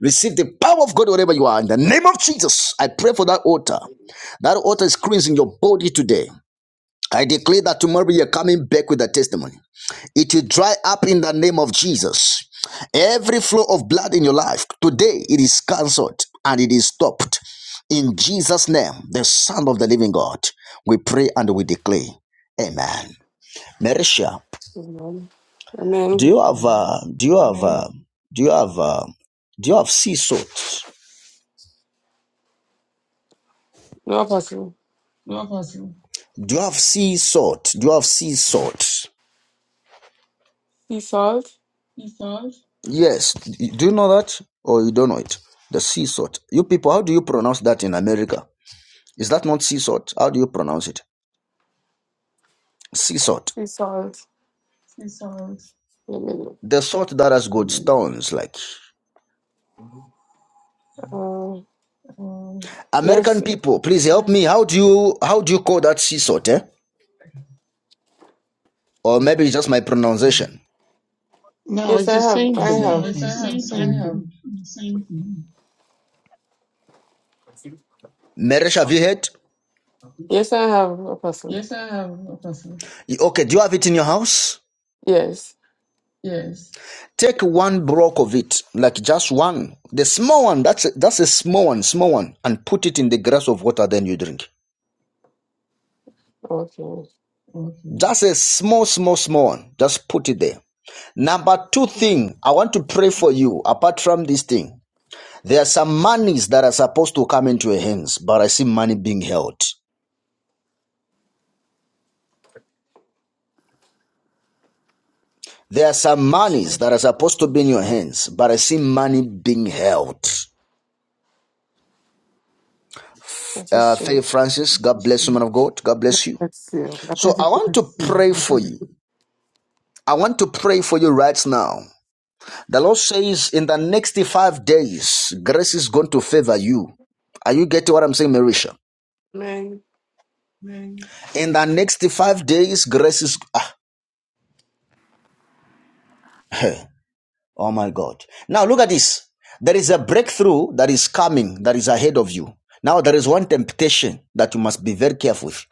Speaker 1: Receive the power of God wherever you are. In the name of Jesus, I pray for that altar. That altar is in your body today. I declare that tomorrow you're coming back with a testimony. It will dry up in the name of Jesus. Every flow of blood in your life, today it is cancelled and it is stopped. In Jesus' name, the Son of the Living God, we pray and we declare. Amen. Marisha,
Speaker 8: Amen.
Speaker 1: do
Speaker 8: Amen.
Speaker 1: you have uh, do you have Amen. uh, do you have uh, do you have sea salt?
Speaker 8: No, Apostle.
Speaker 1: Do you have sea salt? Do you have sea salt?
Speaker 8: Sea salt.
Speaker 1: Yes. Do you know that or you don't know it? The sea salt. You people, how do you pronounce that in America? Is that not sea salt? How do you pronounce it? Sea salt.
Speaker 8: Sea salt. Amen.
Speaker 1: The salt that has good stones, like
Speaker 8: Uh, yes.
Speaker 1: American people, please help me. How do you how do you call that sea salt? Eh? Or maybe it's just my pronunciation.
Speaker 9: No,
Speaker 8: Yes,
Speaker 9: it's
Speaker 8: I
Speaker 9: the
Speaker 8: have.
Speaker 9: same
Speaker 8: I
Speaker 9: thing.
Speaker 8: have.
Speaker 9: The same thing.
Speaker 1: Meresh, have you heard?
Speaker 8: Yes, I have, Apostle.
Speaker 1: Okay, do you have it in your house?
Speaker 8: Yes.
Speaker 1: Take one block of it, like just one, the small one. That's a, that's a small one, small one, and put it in the glass of water. Then you drink.
Speaker 8: Okay.
Speaker 1: Just a small, small, small one. Just put it there. Number two thing, I want to pray for you. Apart from this thing, there are some monies that are supposed to come into your hands, but I see money being held. There are some
Speaker 8: Sure.
Speaker 1: monies that are supposed to be in your hands, but I see money being held.
Speaker 8: That is
Speaker 1: Uh,
Speaker 8: true.
Speaker 1: Faye Francis, God bless you, man of God. God bless you.
Speaker 10: Let's see. I
Speaker 1: So
Speaker 10: pray that
Speaker 1: I
Speaker 10: you
Speaker 1: want to pray for you. I want to pray for you right now. The Lord says in the next five days, grace is going to favor you. Are you getting what I'm saying, Marisha?
Speaker 8: Amen.
Speaker 1: In the next five days, grace is. Ah, hey, oh my God. Now look at this. There is a breakthrough that is coming, that is ahead of you. Now there is one temptation that you must be very careful with.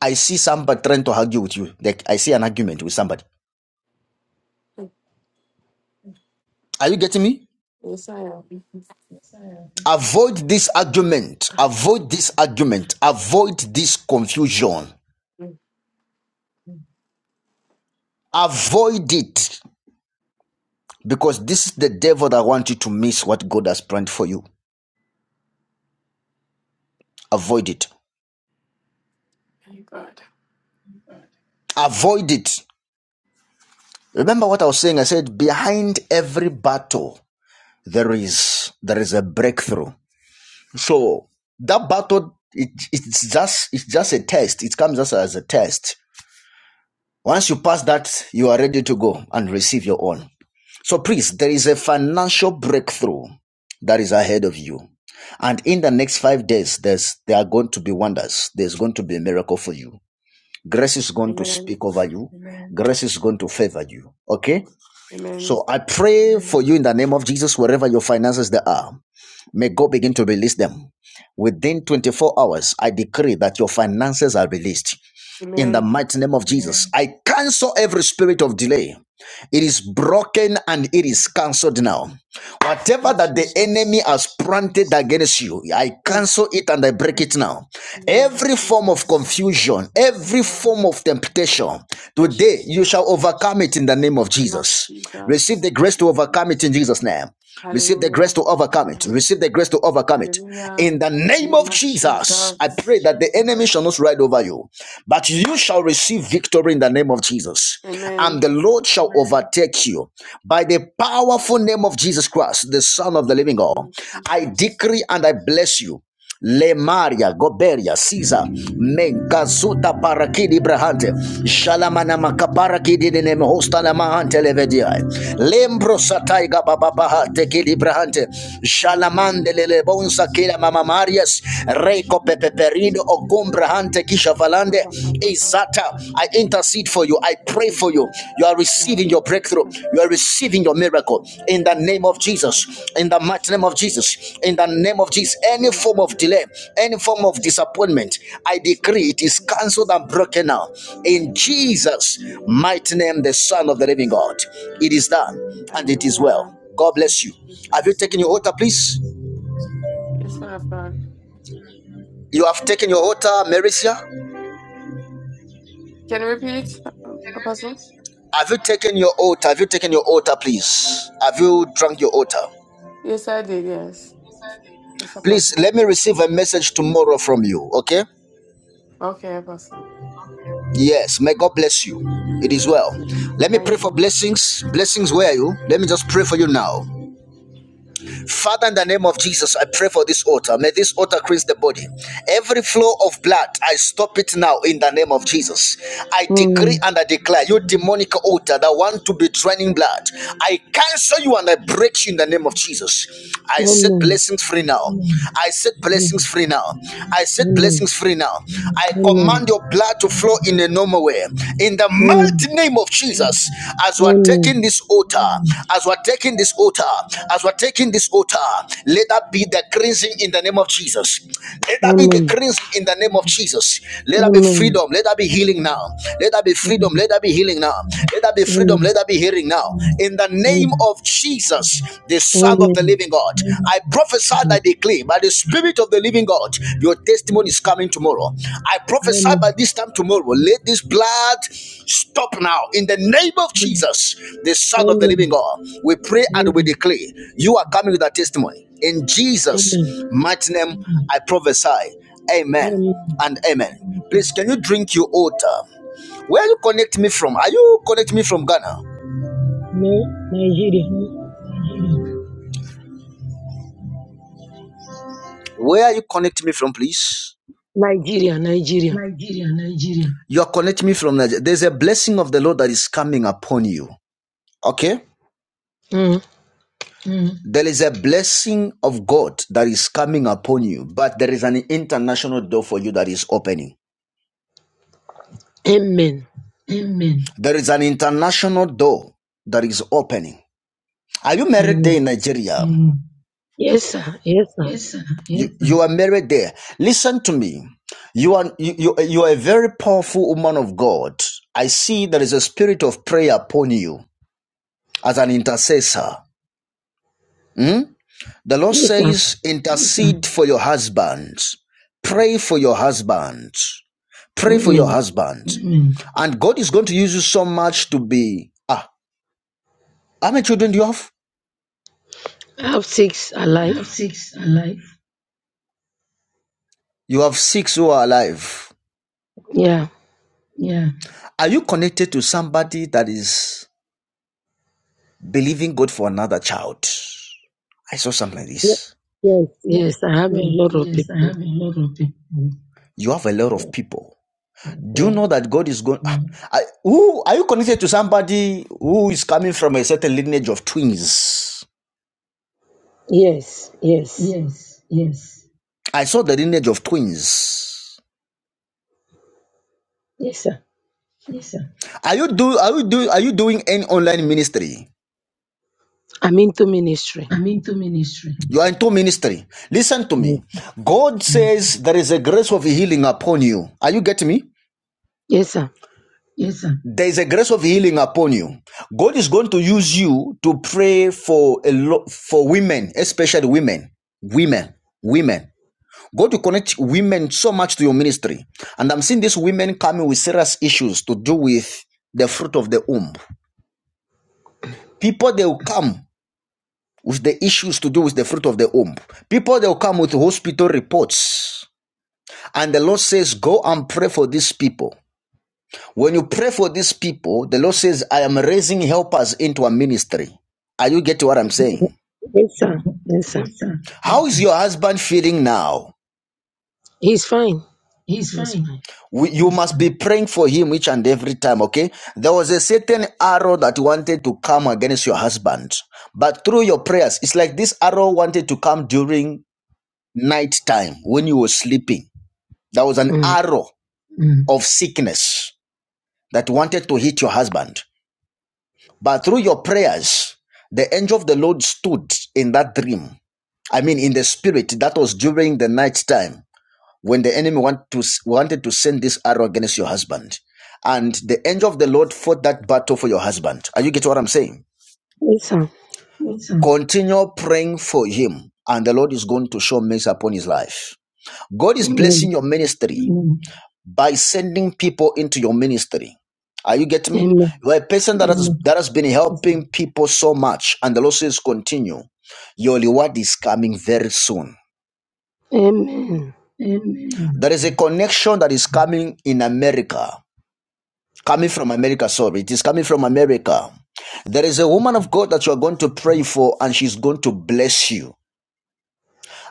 Speaker 1: I see somebody trying to argue with you. Like I see an argument with somebody. Are you getting me?
Speaker 8: Yes, I am.
Speaker 1: Avoid this argument. Avoid this argument. Avoid this confusion. Avoid it because this is the devil that wants you to miss what God has planned for you. Avoid it.
Speaker 8: Thank God.
Speaker 1: Avoid it. Remember what I was saying? I said behind every battle there is there is a breakthrough. So that battle it, it's just it's just a test. It comes just as a test. Once you pass that, you are ready to go and receive your own. So, please, there is a financial breakthrough that is ahead of you. And in the next five days, there's, there are going to be wonders. There's going to be a miracle for you. Grace is going to
Speaker 8: Amen.
Speaker 1: speak over you. Amen. Grace is going to favor you. Okay?
Speaker 8: Amen.
Speaker 1: So I pray for you in the name of Jesus, wherever your finances they are. May God begin to release them. Within 24 hours, I decree that your finances are released in the
Speaker 8: Amen.
Speaker 1: mighty name of Jesus. I cancel every spirit of delay. It is
Speaker 8: Thank
Speaker 1: broken and it is cancelled now.
Speaker 8: you,
Speaker 1: Whatever that the enemy
Speaker 8: Jesus.
Speaker 1: has planted against you, I
Speaker 8: Thank
Speaker 1: cancel it and I break it now.
Speaker 8: you, name of
Speaker 1: Every form of
Speaker 8: Jesus.
Speaker 1: confusion,
Speaker 8: Oh
Speaker 1: every
Speaker 8: God.
Speaker 1: form of temptation, today you
Speaker 8: Jesus.
Speaker 1: shall overcome it in the name of
Speaker 8: In the Name of
Speaker 1: Jesus. Receive
Speaker 8: Jesus.
Speaker 1: the grace to overcome it in Jesus' name. Receive the
Speaker 8: Hallelujah.
Speaker 1: grace to overcome it. Receive the grace to overcome it.
Speaker 8: Hallelujah.
Speaker 1: In the
Speaker 8: In
Speaker 1: name
Speaker 8: the Name
Speaker 1: of
Speaker 8: of
Speaker 1: Jesus, I
Speaker 8: Jesus.
Speaker 1: pray that the enemy shall not ride over you, but you shall receive victory in the name of Jesus.
Speaker 8: Amen.
Speaker 1: And the Lord shall overtake you by the powerful name of Jesus Christ, the Son of the living God.
Speaker 8: Name
Speaker 1: I
Speaker 8: Jesus.
Speaker 1: decree and I bless you. Lemaria, Goberia, Caesar, Menkazuta Parakidi Brahante,
Speaker 8: Jesus.
Speaker 1: Shalamana Makaparakidi de Nemhostala Mahante Levediai, Lembro Sataiga Bababahate Kidi Brahante,
Speaker 8: Hallelujah.
Speaker 1: Shalamande Lelebonsa
Speaker 8: Jesus.
Speaker 1: Kila Mama Marias,
Speaker 8: Unquestioned.
Speaker 1: Reiko
Speaker 8: But
Speaker 1: Pepeperido Ogum Brahante Kisha
Speaker 8: I'm like,
Speaker 1: Valande,
Speaker 8: I'm like, I'm like, I'm like,
Speaker 1: Izata,
Speaker 8: it's
Speaker 1: I
Speaker 8: okay.
Speaker 1: intercede for you. I pray
Speaker 8: Mm.
Speaker 1: for you. You are
Speaker 8: I'm
Speaker 1: receiving your
Speaker 8: like, it's
Speaker 1: breakthrough.
Speaker 8: okay.
Speaker 1: You are receiving your miracle in the name of Jesus. In the mighty name of Jesus. In the name of Jesus. Any form of delay, any form of disappointment, I decree it is cancelled and
Speaker 8: Hallelujah.
Speaker 1: broken now. In Jesus' mighty name, the Son of the Living God. It is done and it is well. God
Speaker 8: Thank
Speaker 1: bless
Speaker 8: you,
Speaker 1: you. Have you
Speaker 8: Jesus.
Speaker 1: taken your
Speaker 8: Amen.
Speaker 1: altar, please?
Speaker 8: Yes, man of God.
Speaker 1: You have taken your altar, Maricia?
Speaker 8: Can you repeat, um, Apostle?
Speaker 1: Have you taken your altar? Have you taken your altar, please? Have you drunk your altar?
Speaker 8: Yes, I did. Yes. Yes,
Speaker 1: Please
Speaker 8: Apostle.
Speaker 1: let me receive a message tomorrow from you, okay?
Speaker 8: Okay, Apostle.
Speaker 1: Yes, may God bless you. It is well.
Speaker 8: Amen.
Speaker 1: Let me pray
Speaker 8: Thank
Speaker 1: for
Speaker 8: you.
Speaker 1: blessings. Blessings, where are you? Let me just pray for you now. Father, in the name of Jesus, I pray for this altar. May this altar cleanse the body. Every flow of blood, I stop it now in the name of Jesus. I decree
Speaker 7: Amen.
Speaker 1: and I declare, you demonic altar that want to be draining blood, I cancel you and I break you in the name of Jesus. I set
Speaker 7: Amen.
Speaker 1: blessings free now. I set
Speaker 7: Amen.
Speaker 1: blessings free now. I set
Speaker 7: Amen.
Speaker 1: blessings free now. I
Speaker 7: Amen.
Speaker 1: command your blood to flow in a no more way. In the mighty name of Jesus, as we are taking
Speaker 7: Amen.
Speaker 1: this altar, as we are taking this altar, as we are taking this altar, let that be the cleansing in the name of Jesus. Let that be the
Speaker 7: Amen.
Speaker 1: cleansing in the name of Jesus.
Speaker 7: Amen. Amen.
Speaker 1: Let
Speaker 7: Amen. Amen.
Speaker 1: that be
Speaker 7: Amen.
Speaker 1: freedom. Let that be healing now. Let that be freedom. Let that be healing now. Let that be freedom. Let that be healing now. In the name
Speaker 7: Amen.
Speaker 1: of Jesus, the Son of the
Speaker 7: Amen.
Speaker 1: Living God. God. I prophesy by the clay, by the Spirit of the living God, your testimony is coming tomorrow. I prophesy by
Speaker 7: Amen.
Speaker 1: this time tomorrow, let this blood stop now. In the name of Jesus, the Son of the living
Speaker 7: Amen.
Speaker 1: God, we pray and we declare you are coming with a testimony. In Jesus'
Speaker 7: Amen.
Speaker 1: mighty name, I prophesy. Amen
Speaker 7: Amen.
Speaker 1: and amen. Please, can you drink your water? Where you connect me from? Are you connect me from Ghana?
Speaker 7: Na- Nigeria.
Speaker 1: Where are you connect me from, please?
Speaker 7: Nigeria. Nigeria.
Speaker 1: You are connecting me from Nigeria. There's a blessing of the Lord that is coming upon you. Okay?
Speaker 7: Mm.
Speaker 1: There is a blessing of God that is coming upon you, but there is an international door for you that is opening.
Speaker 7: Amen.
Speaker 1: There is an international door that is opening. Are you married there in
Speaker 7: Amen.
Speaker 1: Nigeria?
Speaker 7: Yes, sir. Yes, sir.
Speaker 1: You, sir. you you are married there. Listen to me. You are you, you you are a very powerful woman of God. I see there is a spirit of prayer upon you as an intercessor. Mm? The Lord
Speaker 7: Yes, sir.
Speaker 1: says, intercede for your husbands. Pray for your husbands. Pray for your
Speaker 7: Amen.
Speaker 1: husbands. Mm-mm. And God is going to use you so much to be. Ah, how many children do you have?
Speaker 7: I have six alive.
Speaker 1: You have six who are alive.
Speaker 7: Yeah.
Speaker 1: Are you connected to somebody that is believing God for another child? I saw something like
Speaker 7: Ye-
Speaker 1: this.
Speaker 7: Yes, yes, I have a lot of people.
Speaker 1: You have a lot of people. Do you
Speaker 7: Yeah.
Speaker 1: know that God is going? Ah, I- who are you connected to somebody who is coming from a certain lineage of twins?
Speaker 7: Yes, yes,
Speaker 1: I saw the lineage of twins.
Speaker 7: yes, sir.
Speaker 1: Are you do are you do are you doing any online ministry?
Speaker 7: I'm into ministry.
Speaker 1: You are into ministry. Listen to me.
Speaker 7: Mm.
Speaker 1: God says there is a grace of healing upon you. Are you getting me?
Speaker 7: Yes, sir.
Speaker 1: There is a grace of healing upon you. God is going to use you to pray for a lot for women, especially women. Women. Women. God will connect women so much to your ministry. And I'm seeing these women coming with serious issues to do with the fruit of the womb. People they will come with the issues to do with the fruit of the womb. People they'll come with hospital reports. And the Lord says, Go and pray for these people. When you pray for these people, the Lord says, I am raising helpers into a ministry. Are you getting what I'm saying?
Speaker 7: Yes, sir. Yes, sir.
Speaker 1: How is your husband feeling now?
Speaker 7: He's fine. He's fine.
Speaker 1: You must be praying for him each and every time, okay? There was a certain arrow that wanted to come against your husband, but through your prayers, it's like this arrow wanted to come during night time when you were sleeping. There was an
Speaker 7: Mm.
Speaker 1: arrow of sickness that wanted to hit your husband. But through your prayers, the angel of the Lord stood in that dream. I mean, in the spirit, that was during the night time when the enemy want to, wanted to send this arrow against your husband. And the angel of the Lord fought that battle for your husband. Are you getting what I'm saying?
Speaker 7: Yes, sir.
Speaker 1: Continue praying for him, and the Lord is going to show mercy upon his life. God is blessing
Speaker 7: Amen.
Speaker 1: your ministry by sending people into your ministry. Are you getting me?
Speaker 7: Amen.
Speaker 1: You're a person that
Speaker 7: Yes.
Speaker 1: has Yes. that has been helping people so much, and the Lord says, continue. Your reward is coming very soon.
Speaker 7: Amen.
Speaker 1: There is a connection that is coming in America, coming from America. Sorry, it is coming from America. There is a woman of God that you are going to pray for, and she's going to bless you.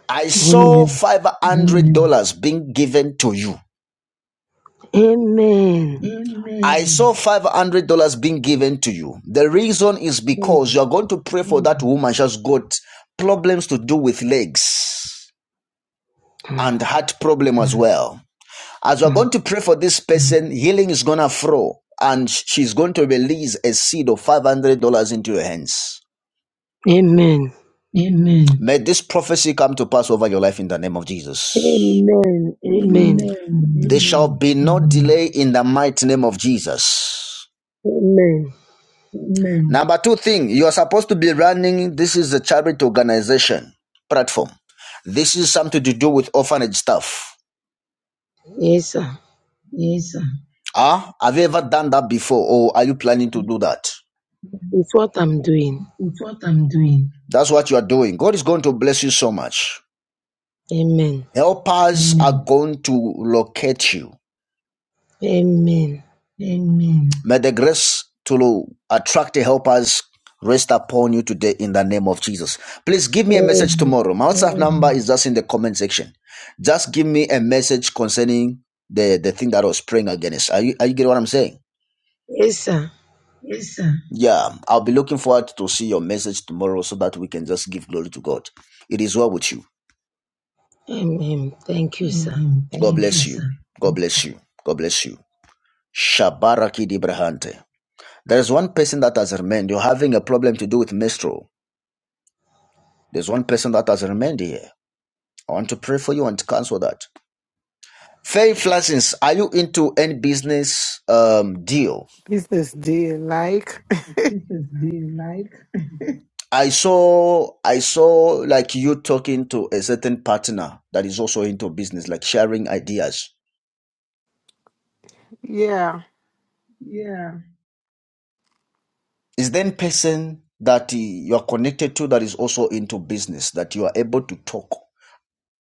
Speaker 1: I saw
Speaker 7: Amen. Amen.
Speaker 1: five hundred dollars being given to you. I saw $500 being given to you. The reason is
Speaker 7: Mm. Mm.
Speaker 1: because you are going to pray for that woman. She has got problems to do with legs and heart problem as well. As you are going to pray for this person, healing is going to flow and she's going to release a seed of $500 into your hands.
Speaker 7: Amen.
Speaker 1: May this prophecy come to pass over your life in the name of Jesus.
Speaker 7: Amen. Amen.
Speaker 1: There
Speaker 7: Mm.
Speaker 1: shall be no delay in the mighty name of Jesus.
Speaker 7: Amen.
Speaker 1: Number two thing, you are supposed to be running. This is a charity organization platform. This is something to do with orphanage stuff.
Speaker 7: Yes, sir.
Speaker 1: Ah, have you ever done that before, or are you planning to do that?
Speaker 7: It's what I'm doing.
Speaker 1: That's what you are doing. God is going to bless you so much.
Speaker 7: Amen.
Speaker 1: Helpers mm. are going to locate you.
Speaker 7: Amen.
Speaker 1: May the grace to attract the helpers rest upon you today in the name of Jesus. Please give me a message
Speaker 7: Amen.
Speaker 1: tomorrow. My WhatsApp number is just in the comment section. Just give me a message concerning the, the thing that I was praying against. Are you, are you getting what I'm saying?
Speaker 7: Yes, sir.
Speaker 1: Yeah, I'll be looking forward to see your message tomorrow so that we can just give glory to God. It is well with you.
Speaker 7: Amen. Thank you, sir.
Speaker 1: God bless you. God bless you. God bless you. Shabaraki Dibrahante. There is one person that has remained. You're having a problem to do with menstrual. There's one person that has remained here. I want to pray for you and cancel that. Faye Flassins, are you into any business um, deal?
Speaker 10: peace this day, like.
Speaker 1: I saw, I saw like you talking to a certain partner that is also into business, like sharing ideas.
Speaker 10: Yeah.
Speaker 1: Is there any person that you are connected to that is also into business that you are able to talk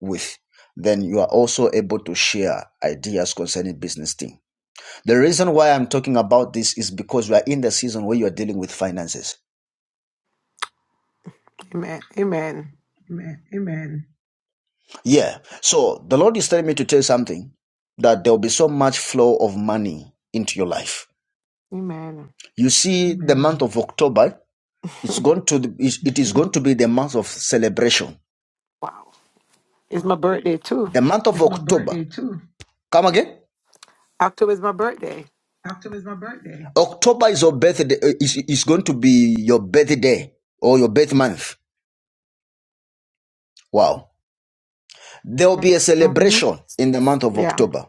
Speaker 1: with? Then you are also able to share ideas concerning business thing. The reason why I'm talking about this is because we are in the season where you are dealing with finances.
Speaker 10: Amen. Amen.
Speaker 1: Yeah. So the Lord is telling me to tell you something that there will be so much flow of money into your life.
Speaker 10: Amen.
Speaker 1: You see, the month of October, it's going to it it is going to be the month of celebration.
Speaker 10: Wow. It's my birthday too.
Speaker 1: The month of October. Come again.
Speaker 10: October is my birthday.
Speaker 1: October is your birthday. uh, Is is going to be your birthday or your birth month. Wow. There will be a
Speaker 10: hmm
Speaker 1: celebration in the month of
Speaker 10: Yeah.
Speaker 1: October,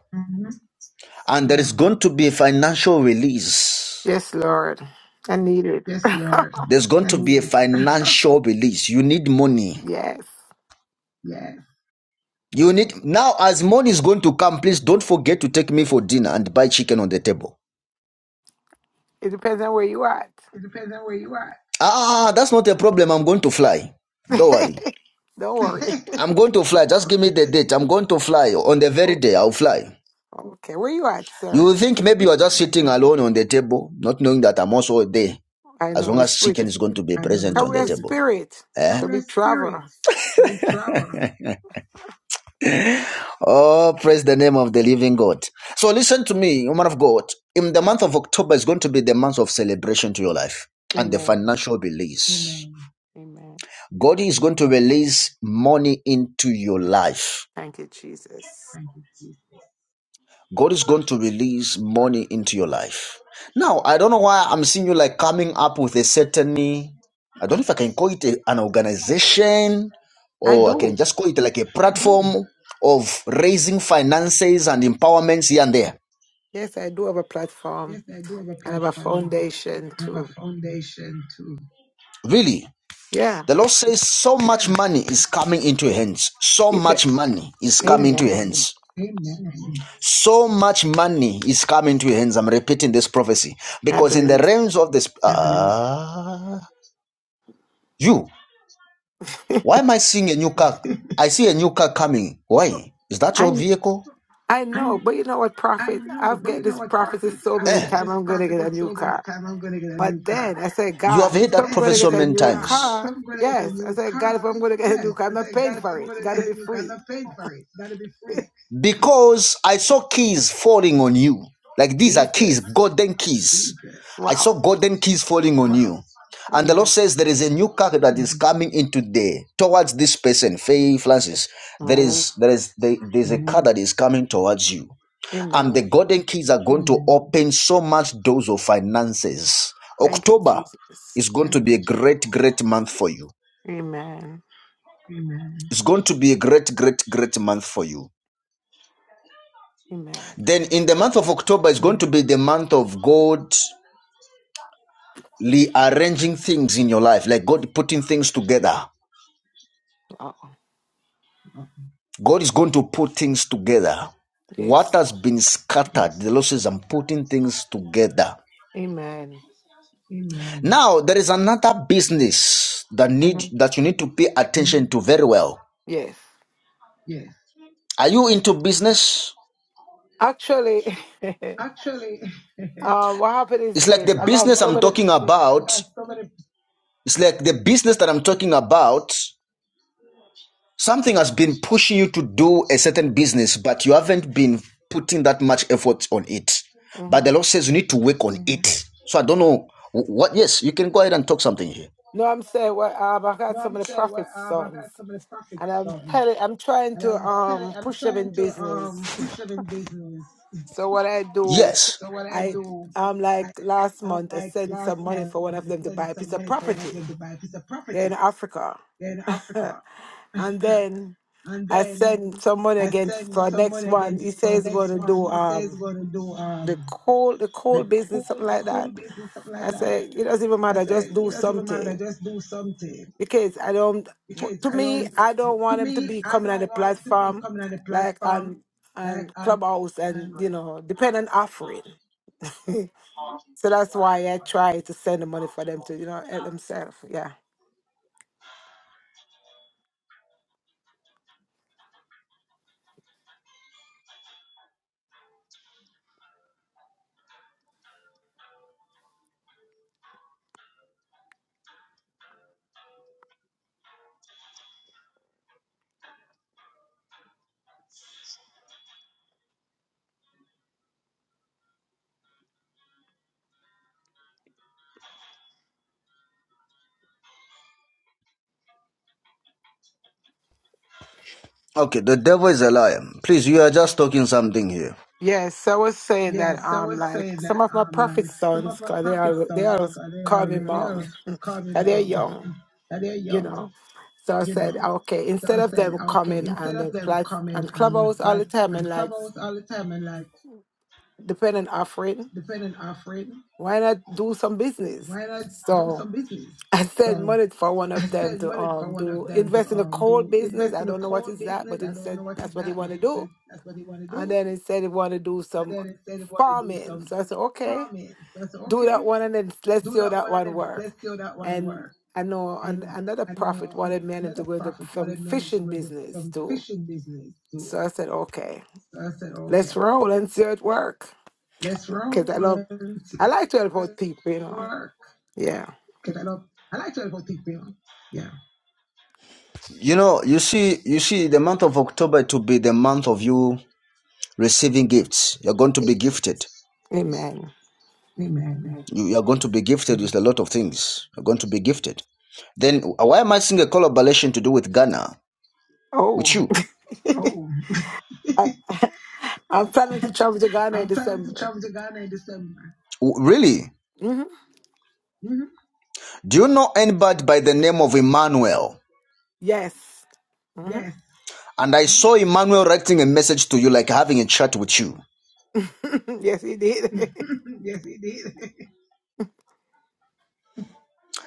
Speaker 1: and there is going to be a financial release.
Speaker 10: Yes, Lord. I need it.
Speaker 1: There's going to be a financial release. You need money.
Speaker 10: yes.
Speaker 1: You need now as money is going to come, please don't forget to take me for dinner and buy chicken on the table.
Speaker 10: It depends on where you at.
Speaker 1: Ah, that's not a problem. I'm going to fly. Don't worry.
Speaker 10: Don't worry.
Speaker 1: I'm going to fly. Just give me the date. I'm going to fly on the very
Speaker 10: Oh,
Speaker 1: day I'll fly.
Speaker 10: Okay. Where you at, sir?
Speaker 1: You think maybe you are just sitting alone on the table, not knowing that I'm also there.
Speaker 10: I
Speaker 1: As
Speaker 10: know
Speaker 1: long
Speaker 10: the
Speaker 1: as
Speaker 10: spirit
Speaker 1: chicken
Speaker 10: is
Speaker 1: is going to be present on the
Speaker 10: career
Speaker 1: table.
Speaker 10: spirit. So we travel.
Speaker 1: Oh, praise the name of the living God. So listen to me, woman of God. In the month of October is going to be the month of celebration to your life and the
Speaker 10: Amen.
Speaker 1: financial release.
Speaker 10: Amen.
Speaker 1: God is going to release money into your life.
Speaker 10: Thank you, Jesus.
Speaker 1: God is going to release money into your life. Now, I don't know why I'm seeing you like coming up with a certain, I don't know if I can call it a- an organization
Speaker 10: I
Speaker 1: or I can
Speaker 10: do.
Speaker 1: just call it like a platform of raising finances and empowerments here and there.
Speaker 10: Yes, I do have a platform. and have a foundation too.
Speaker 1: Really.
Speaker 10: Yeah.
Speaker 1: The Lord says so much money is coming into your hands. So much
Speaker 10: Amen.
Speaker 1: money is coming into your
Speaker 10: Amen.
Speaker 1: hands so much money is coming to your hands. I'm repeating this prophecy
Speaker 10: I've
Speaker 1: because in
Speaker 10: been
Speaker 1: the
Speaker 10: mis-
Speaker 1: realms of this, uh, you. Why am I seeing a new car? I see a new car coming. Why is that your
Speaker 10: I
Speaker 1: vehicle?
Speaker 10: I know, but you know what, prophet? I've get this prophecy so
Speaker 1: Eh,
Speaker 10: many times. I'm going to get a new car. But then I said,
Speaker 1: you have
Speaker 10: God,
Speaker 1: heard
Speaker 10: if
Speaker 1: that
Speaker 10: I'm
Speaker 1: prophet
Speaker 10: going to
Speaker 1: so
Speaker 10: get a
Speaker 1: many
Speaker 10: new
Speaker 1: times.
Speaker 10: car, yes. I said, God, if I'm going to get a new car, I'm not paying for it. It's got to be free.
Speaker 1: Because I saw keys falling on you. Like these are
Speaker 10: Jesus.
Speaker 1: keys, golden keys. Jesus, I
Speaker 10: Wow.
Speaker 1: saw golden keys falling on wow. you. And the Lord
Speaker 10: Amen.
Speaker 1: says there is a new car that is Mhm. coming into the towards this person, Faye Francis. There
Speaker 10: Oh,
Speaker 1: is there is there, there's a car that is coming towards you and the
Speaker 10: amen.
Speaker 1: golden keys are going to open so much doors of finances.
Speaker 10: Thank you,
Speaker 1: October
Speaker 10: Jesus.
Speaker 1: is going to be a great, great month for you.
Speaker 10: Amen.
Speaker 1: It's going to be a great, great, great month for you.
Speaker 10: Amen.
Speaker 1: Then in the month of October it's going to be the month of God rearranging things in your life, like God putting things together.
Speaker 10: Oh,
Speaker 1: God is going to put things together. What
Speaker 10: Yes.
Speaker 1: has been scattered, the Lord says, I'm putting things together.
Speaker 10: Amen.
Speaker 1: Now there is another business that need
Speaker 10: Mhm.
Speaker 1: that you need to pay attention to very well
Speaker 10: Yes.
Speaker 1: Are you into business?
Speaker 10: Actually, um, what happened is
Speaker 1: It's like the
Speaker 10: this: I got
Speaker 1: business
Speaker 10: so
Speaker 1: I'm
Speaker 10: many.
Speaker 1: talking about. It's like the business that I'm talking about. Something has been pushing you to do a certain business, but you haven't been putting that much effort on it. But the
Speaker 10: Mhm.
Speaker 1: Lord says you need to work on it. So I don't know what. Yes, you can go ahead and talk something here.
Speaker 10: No, I'm saying what um, I got so many prophet sons, and I'm telling, I'm trying to um push them in business. So what I do,
Speaker 1: Yes. So what I
Speaker 10: I
Speaker 1: do?
Speaker 10: um like last month I sent some money for one of them to buy a piece of property. They're in Africa, and then I send some money again for next one. He says he's going to do um the coal the coal business something like that. I said, it doesn't even matter, just do something. Because I don't, to me, I don't want them to be coming on the platform like on, on Clubhouse and, you know, dependent offering. so that's why I try to send the money for them to, you know, help themselves. Yeah.
Speaker 1: Okay, the devil is a liar. Please, you are just talking something here.
Speaker 10: Yes, I was saying that um like some of my prophet sons, 'cause they are they always call me mom, and they're young, you know. So I said, okay, instead of them coming and they plat and clubhouse all the time and like dependent offering. Why not do some business? So I sent money for one of them to um do invest in a coal business. I don't know what is that, but instead that's what he want to do. And then he said he want to do some farming. So I said, okay, do that one and then let's see how that one work. And I know an, another prophet wanted me and him to go into some fishing business too. So I said, okay, let's roll and see how it work. Because I love, I like to help out people, you know. Yeah.
Speaker 1: You know, you see, you see, the month of October to be the month of you. receiving gifts. You're going to be gifted.
Speaker 10: Amen.
Speaker 1: You, you're going to be gifted with a lot of things. You're going to be gifted. Then why am I seeing a collaboration to do with Ghana? With
Speaker 10: Oh,
Speaker 1: you?
Speaker 10: I, I fell into trouble to Ghana in December.
Speaker 1: Really?
Speaker 10: hmm
Speaker 1: Do you know anybody by the name of Emmanuel?
Speaker 10: Yes. hmm
Speaker 1: And I saw Emmanuel writing a message to you, like having a chat with you.
Speaker 10: yes, he did.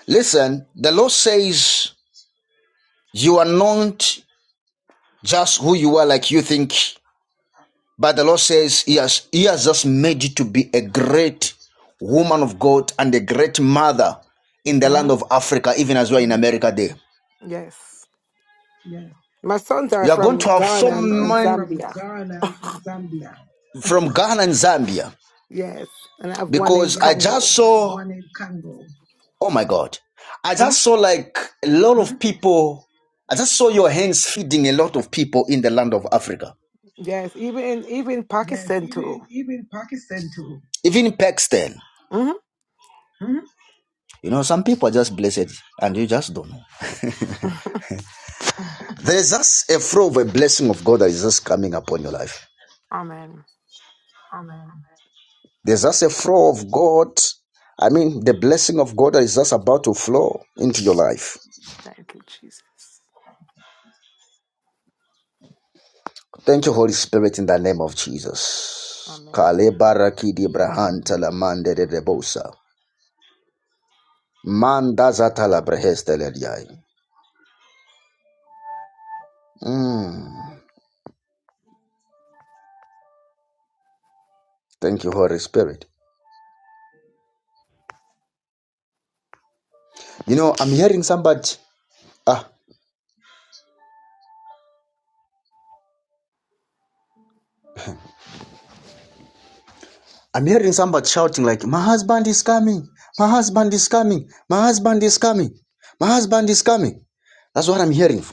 Speaker 1: Listen, the Lord says you are not just who you are, like you think. But the Lord says he has, he has just made you to be a great woman of God and a great mother in the land
Speaker 10: hmm
Speaker 1: of Africa, even as well in America there.
Speaker 10: Yes. My sons are
Speaker 1: You are going
Speaker 10: from
Speaker 1: to have so
Speaker 10: Ghana and, and
Speaker 1: many
Speaker 10: Zambia.
Speaker 1: from Ghana and Zambia
Speaker 10: Yes. And I have one in
Speaker 1: because Yes, I just
Speaker 10: Congo.
Speaker 1: saw, oh my God, I
Speaker 10: hmm
Speaker 1: just saw like a lot hmm of people. I just saw your hands feeding a lot of people in the land of Africa,
Speaker 10: Yes. Even in, even in Pakistan, too.
Speaker 1: even in Pakistan.
Speaker 10: hmm
Speaker 1: You know, some people are just blessed and you just don't know. There's just a flow of a blessing of God that is just coming upon your life.
Speaker 10: Amen.
Speaker 1: There's just a flow of God. I mean, the blessing of God that is just about to flow into your life.
Speaker 10: Thank you, Jesus.
Speaker 1: Thank you, Holy Spirit, in the name of Jesus.
Speaker 10: Amen.
Speaker 1: Kale baraki di brahan talamande de debosa. Manda zatala brehes telediai. Mm. Thank you, Holy Spirit. You know, I'm hearing somebody. Ah, I'm hearing somebody shouting like, "My husband is coming! My husband is coming! My husband is coming! My husband is coming!" That's what I'm hearing.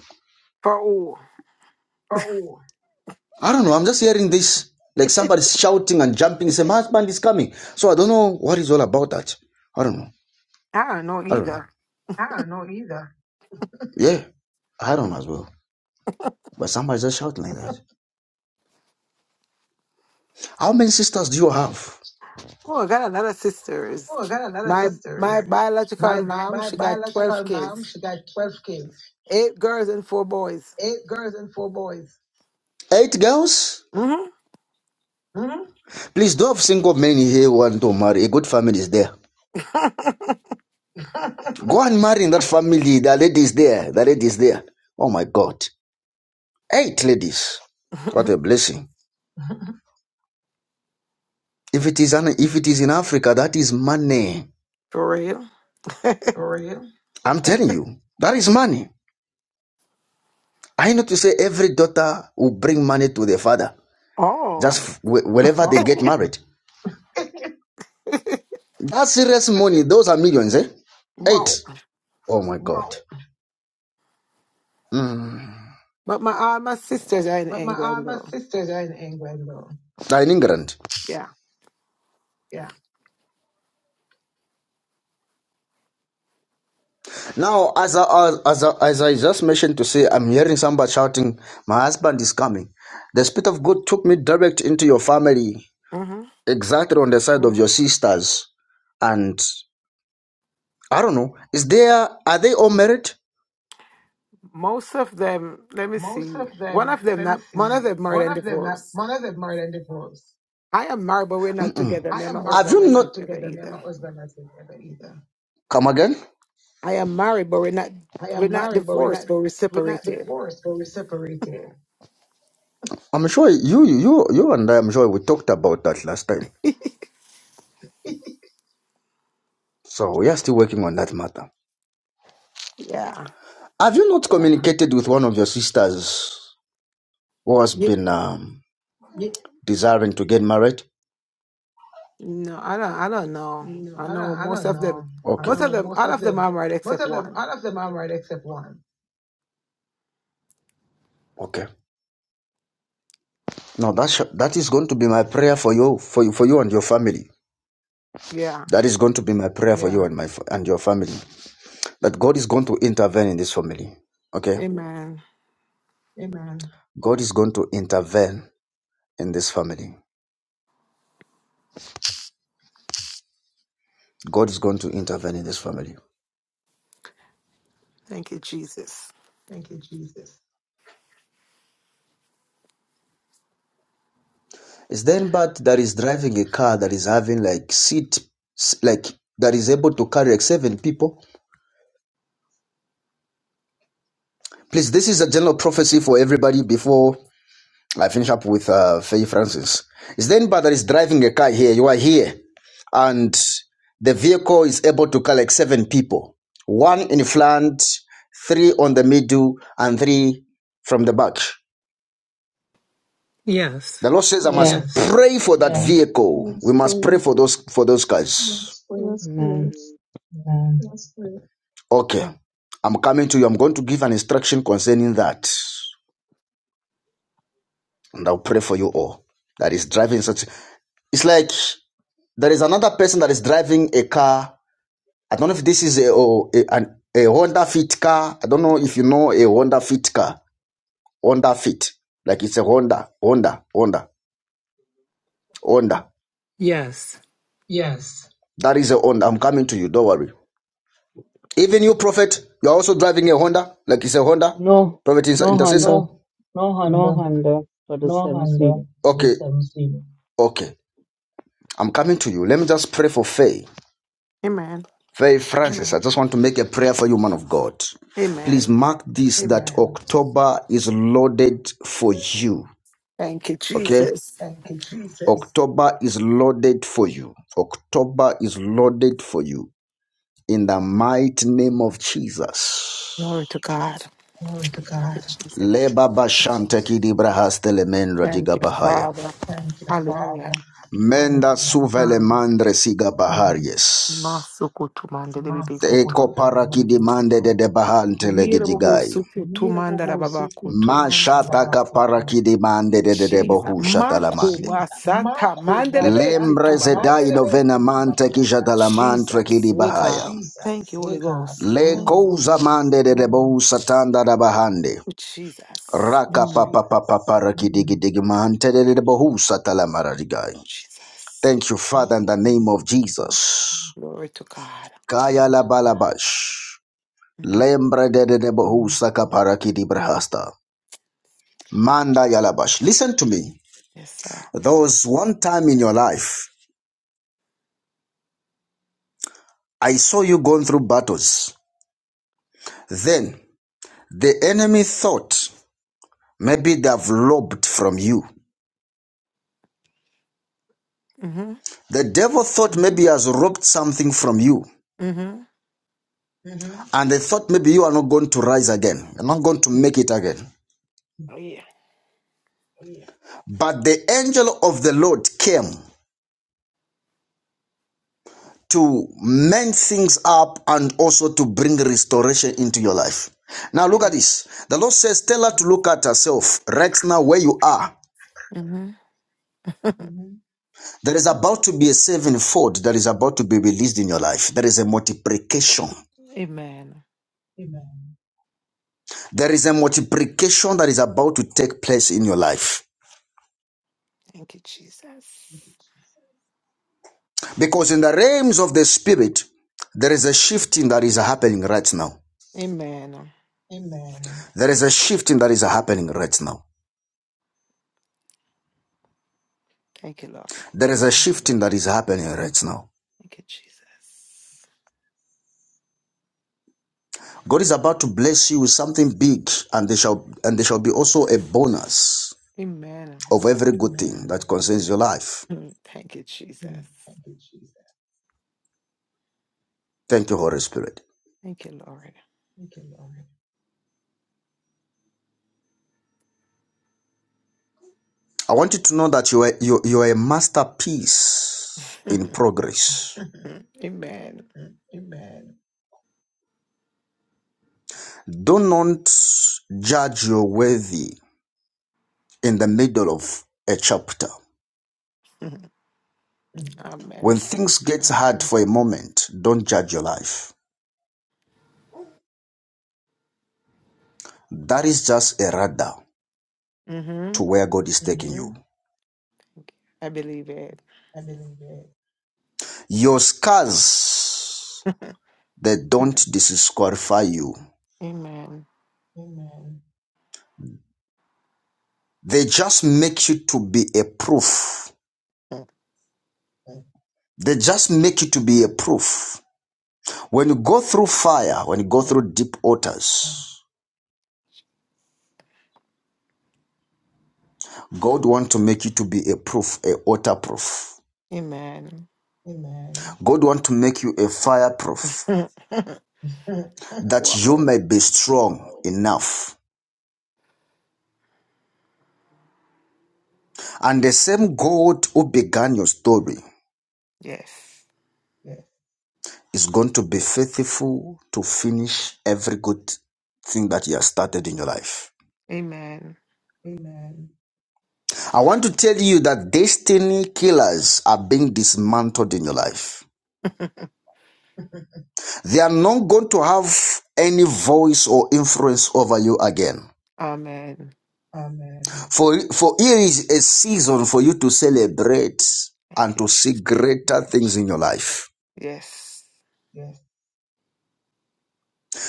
Speaker 10: For who?
Speaker 1: I don't know. I'm just hearing this like somebody shouting and jumping. Say, "My husband is coming!" So I don't know what is all about that. I don't know.
Speaker 10: I don't know
Speaker 1: I don't know.
Speaker 10: either.
Speaker 1: Yeah, I don't know as well. But somebody's just shouting like that. How many sisters do you have?
Speaker 10: Oh, I got another sisters. My my biological mom, she got twelve kids, eight girls and four boys.
Speaker 1: Eight girls.
Speaker 10: hmm
Speaker 1: Please do have single men here who want to marry. A good family is there. Go and marry in that family. The lady is there. The lady is there. Oh my God. Eight ladies. What a blessing. If it is an, if it is in Africa, that is money.
Speaker 10: For real?
Speaker 1: I'm telling you, that is money. I know to say every daughter will bring money to their father
Speaker 10: Oh,
Speaker 1: just wh- whenever they get Wow. married. That's serious money. Those are millions, eh?
Speaker 10: wow.
Speaker 1: Eight. Oh my God. Wow. Mm.
Speaker 10: But my all my sisters are in England though.
Speaker 1: In England.
Speaker 10: Yeah.
Speaker 1: Now, as I, as, I, as I just mentioned to say, I'm hearing somebody shouting, My husband is coming. The Spirit of God took me direct into your family
Speaker 10: hmm
Speaker 1: exactly on the side of your sisters and i don't know is there are they all married
Speaker 10: Most of them. Let me see. One of them not. One of them married and divorced. I am married, but we're not
Speaker 1: Mm.
Speaker 10: together.
Speaker 1: I
Speaker 10: Me and my
Speaker 1: have
Speaker 10: husband
Speaker 1: you
Speaker 10: not
Speaker 1: not
Speaker 10: together either.
Speaker 1: come again
Speaker 10: I am married, but we're not. We're not divorced, but we're separated.
Speaker 1: i'm sure you you you and i i'm sure we talked about that last time so we are still working on that matter
Speaker 10: Yeah.
Speaker 1: have you not communicated with one of your sisters who has been um, desiring to get married
Speaker 10: No, I don't. I don't know. I know most of them.
Speaker 1: I okay
Speaker 10: Most of them. All of them are right except one.
Speaker 1: okay now that sh- that is going to be my prayer for you for you for you and your family
Speaker 10: Yeah.
Speaker 1: That is going to be my prayer for Yeah. you and my and your family. That God is going to intervene in this family. Okay?
Speaker 10: Amen.
Speaker 1: God is going to intervene in this family. God is going to intervene in this family.
Speaker 10: Thank you, Jesus.
Speaker 1: Is there anybody that is driving a car that is having like seat like that is able to carry like seven people? Please, this is a general prophecy for everybody before I finish up with uh, Faye Francis. Is there anybody that is driving a car here? You are here, and the vehicle is able to collect seven people one in front, three on the middle, and three from the back.
Speaker 11: Yes.
Speaker 1: The Lord says, I must
Speaker 12: Yes,
Speaker 1: Yes. pray for that Yeah. vehicle.
Speaker 9: Yes,
Speaker 1: We must pray
Speaker 9: please.
Speaker 1: for those for those guys. Yes.
Speaker 12: amen.
Speaker 1: Okay. I'm coming to you. I'm going to give an instruction concerning that. And I'll pray for you all. That is driving such. It's like there is another person that is driving a car I don't know if this is a, oh, a, an, a Honda Fit car. I don't know if you know a Honda Fit car. Honda Fit. Like it's a Honda, Honda, Honda, Honda.
Speaker 11: Yes.
Speaker 1: That is a Honda. I'm coming to you. Don't worry. Even you, Prophet, you're also driving a Honda. Like it's a Honda.
Speaker 12: No,
Speaker 1: Prophet
Speaker 12: no
Speaker 1: intercessor.
Speaker 12: Honda, no Honda for the seven seed.
Speaker 1: Okay. Okay. I'm coming to you. Let me just pray for Faye.
Speaker 10: Amen.
Speaker 1: Faye Francis, I just want to make a prayer for you, man of God. Please
Speaker 10: Amen.
Speaker 1: mark this that October is loaded for you.
Speaker 10: Thank you,
Speaker 1: Okay?
Speaker 10: Jesus.
Speaker 1: October is loaded for you. October is loaded for you. In the mighty name of Jesus.
Speaker 10: Glory to God. Thank you, Jesus.
Speaker 1: Leba bashante kidibrahaste le mendra
Speaker 10: Thank
Speaker 1: diga
Speaker 10: you,
Speaker 1: bahaya.
Speaker 10: Father. Hallelujah.
Speaker 1: Menda suvele
Speaker 10: Mm.
Speaker 1: mandre siga baharias.
Speaker 10: Masukutumande lebebekutu.
Speaker 1: Teko parakidimande de de bahante le gidigai.
Speaker 10: Yerobobosukutumanda rababakutu.
Speaker 1: Mashata kaparakidimande de de de
Speaker 10: Jesus.
Speaker 1: bohusha
Speaker 10: Mako
Speaker 1: talamande.
Speaker 10: basata mandele
Speaker 1: Lembre zedai novena mante ki shatalamante ki
Speaker 10: Jesus,
Speaker 1: di
Speaker 10: we
Speaker 1: bahaya.
Speaker 10: God. Thank you, Holy Ghost.
Speaker 1: Le
Speaker 10: Mm.
Speaker 1: kouza mande de de bohu satanda da bahande.
Speaker 10: Jesus.
Speaker 1: Raka pa
Speaker 10: Mm.
Speaker 1: pa pa pa pa raki digi mahante de de satala maradigai.
Speaker 10: Jesus.
Speaker 1: Thank you,
Speaker 10: Mm.
Speaker 1: Father, in the
Speaker 10: Mm.
Speaker 1: name of Jesus.
Speaker 10: Glory to God.
Speaker 1: Kaya la balabash.
Speaker 10: Mm.
Speaker 1: Lembre de de de bohu saka paraki di brahasta.
Speaker 10: God.
Speaker 1: Manda yalabash. Listen to me.
Speaker 10: Yes, sir.
Speaker 1: There was one time in your life, I saw you going through battles. Then the enemy thought maybe they've lobbed from you.
Speaker 10: Mm-hmm.
Speaker 1: The devil thought maybe he has robbed something from you,
Speaker 10: Mm-hmm.
Speaker 1: and they thought maybe you are not going to rise again, you're not going to make it again.
Speaker 10: Oh, yeah.
Speaker 1: But the angel of the Lord came to mend things up and also to bring restoration into your life. Now, look
Speaker 10: Mm-hmm.
Speaker 1: at this. The Lord says, Tell her to look at herself right now where you are.
Speaker 10: Mm-hmm.
Speaker 1: There is about to be a sevenfold that is about to be released in your life. There is a multiplication.
Speaker 10: Amen.
Speaker 1: There is a multiplication that is about to take place in your life.
Speaker 10: Thank you, Jesus.
Speaker 1: Because in the realms of the spirit, there is a shifting that is happening right now.
Speaker 10: Amen.
Speaker 1: There is a shifting that is happening right now.
Speaker 10: Thank you, Lord.
Speaker 1: There is a shifting that is happening right now.
Speaker 10: Thank you, Jesus.
Speaker 1: God is about to bless you with something big, and there shall and there shall be also a bonus
Speaker 10: Amen.
Speaker 1: of
Speaker 10: Glory.
Speaker 1: every good thing that concerns your life.
Speaker 10: Mm. Thank you, Jesus.
Speaker 1: Thank you, Holy Spirit.
Speaker 10: Thank you, Lord.
Speaker 1: I want you to know that you are you, you are a masterpiece in progress.
Speaker 10: Amen.
Speaker 1: Do not judge your worthy in the middle of a chapter.
Speaker 10: Amen.
Speaker 1: When things get hard for a moment, don't judge your life. That is just a radar
Speaker 10: Mm-hmm.
Speaker 1: to where God is taking you.
Speaker 10: I believe it.
Speaker 1: Your scars, they don't disqualify you.
Speaker 10: Amen.
Speaker 1: They just make you to be a proof. They just make you to be a proof. When you go through fire, when you go through deep waters, God want to make you to be a proof, a water proof.
Speaker 10: Amen.
Speaker 1: God want to make you a fireproof that you
Speaker 10: wow.
Speaker 1: may be strong enough And the same God who began your story
Speaker 10: Yes.
Speaker 1: is going to be faithful to finish every good thing that you have started in your life.
Speaker 10: Amen.
Speaker 1: I want to tell you that destiny killers are being dismantled in your life. They are not going to have any voice or influence over you again.
Speaker 10: Amen.
Speaker 1: For, for here is a season for you to celebrate
Speaker 10: Thank
Speaker 1: and
Speaker 10: you,
Speaker 1: to see
Speaker 10: Jesus.
Speaker 1: greater things in your life.
Speaker 10: Yes.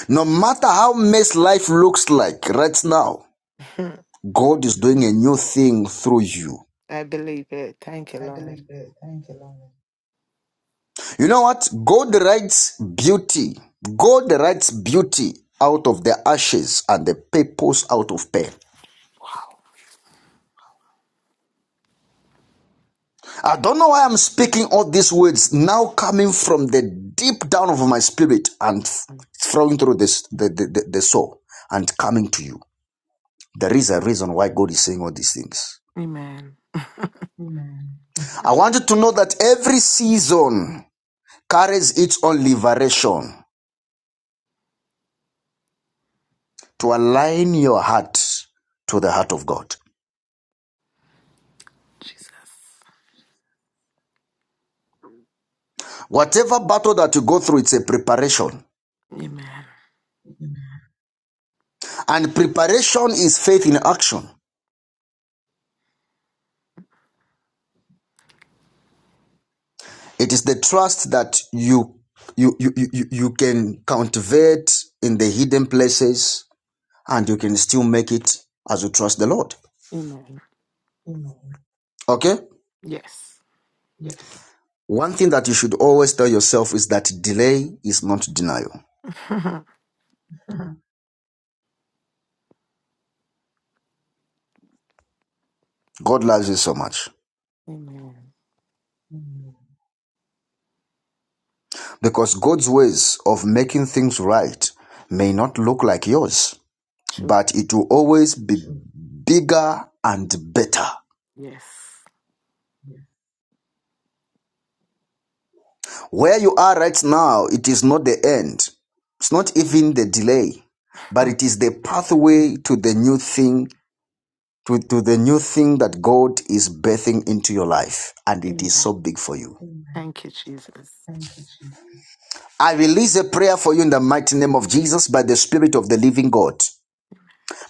Speaker 1: No matter how mess life looks like right now, God is doing a new thing through you.
Speaker 10: I believe it. Thank you, Lord.
Speaker 1: You know what? God writes beauty. God writes beauty out of the ashes and the purpose out of pain. I don't know why I'm speaking all these words now coming from the deep down of my spirit and flowing through this, the, the, the, the soul and coming to you. There is a reason why God is saying all these things.
Speaker 10: Amen.
Speaker 1: I want you to know that every season carries its own liberation. to align your heart to the heart of God.
Speaker 10: Jesus.
Speaker 1: Whatever battle that you go through, it's a preparation.
Speaker 10: Amen.
Speaker 1: And preparation is faith in action. It is the trust that you you you you, you can cultivate in the hidden places and you can still make it as you trust the Lord.
Speaker 10: Amen.
Speaker 1: Okay?
Speaker 10: Yes.
Speaker 1: One thing that you should always tell yourself is that delay is not denial.
Speaker 10: Amen.
Speaker 1: God loves you so much because God's ways of making things right may not look like yours.
Speaker 10: True.
Speaker 1: but it will always be bigger and better.
Speaker 10: Yes.
Speaker 1: Where you are right now, it is not the end. It's not even the delay, but
Speaker 10: Huh.
Speaker 1: it is the pathway to the new thing, to, to the new thing that God is birthing into your life. And it is
Speaker 10: Amen.
Speaker 1: so big for you.
Speaker 10: Thank you, Jesus.
Speaker 1: I release a prayer for you in the mighty name of Jesus by the Spirit of the living God.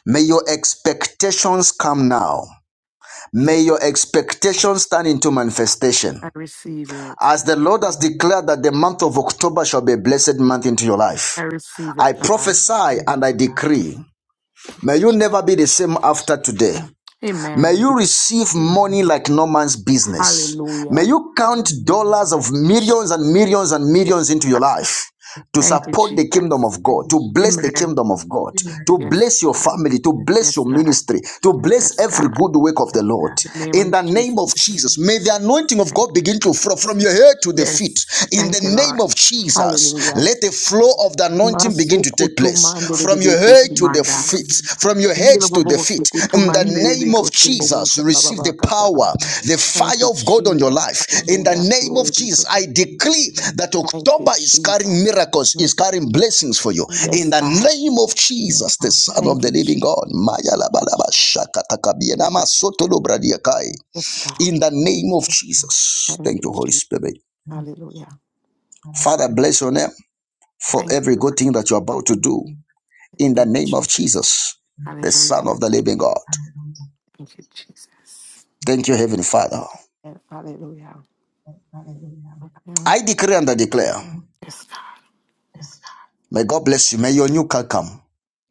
Speaker 1: May your expectations come now.
Speaker 10: Yes.
Speaker 1: May your expectations turn into
Speaker 10: I
Speaker 1: manifestation.
Speaker 10: receive it.
Speaker 1: As the Lord has declared that the month of October shall be a blessed month into your
Speaker 10: I
Speaker 1: life,
Speaker 10: receive it,
Speaker 1: I
Speaker 10: God.
Speaker 1: prophesy and I decree, may you never be the same after today. May
Speaker 10: Amen.
Speaker 1: you receive money like no man's business. May
Speaker 10: Hallelujah.
Speaker 1: you count dollars of millions and millions and
Speaker 10: Yes,
Speaker 1: millions into your
Speaker 10: God.
Speaker 1: life to
Speaker 10: Thank you,
Speaker 1: support the kingdom
Speaker 10: Jesus.
Speaker 1: of God, to bless the
Speaker 10: Amen.
Speaker 1: kingdom of God, to
Speaker 10: Yes,
Speaker 1: bless your
Speaker 10: God.
Speaker 1: family, to bless
Speaker 10: Yes,
Speaker 1: your
Speaker 10: God.
Speaker 1: ministry, to bless
Speaker 10: Yes,
Speaker 1: every
Speaker 10: God.
Speaker 1: good work of the Lord.
Speaker 10: In the name
Speaker 1: In
Speaker 10: of
Speaker 1: the name of
Speaker 10: Jesus.
Speaker 1: Jesus, may the anointing of
Speaker 10: Thank
Speaker 1: God
Speaker 10: you,
Speaker 1: begin to flow
Speaker 10: Jesus.
Speaker 1: from your head to the feet.
Speaker 10: Yes.
Speaker 1: In
Speaker 10: Thank you,
Speaker 1: the name
Speaker 10: Lord.
Speaker 1: of Jesus,
Speaker 10: Hallelujah.
Speaker 1: let the flow of the anointing begin to take
Speaker 10: Masukutu
Speaker 1: place
Speaker 10: mandele
Speaker 1: from
Speaker 10: bebe
Speaker 1: your head
Speaker 10: kutu
Speaker 1: to the
Speaker 10: manda.
Speaker 1: feet from your head
Speaker 10: Ngile
Speaker 1: to
Speaker 10: bobo
Speaker 1: the
Speaker 10: bosi
Speaker 1: feet. In the
Speaker 10: mandele bebe
Speaker 1: name of
Speaker 10: kutu bobo
Speaker 1: Jesus,
Speaker 10: sha ba
Speaker 1: receive the power, the
Speaker 10: Thank
Speaker 1: fire
Speaker 10: you,
Speaker 1: of God on your
Speaker 10: Jesus.
Speaker 1: life. In the
Speaker 10: Hallelujah.
Speaker 1: name
Speaker 10: Glory
Speaker 1: of
Speaker 10: be
Speaker 1: Jesus,
Speaker 10: to God.
Speaker 1: I decree that
Speaker 10: Thank you,
Speaker 1: October is carrying
Speaker 10: Jesus.
Speaker 1: miracles,
Speaker 10: Mm.
Speaker 1: is carrying blessings for you. In
Speaker 10: Yes,
Speaker 1: the
Speaker 10: God.
Speaker 1: name of Jesus, the Son of
Speaker 10: Thank
Speaker 1: the
Speaker 10: you, Jesus.
Speaker 1: Living God. Maya la ba la ba
Speaker 10: Thank you.
Speaker 1: soto lo bra
Speaker 10: Yes, God.
Speaker 1: In the name of Jesus.
Speaker 10: Thank
Speaker 1: Thank
Speaker 10: you,
Speaker 1: you, Holy
Speaker 10: Jesus.
Speaker 1: Spirit.
Speaker 10: Hallelujah.
Speaker 1: Father, bless your name for
Speaker 10: Thank you,
Speaker 1: every
Speaker 10: Lord.
Speaker 1: good thing that you're about to do.
Speaker 10: In
Speaker 1: In
Speaker 10: the name
Speaker 1: the
Speaker 10: of
Speaker 1: name of
Speaker 10: Jesus.
Speaker 1: Jesus, the
Speaker 10: Hallelujah.
Speaker 1: Son of the Living God.
Speaker 10: Thank you, Jesus.
Speaker 1: Thank you, Heavenly Father.
Speaker 10: And hallelujah. Yeah.
Speaker 1: I decree and I declare,
Speaker 10: Yes, God.
Speaker 1: may God bless you. May your new car come.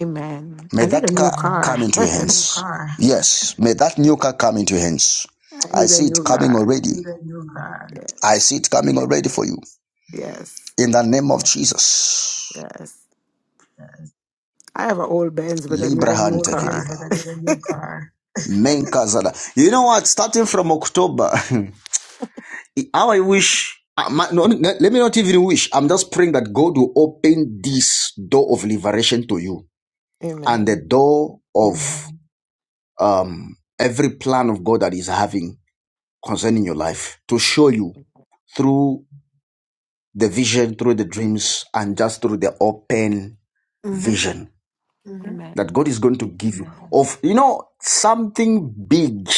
Speaker 10: Amen.
Speaker 1: May
Speaker 10: I need a
Speaker 1: that
Speaker 10: new
Speaker 1: car Amen.
Speaker 10: car.
Speaker 1: come into your hands. Yes, may that new car come into your hands.
Speaker 10: I
Speaker 1: I
Speaker 10: need a
Speaker 1: see it
Speaker 10: new
Speaker 1: coming
Speaker 10: car.
Speaker 1: already. I
Speaker 10: Yes.
Speaker 1: see it coming already for you.
Speaker 10: Yes.
Speaker 1: In the name of Jesus.
Speaker 10: Yes. I have an old Benz, but I need
Speaker 1: Libra
Speaker 10: a new
Speaker 1: hand take it
Speaker 10: car.
Speaker 1: Main Kazada. You know what? Starting from October, how I wish. uh, my- no, no, let me not even wish. I'm just praying that God will open this door of liberation to you and the
Speaker 10: Amen.
Speaker 1: door of um, every plan of God that He's having concerning your life to show you through the vision, through the dreams, and just through the open
Speaker 10: Mm-hmm.
Speaker 1: vision that
Speaker 10: Amen.
Speaker 1: God is going to give you of you know something big.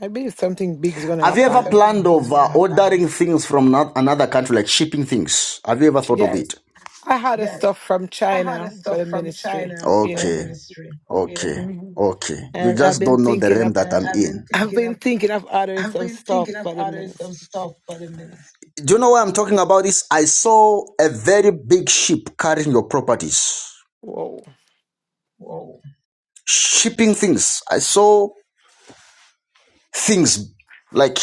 Speaker 10: I believe something big's going to
Speaker 1: Have you ever
Speaker 10: happen.
Speaker 1: planned of uh, ordering things from not another country, like shipping things? Have you ever thought of
Speaker 10: Yes.
Speaker 1: it?
Speaker 10: I had a stuff from China for the ministry. Yeah.
Speaker 1: Okay, Yeah. okay,
Speaker 10: Mhm.
Speaker 1: okay. You
Speaker 10: And I've
Speaker 1: just
Speaker 10: been
Speaker 1: don't know the
Speaker 10: thinking
Speaker 1: realm
Speaker 10: of
Speaker 1: that I, I'm in.
Speaker 10: I've
Speaker 1: in.
Speaker 10: been thinking of ordering some stuff for the ministry.
Speaker 1: Do you know why I'm talking about this? I saw a very big ship carrying your properties,
Speaker 10: Whoa.
Speaker 1: shipping things. I saw things like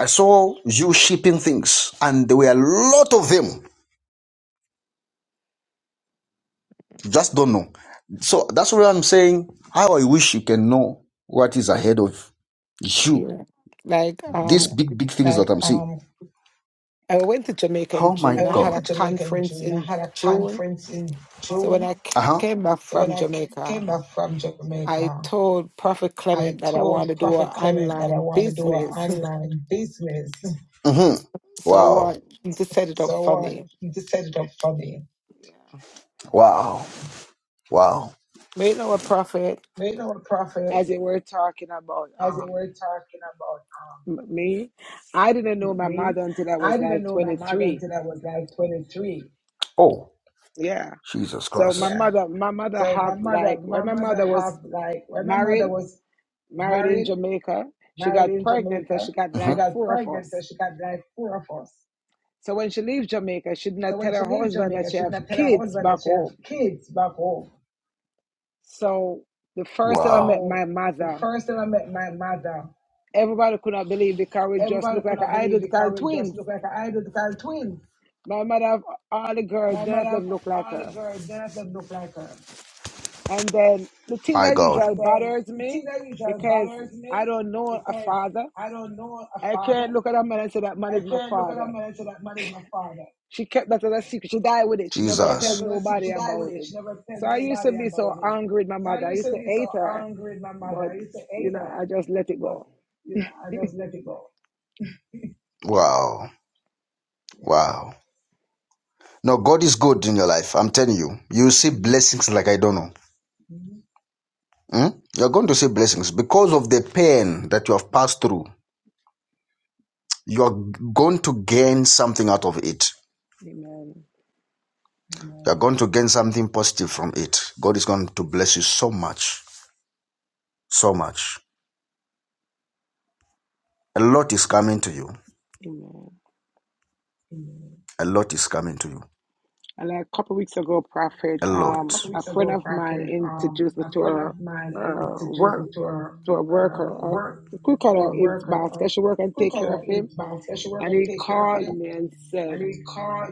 Speaker 1: I saw you shipping things, and there were a lot of them. You just don't know. So that's why I'm saying. How I wish you can know what is ahead of you.
Speaker 10: Yeah. Like
Speaker 1: These
Speaker 10: um
Speaker 1: big, big things that I I'm seeing.
Speaker 10: I went to Jamaica in
Speaker 1: Oh my I went
Speaker 10: June. I had a
Speaker 1: God.
Speaker 10: conference in June. So when I
Speaker 1: Uh
Speaker 10: c-
Speaker 1: huh.
Speaker 10: came back from Jamaica, I told Prophet Clement that I want to do an online business.
Speaker 1: Mm hmm.
Speaker 10: So I
Speaker 1: Wow.
Speaker 10: want him to set it up for me. Yeah.
Speaker 1: Wow. Wow.
Speaker 10: But you know what, Prophet? As they were talking about um m- me, I didn't know my mother until I was like 23.
Speaker 1: Oh,
Speaker 10: Yeah.
Speaker 1: Jesus
Speaker 10: So
Speaker 1: Christ.
Speaker 10: my mother, my mother have like when my mother was married, married in Jamaica, she got pregnant and she got
Speaker 1: hmm
Speaker 10: like four of us. So when she leave Jamaica, she did not tell her husband that she have kids back home. So the first time I
Speaker 1: Wow.
Speaker 10: met my mother, everybody could not believe because we just look like identical twins. My mother have all the girls, none of them look like her. And then the thing
Speaker 1: My
Speaker 10: that
Speaker 1: God.
Speaker 10: usually bothers me because I don't know a father. I can't look at that man and say that man is my father. She kept that as a secret. She died with it.
Speaker 1: She
Speaker 10: She
Speaker 1: kept
Speaker 10: never
Speaker 1: that
Speaker 10: tell
Speaker 1: Jesus.
Speaker 10: nobody about it. So I used to be so angry with my mother. I used to hate her, but you know, I just let it go. Yeah.
Speaker 1: Wow. Yeah. Wow. No, God is good in your life. I'm telling you. You see
Speaker 10: Mhm.
Speaker 1: blessings like I don't know. Hmm? You're going to see blessings because of the pain that you have passed through. You're going to gain something out of it.
Speaker 10: Amen.
Speaker 1: You're going to gain something positive from it. God is going to bless you so much. So much. A lot is coming to you.
Speaker 10: Amen.
Speaker 1: A lot is coming to you.
Speaker 10: And like a couple weeks ago, Prophet,
Speaker 1: A lot. a
Speaker 10: um, a friend of mine introduced me to her, her work, to a worker. Or we call her his boss 'cause she work and take care of him.
Speaker 1: special
Speaker 10: And he called me and said.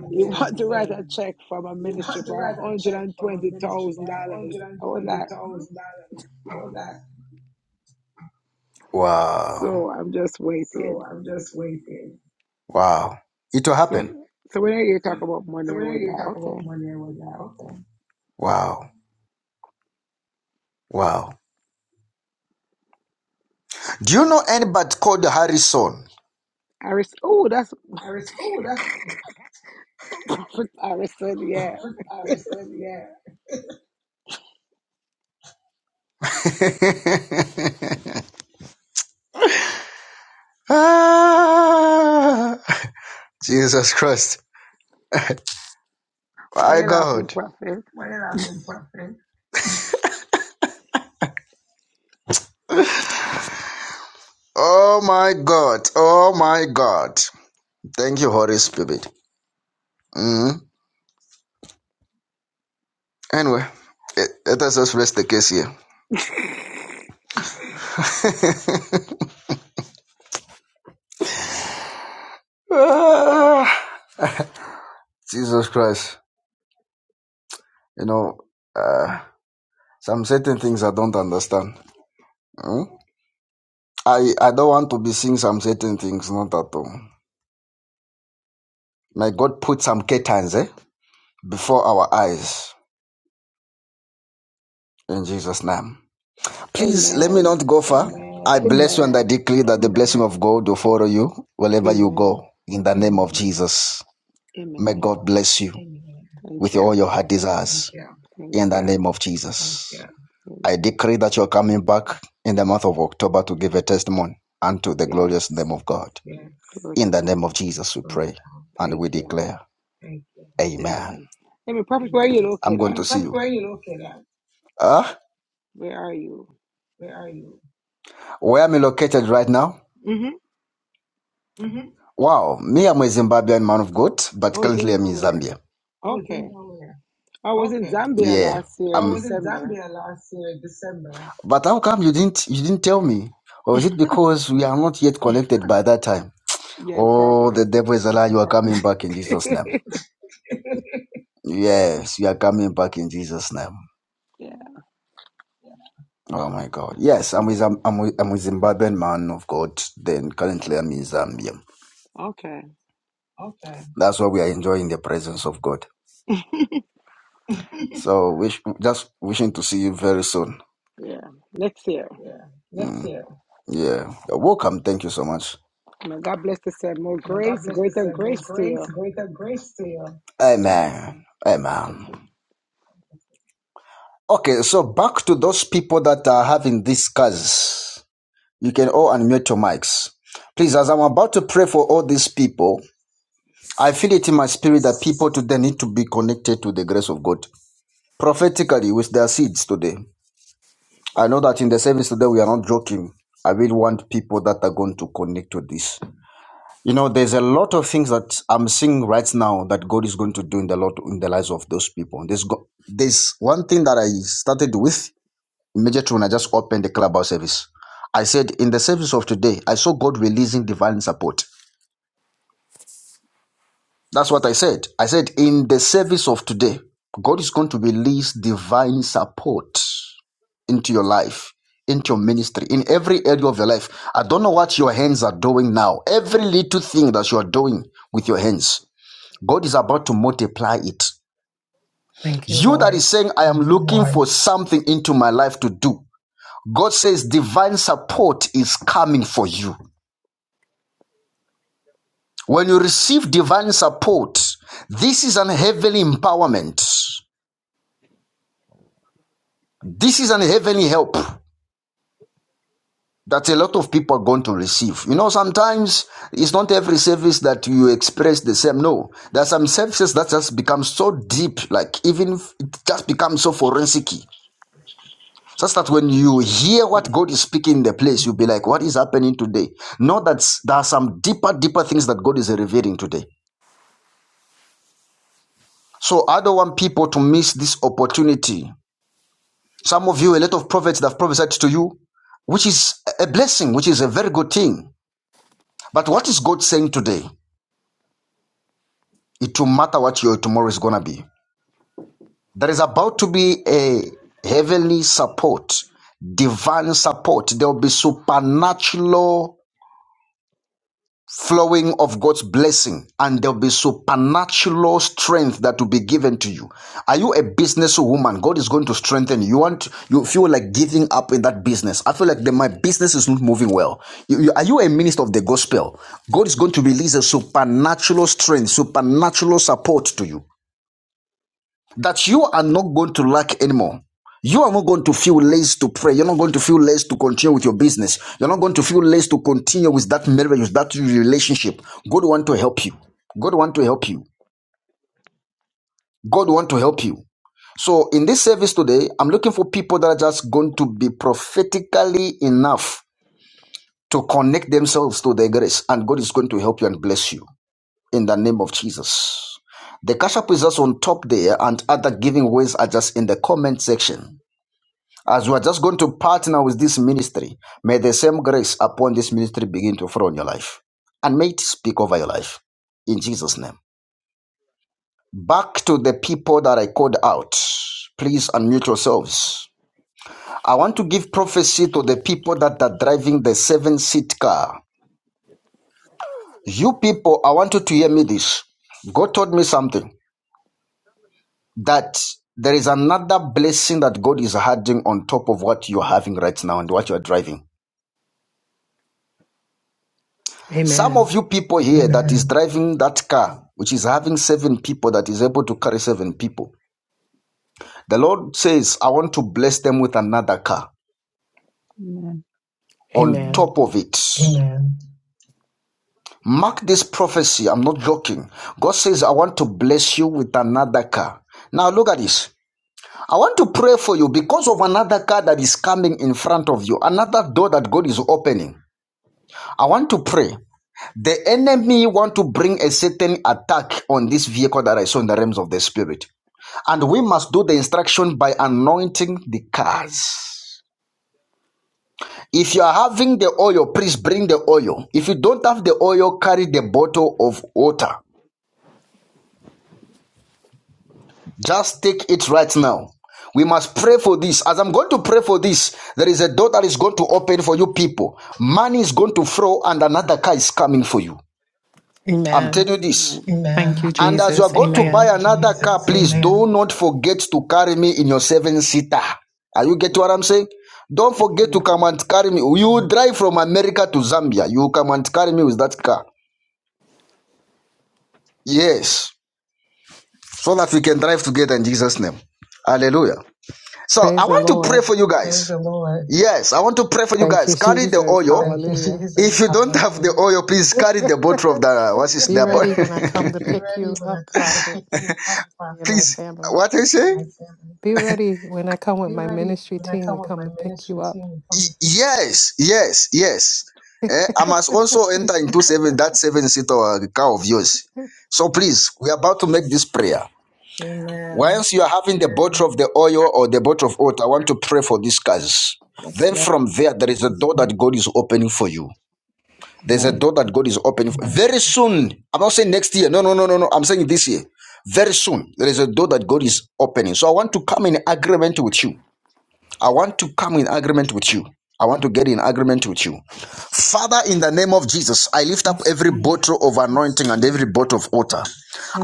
Speaker 10: You want to write a check from a ministry for $120,000. I was like,
Speaker 1: Wow.
Speaker 10: so I'm just waiting.
Speaker 1: Wow. It will
Speaker 10: So
Speaker 1: happen.
Speaker 10: when, so when I hear you talk about money, I was like, okay.
Speaker 1: Wow. Wow. Do you know anybody called Harrison?
Speaker 10: Aris, oh, that's Prophet Harrison, yeah.
Speaker 1: ah. Jesus Christ.
Speaker 10: Why
Speaker 1: My
Speaker 10: you laughing,
Speaker 1: God.
Speaker 10: Prophet?
Speaker 1: Oh my God. Oh my God. Thank you, Holy Spirit. Mm. Anyway, let let us just rest the case here. Ah, Jesus Christ. You know, uh, some certain things I don't understand. Mm. I, I don't want to be seeing some certain things, not at all. May God put some curtains eh, before our eyes in Jesus' name. Please let me
Speaker 10: Amen.
Speaker 1: not go far. I bless you and I
Speaker 10: Amen.
Speaker 1: declare that the blessing of God will follow you wherever you go
Speaker 10: Amen.
Speaker 1: in the name of Jesus. May
Speaker 10: Amen.
Speaker 1: God bless you
Speaker 10: Thank
Speaker 1: with all
Speaker 10: you.
Speaker 1: your heart desires
Speaker 10: Thank
Speaker 1: in
Speaker 10: you.
Speaker 1: the name of Jesus. I
Speaker 10: Amen.
Speaker 1: decree that you're coming back in the month of October to give a testimony unto the glorious
Speaker 10: Yes.
Speaker 1: name of God.
Speaker 10: Glory to
Speaker 1: In the name
Speaker 10: God.
Speaker 1: of Jesus, we pray and
Speaker 10: Thank
Speaker 1: we
Speaker 10: you.
Speaker 1: declare, Amen.
Speaker 10: Amen. Amen. Prophet, where are you
Speaker 1: I'm
Speaker 10: located
Speaker 1: going
Speaker 10: at?
Speaker 1: to see you. are Uh,
Speaker 10: Where are you?
Speaker 1: where am I located right now?
Speaker 10: Mm-hmm.
Speaker 1: Wow, me, I'm a Zimbabwean man of God, but
Speaker 10: Oh,
Speaker 1: currently I'm in
Speaker 10: Zimbabwe.
Speaker 1: Zambia.
Speaker 10: Okay. I was in Zambia
Speaker 1: Yeah.
Speaker 10: last
Speaker 1: I
Speaker 10: year,
Speaker 1: Um.
Speaker 10: December.
Speaker 1: But how come you didn't you didn't tell me? Or is it because we are not yet connected by that time?
Speaker 10: Yeah,
Speaker 1: Oh,
Speaker 10: probably.
Speaker 1: the devil is alive. You are coming back in Jesus' name. Yes, you are coming back in Jesus' name.
Speaker 10: Yeah.
Speaker 1: Oh my God. Yes, I'm with I'm,
Speaker 10: Amen.
Speaker 1: I'm with I'm with Zimbabwean man of God. Then currently I'm in Zambia.
Speaker 10: Okay.
Speaker 1: That's why we are enjoying the presence of God. So wish just wishing to see you very soon.
Speaker 10: Yeah. Next year.
Speaker 1: Yeah. Mm, Yeah. You're welcome. Thank you so much.
Speaker 10: May God bless the same. More grace, greater grace to you. Amen.
Speaker 1: Amen.
Speaker 10: God bless
Speaker 1: Amen.
Speaker 10: you.
Speaker 1: Okay, so back to those people that are having these cars. You can all unmute your mics. Please, as I'm about to pray for all these people, I feel it in my spirit that people today need to be connected to the grace of God prophetically with their seeds today. I know that in the service today we are not joking. I really want people that are going to connect to this. You know, there's a lot of things that I'm seeing right now that God is going to do in the lot in the lives of those people. There's go- there's one thing that I started with immediately when I just opened the clubhouse service. I said, in the service of today, I saw God releasing divine support. That's what I said. I said, in the service of today, God is going to release divine support into your life, into your ministry, in every area of your life. I don't know what your hands are doing now. Every little thing that you are doing with your hands, God is about to multiply it.
Speaker 11: Thank you,
Speaker 1: You that
Speaker 11: Lord.
Speaker 1: is saying, I am looking for something into my life to do. God says divine support is coming for you. When you receive divine support, this is an heavenly empowerment. This is an heavenly help that a lot of people are going to receive. You know, sometimes it's not every service that you express the same. No, there are some services that just become so deep, like even if it just becomes so forensic. Just that when you hear what
Speaker 12: Amen.
Speaker 1: God is speaking in the place, you'll be like, what is happening today? Know that s- there are some deeper, deeper things that God is revealing today. So I don't want people to miss this opportunity Some of you, a lot of prophets that have prophesied to you, which is a blessing, which is a very good thing. But what is God saying today? It will matter what your tomorrow is going to be. There is about to be a heavenly support, divine support. There will be supernatural flowing of God's blessing, and there'll be supernatural strength that will be given to you. Are you a businesswoman? God is going to strengthen you. You want you feel like giving up in that business. I feel like the, my business is not moving well. You- you- are you a minister of the gospel? God is going to release a supernatural strength, supernatural support to you that you are not going to lack anymore. You are not going to feel less to pray. You're not going to feel less to continue with your business. You're not going to feel less to continue with that marriage, with that relationship. God want to help you. God want to help you. God want to help you. So in this service today, I'm looking for people that are just going to be prophetically enough to connect themselves to their grace, and God is going to help you and bless you in the name of Jesus. The cash app is just on top there, and other giving ways are just in the comment section. As you are just going to partner with this ministry, may the same grace upon this ministry begin to flow in your life. And may it speak over your life. In Jesus' name. Back to the people that I called out. Please unmute yourselves. I want to give prophecy to the people that are driving the seven seat car. You people, I want you to hear me this. God told me something that there is another blessing that God is adding on top of what you're having right now and what you're driving. Some
Speaker 11: Amen.
Speaker 1: of you people here that is driving that car, which is having seven people, that is able to carry seven people, the Lord says, I want to bless them with another car
Speaker 12: Amen.
Speaker 1: on
Speaker 11: Amen.
Speaker 1: top of it. Yeah. Mark this prophecy. I'm not joking. God says, I want to bless you with another car. Now, look at this. I want to pray for you because of another car that is coming in front of you, another door that God is opening. I want to pray. The enemy want to bring a certain attack on this vehicle that I saw in the realms of the spirit. And we must do the instruction by anointing the cars. If you are having the oil, please bring the oil. If you don't have the oil, carry the bottle of water. Just take it right now. We must pray for this. As I'm going to pray for this, there is a door that is going to open for you people. Money is going to flow, and another car is coming for you. I'm
Speaker 11: Amen.
Speaker 1: telling you this.
Speaker 11: Thank you,
Speaker 12: Amen.
Speaker 1: And as
Speaker 12: Amen.
Speaker 1: you are
Speaker 11: Jesus.
Speaker 1: going to buy
Speaker 11: Amen.
Speaker 1: another car, please do not forget to carry me in your seven seater. Are you getting what
Speaker 12: Amen.
Speaker 1: I'm saying? Don't forget to come and carry me. You drive from America to Zambia. You come and carry me with that car. Yes. So that we can drive together in Jesus' name. Hallelujah. So I
Speaker 11: Praise the
Speaker 1: want to pray
Speaker 11: Lord.
Speaker 1: for you guys. Yes, I want to pray for you
Speaker 11: Thank
Speaker 1: guys.
Speaker 11: you,
Speaker 1: Carry the
Speaker 11: Jesus.
Speaker 1: oil.
Speaker 11: Hallelujah.
Speaker 1: If you don't have the oil, please carry the bottle of the what is
Speaker 11: Be
Speaker 1: the
Speaker 11: ready when I
Speaker 1: bottle.
Speaker 11: come to pick you up, prophet, me and my
Speaker 1: please.
Speaker 11: family.
Speaker 1: What do you say?
Speaker 11: Be ready when I come with my ministry team. We come to pick you up.
Speaker 1: Y- with you. Yes, yes, yes. Eh, I must also enter into seven that seven seater uh, car of yours. So please, we are about to make this prayer.
Speaker 6: Amen.
Speaker 1: Once you are having the Amen. bottle of the oil or the bottle of oil, I want to pray for these cars.
Speaker 6: Yes,
Speaker 1: Then
Speaker 6: Lord.
Speaker 1: from there, there is a door that God is opening for you. There's a
Speaker 12: Amen.
Speaker 1: door that God is opening for. very soon. I'm not saying next year. No, no, no, no, no. I'm saying this year. Very soon, there is a door that God is opening. So I want to come in agreement with you. I want to come in agreement with you. I want to get in agreement with you. Father, in the name of Jesus, I lift up every bottle of anointing and every bottle of water.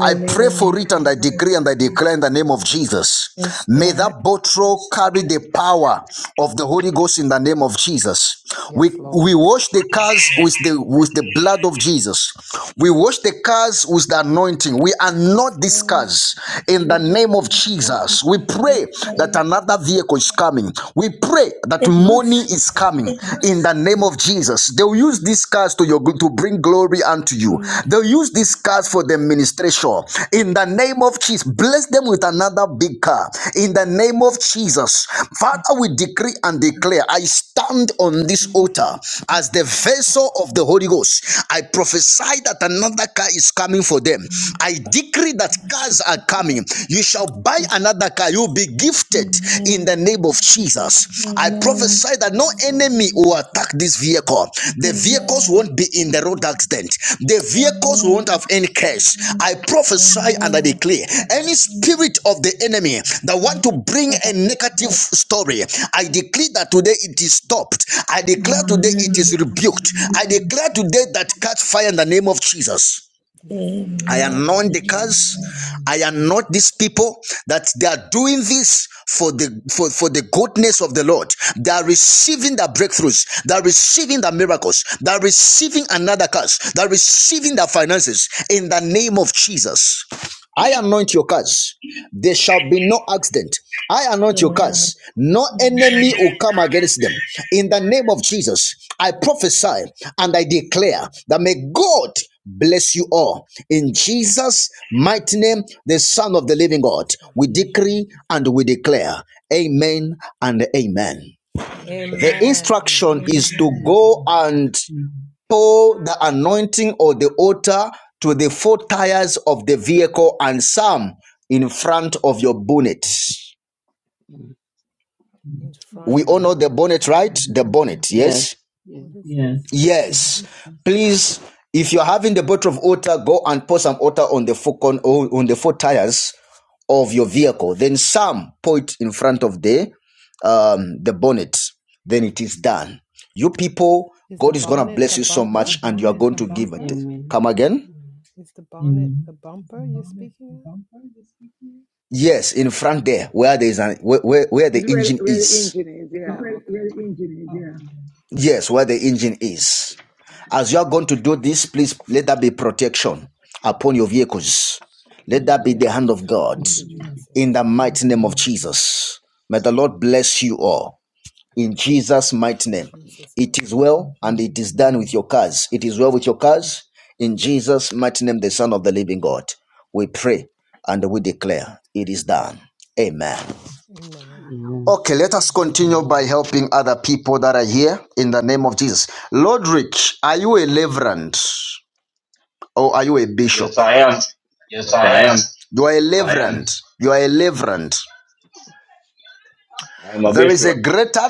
Speaker 1: I pray for it and I decree and I declare in the name of Jesus.
Speaker 6: Yes,
Speaker 1: May
Speaker 6: Lord.
Speaker 1: that bottle carry the power of the Holy Ghost in the name of Jesus.
Speaker 11: Yes,
Speaker 1: We we
Speaker 11: Lord.
Speaker 1: wash the cars with the with the blood of Jesus. We wash the cars with the anointing. We
Speaker 6: Yes,
Speaker 1: anoint these
Speaker 6: Lord.
Speaker 1: cars in the
Speaker 6: Greater than
Speaker 1: name of
Speaker 6: the
Speaker 1: Jesus.
Speaker 6: prophet
Speaker 1: We
Speaker 6: of our
Speaker 1: pray that
Speaker 6: soul.
Speaker 1: another vehicle is coming. We pray that
Speaker 6: Let
Speaker 1: money
Speaker 6: mercy
Speaker 1: is
Speaker 6: cut
Speaker 1: coming
Speaker 6: us off,
Speaker 1: in the
Speaker 6: Lord.
Speaker 1: name of Jesus. Jesus. They'll use these cars to your to bring glory unto you.
Speaker 6: Lord,
Speaker 1: They'll use these cars for the ministration. In the name of Jesus, bless them with another big car. In the name of Jesus,
Speaker 6: Lord,
Speaker 1: Father, we decree and declare. I stand on this altar
Speaker 6: Lord,
Speaker 1: as
Speaker 6: Lord,
Speaker 1: the vessel of the Holy Ghost. I prophesy that another car is coming for them.
Speaker 6: our
Speaker 1: I decree that
Speaker 6: mercy
Speaker 1: cars are
Speaker 6: cut
Speaker 1: coming. You shall buy
Speaker 6: us.
Speaker 1: another car. You begin be gifted in the
Speaker 6: Amen.
Speaker 1: name of Jesus. I
Speaker 6: Amen.
Speaker 1: prophesy that no
Speaker 11: Yes, Lord.
Speaker 1: enemy will
Speaker 11: Thank you,
Speaker 1: attack this
Speaker 11: Jesus.
Speaker 1: vehicle. The vehicles
Speaker 6: Amen.
Speaker 1: won't be in the road accident. The vehicles won't
Speaker 6: Amen.
Speaker 1: have any curse. I prophesy
Speaker 11: Yes,
Speaker 1: and I
Speaker 6: Amen.
Speaker 11: Lord, in
Speaker 1: declare
Speaker 11: the name
Speaker 1: any
Speaker 11: of
Speaker 1: spirit of
Speaker 11: Jesus.
Speaker 1: the enemy that want to
Speaker 6: Yes,
Speaker 1: bring
Speaker 6: Lord,
Speaker 1: a
Speaker 6: our
Speaker 1: negative
Speaker 6: Lord.
Speaker 1: story, I declare that today it is stopped. I declare today it is
Speaker 6: Amen.
Speaker 1: rebuked. I declare today that catch fire in the name of Jesus.
Speaker 11: Yes, Lord,
Speaker 1: I
Speaker 11: in the
Speaker 6: Amen.
Speaker 11: name
Speaker 1: anoint
Speaker 11: of
Speaker 1: the cars.
Speaker 11: Jesus.
Speaker 1: I anoint these people that they are doing this for the for, for the goodness of the Lord. They are receiving their breakthroughs. They are receiving their miracles. They are receiving another curse. They are receiving their finances in the name of Jesus. I anoint your cars. There shall be no accident. I anoint your
Speaker 6: Amen.
Speaker 1: cars. No enemy will come against them. In the name of Jesus, I
Speaker 11: Yes,
Speaker 1: prophesy
Speaker 11: Lord.
Speaker 1: and I declare that may God bless you all. In Jesus' mighty name, the Son of
Speaker 11: In
Speaker 1: the living God,
Speaker 11: Jesus'
Speaker 1: we
Speaker 11: mighty name.
Speaker 1: decree and we declare. Amen and amen. The
Speaker 6: Amen.
Speaker 11: Amen. Amen.
Speaker 1: instruction is to
Speaker 12: Amen.
Speaker 1: go and tow the anointing or the altar to the four tires of the vehicle and some in front of your bonnet.
Speaker 11: In front
Speaker 1: We all
Speaker 12: Amen.
Speaker 1: know the
Speaker 11: of,
Speaker 1: bonnet, right? The bonnet,
Speaker 12: Yes.
Speaker 1: yes?
Speaker 12: Yes.
Speaker 11: what is this?
Speaker 1: Yes. Please, if you're having the bottle of water, go and pour some water on the four con- oh, on the four tires of your vehicle. Then some pour it in front of the um the bonnet. Then it is done. You people,
Speaker 11: Is the
Speaker 1: God is gonna
Speaker 11: bonnet
Speaker 1: bless
Speaker 11: the
Speaker 1: you so
Speaker 11: bumper?
Speaker 1: much, and you are going to give it.
Speaker 12: Amen.
Speaker 1: Come again.
Speaker 11: Is the bonnet the bumper you're speaking
Speaker 1: Yes, in front there, where there is an where, where where the
Speaker 10: It's where,
Speaker 1: engine
Speaker 10: where the
Speaker 1: is.
Speaker 10: engine is.
Speaker 11: of?
Speaker 10: Yeah.
Speaker 11: Oh, okay.
Speaker 1: Yes, where the engine is. As you are going to do this, please let that be protection upon your vehicles. Let that
Speaker 10: Amen.
Speaker 1: be the hand of
Speaker 11: Yes.
Speaker 1: God
Speaker 11: Thank you,
Speaker 1: in the
Speaker 11: Jesus.
Speaker 1: mighty name of Jesus. May the Lord bless you all in Jesus' mighty
Speaker 11: In
Speaker 1: name.
Speaker 11: Jesus'
Speaker 1: It
Speaker 11: mighty
Speaker 1: is
Speaker 11: name.
Speaker 1: well and it is done with your cars. It is well with your cars in Jesus' mighty name, the Son of the Living God. We pray and we declare it is done. Amen.
Speaker 11: Amen.
Speaker 12: Amen.
Speaker 1: Okay, let us continue by helping other people that are here in the name of Jesus. Lord are you a leverand or are you a
Speaker 13: Yes,
Speaker 1: bishop?
Speaker 13: I am. Yes, I am.
Speaker 1: You are a am. leverand. You are a leverand.
Speaker 13: I am a
Speaker 1: There is
Speaker 13: bishop.
Speaker 1: a greater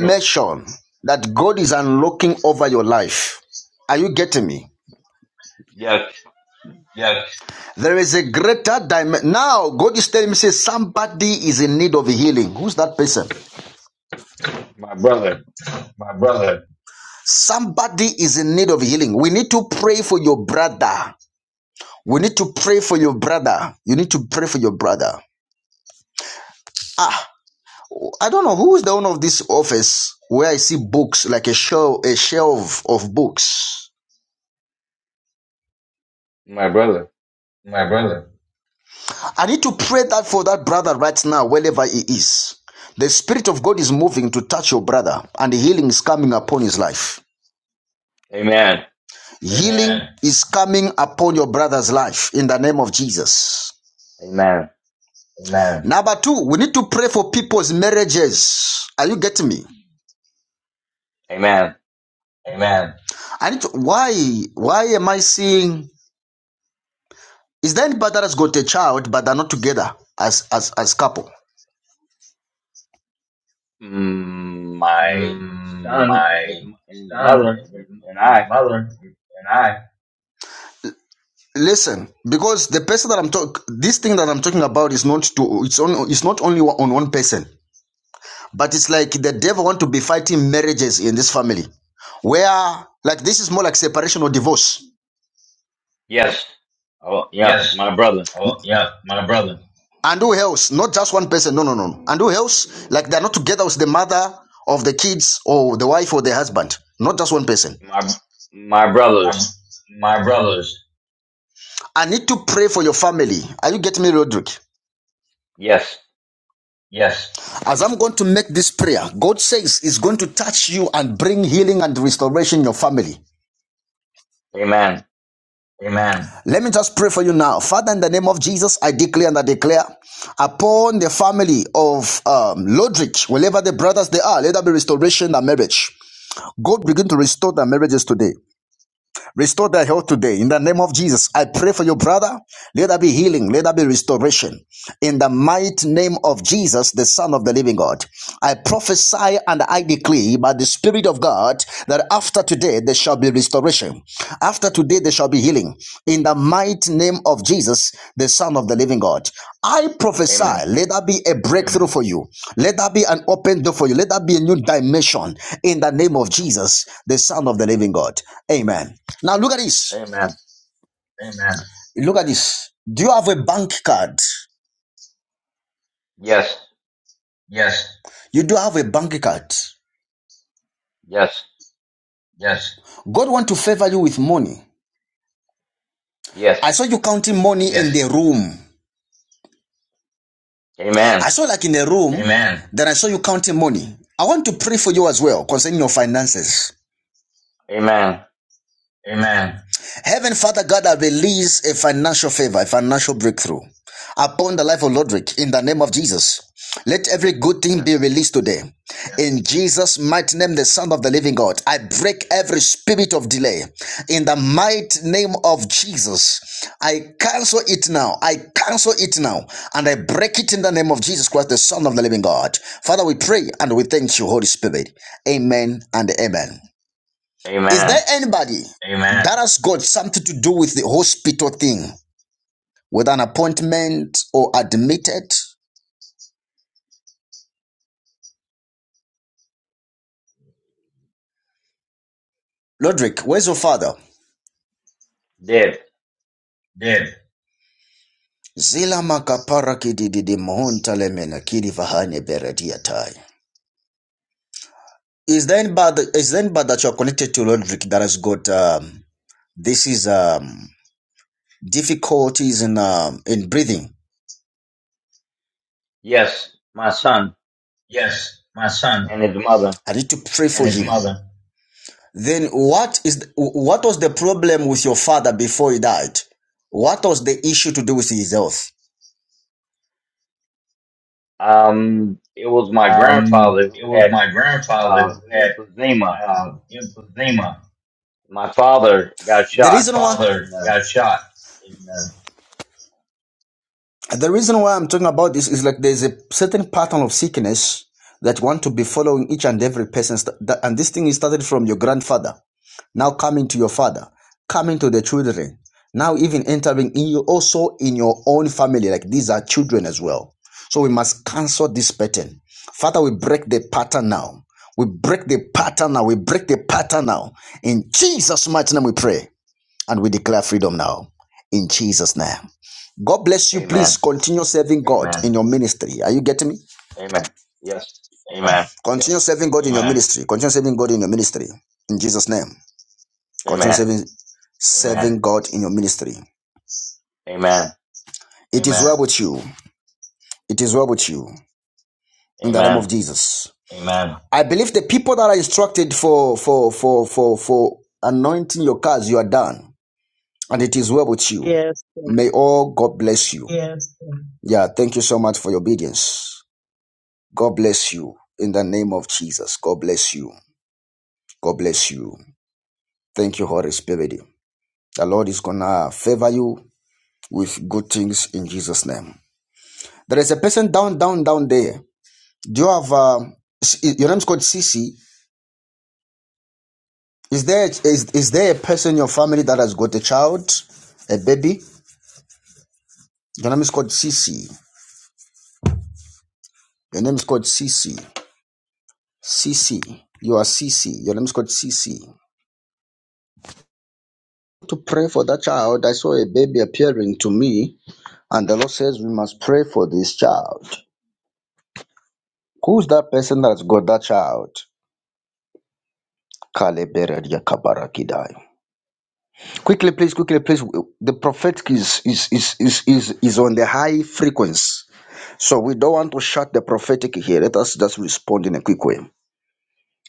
Speaker 1: dimension that God is unlocking over your life. Are you getting me?
Speaker 13: Yes,
Speaker 1: Yes. There is a greater dimension. Now, God is telling me, say, somebody is in need of healing. Who's that person? My brother. Somebody is in need of healing. We need to pray for your brother. We need to pray for your brother. You need to pray for your brother. Ah, I don't know who is the owner of this office where I see books like a shelf, a shelf of books.
Speaker 13: my brother.
Speaker 1: My brother. I need to pray that for that brother right now, wherever he is. The Spirit of God is moving to touch your brother, and healing is coming upon his life.
Speaker 13: Amen.
Speaker 1: Amen. Healing is coming upon your brother's life in the name of Jesus.
Speaker 13: Amen.
Speaker 1: Amen. Number two, we need to pray for people's marriages. Are you getting me?
Speaker 13: Amen.
Speaker 1: Amen. And why why am I seeing is there anybody that has got a child but they're not together as as as couple?
Speaker 13: Mm, my
Speaker 1: Mm,
Speaker 13: son and his
Speaker 1: my
Speaker 13: and his
Speaker 1: son
Speaker 13: mother
Speaker 1: and his, and
Speaker 13: and I.
Speaker 1: his mother and I. Listen, because the person that I'm talking, this thing that I'm talking about is not to it's on it's not only on one person, but it's like the devil want to be fighting marriages in this family, where like this is more like separation or divorce.
Speaker 13: Yes. Oh, yes.
Speaker 1: Yes.
Speaker 13: My brother.
Speaker 1: Oh, yeah, my brother. and who else not just one person no no no no. and who else like they're not together with the mother of the kids or the wife or the husband not just one person
Speaker 13: My my
Speaker 1: My
Speaker 13: brothers.
Speaker 1: my brothers. i need to pray for your family are you getting me roderick
Speaker 13: Yes.
Speaker 1: Yes. as i'm going to make this prayer god says he's going to touch you and bring healing and restoration in your family
Speaker 13: Amen.
Speaker 1: Amen. Let me just pray for you now. Father, in the name of Jesus, I declare and I declare upon the family of um, Lodrich, wherever the brothers they are, let there be restoration in their marriage. God begin to restore their marriages today. Restore their health today. In the name of Jesus, I pray for your brother. Let there be healing. Let there be restoration. In the mighty name of Jesus, the Son of the living God, I prophesy and I declare by the Spirit of God that after today there shall be restoration. After today there shall be healing. In the mighty name of Jesus, the Son of the living God, I prophesy,
Speaker 13: Amen.
Speaker 1: let there be a breakthrough for you. Let there be an open door for you. Let there be a new dimension in the name of Jesus, the Son of the living God. Amen. Now look at this.
Speaker 13: Amen.
Speaker 1: Amen. Look at this. Do you have a bank card?
Speaker 13: Yes.
Speaker 1: Yes. You do have a bank card.
Speaker 13: Yes.
Speaker 1: Yes. God want to favor you with money. I
Speaker 13: Yes.
Speaker 1: saw you counting money yes. in Yes. the room. I
Speaker 13: Amen.
Speaker 1: saw like in the room, Amen. then I saw you counting money. I want to pray for you as well concerning your finances.
Speaker 13: Amen.
Speaker 1: Amen. Heaven, Father God, I release a financial favor, a financial breakthrough upon the life of Lodrick in the name of Jesus. Let every good thing be
Speaker 13: Yes.
Speaker 1: released today. In Jesus' mighty name, the Son of the Living God, I break every spirit of delay. In the mighty name of Jesus, I cancel it now. I cancel it now. And I break it in the name of Jesus Christ, the Son of the Living God. Father, we pray and we thank you, Holy Spirit. Amen and amen. Is there
Speaker 13: Amen.
Speaker 1: anybody Amen. that has got something to do with the hospital thing, with an appointment or admitted? Lodrick, where's your father?
Speaker 13: Did.
Speaker 1: Dead. Zila makapara kidididi mohontale mena kidi vahane beredia tai. Is there anybody, is there anybody that you are connected to, Lodrick, that has got um, this is um, difficulties in um, in breathing?
Speaker 13: Yes, my son
Speaker 1: Yes, my son
Speaker 13: and his mother.
Speaker 1: I need to pray for his you. mother. Then what is what was the problem with your father before he died? What was the issue to do with his health?
Speaker 13: Um, it was my
Speaker 1: Um,
Speaker 13: grandfather
Speaker 1: it
Speaker 13: who
Speaker 1: was
Speaker 13: had
Speaker 1: my grandfather
Speaker 13: uh,
Speaker 1: who had
Speaker 13: emphysema.
Speaker 1: uh, emphysema.
Speaker 13: My father got
Speaker 1: The
Speaker 13: shot.
Speaker 1: reason My reason why
Speaker 13: In, uh,
Speaker 1: got shot. In, uh, the reason why I'm talking about this is like there's a certain pattern of sickness that want to be following each and every person, and this thing is started from your grandfather. now coming to your father, coming to the children, now even entering in you also in your own family, like these are children as well. So we must cancel this pattern. Father, we break the pattern now. We break the pattern now. We break the pattern now. In Jesus' mighty name we pray and we declare freedom now. In Jesus' name. God bless you.
Speaker 13: amen.
Speaker 1: Please continue serving God Amen. in your ministry. Are you getting me?
Speaker 13: Amen. Yes.
Speaker 1: Amen.
Speaker 13: Amen.
Speaker 1: Continue Yes. serving God in your Amen. ministry. Continue serving God in your ministry. In Jesus' name. Continue
Speaker 13: Amen.
Speaker 1: serving, serving God in your ministry.
Speaker 13: Amen.
Speaker 1: It is Amen. Is well with you. It is well with you. In the name
Speaker 13: Amen.
Speaker 1: of Jesus. Amen. I believe the people that are instructed for for for for for anointing your cars, you are done, and it is well with you.
Speaker 12: Yes.
Speaker 1: May all God bless you. Yeah, thank you so much for your obedience. God bless you in the name of Jesus. God bless you. God bless you. Thank you, Holy Spirit. The Lord is gonna favor you with good things in Jesus' name. There is a person down, down, down there. Do you have um, your name's called Sisi? Is there is is there a person in your family that has got a child, a baby? Your name is called Sisi. Your name is called Sisi. Sisi. You are Sisi. Your name is called Sisi. To pray for that child, I saw a baby appearing to me, and the Lord says we must pray for this child. Who's that person that's got that child? Kaleberedia kabarakidai. Quickly, please, quickly, please. The prophetic is is is is is, is on the high frequency. So we don't want to shut the prophetic here. Let us just respond in a quick way.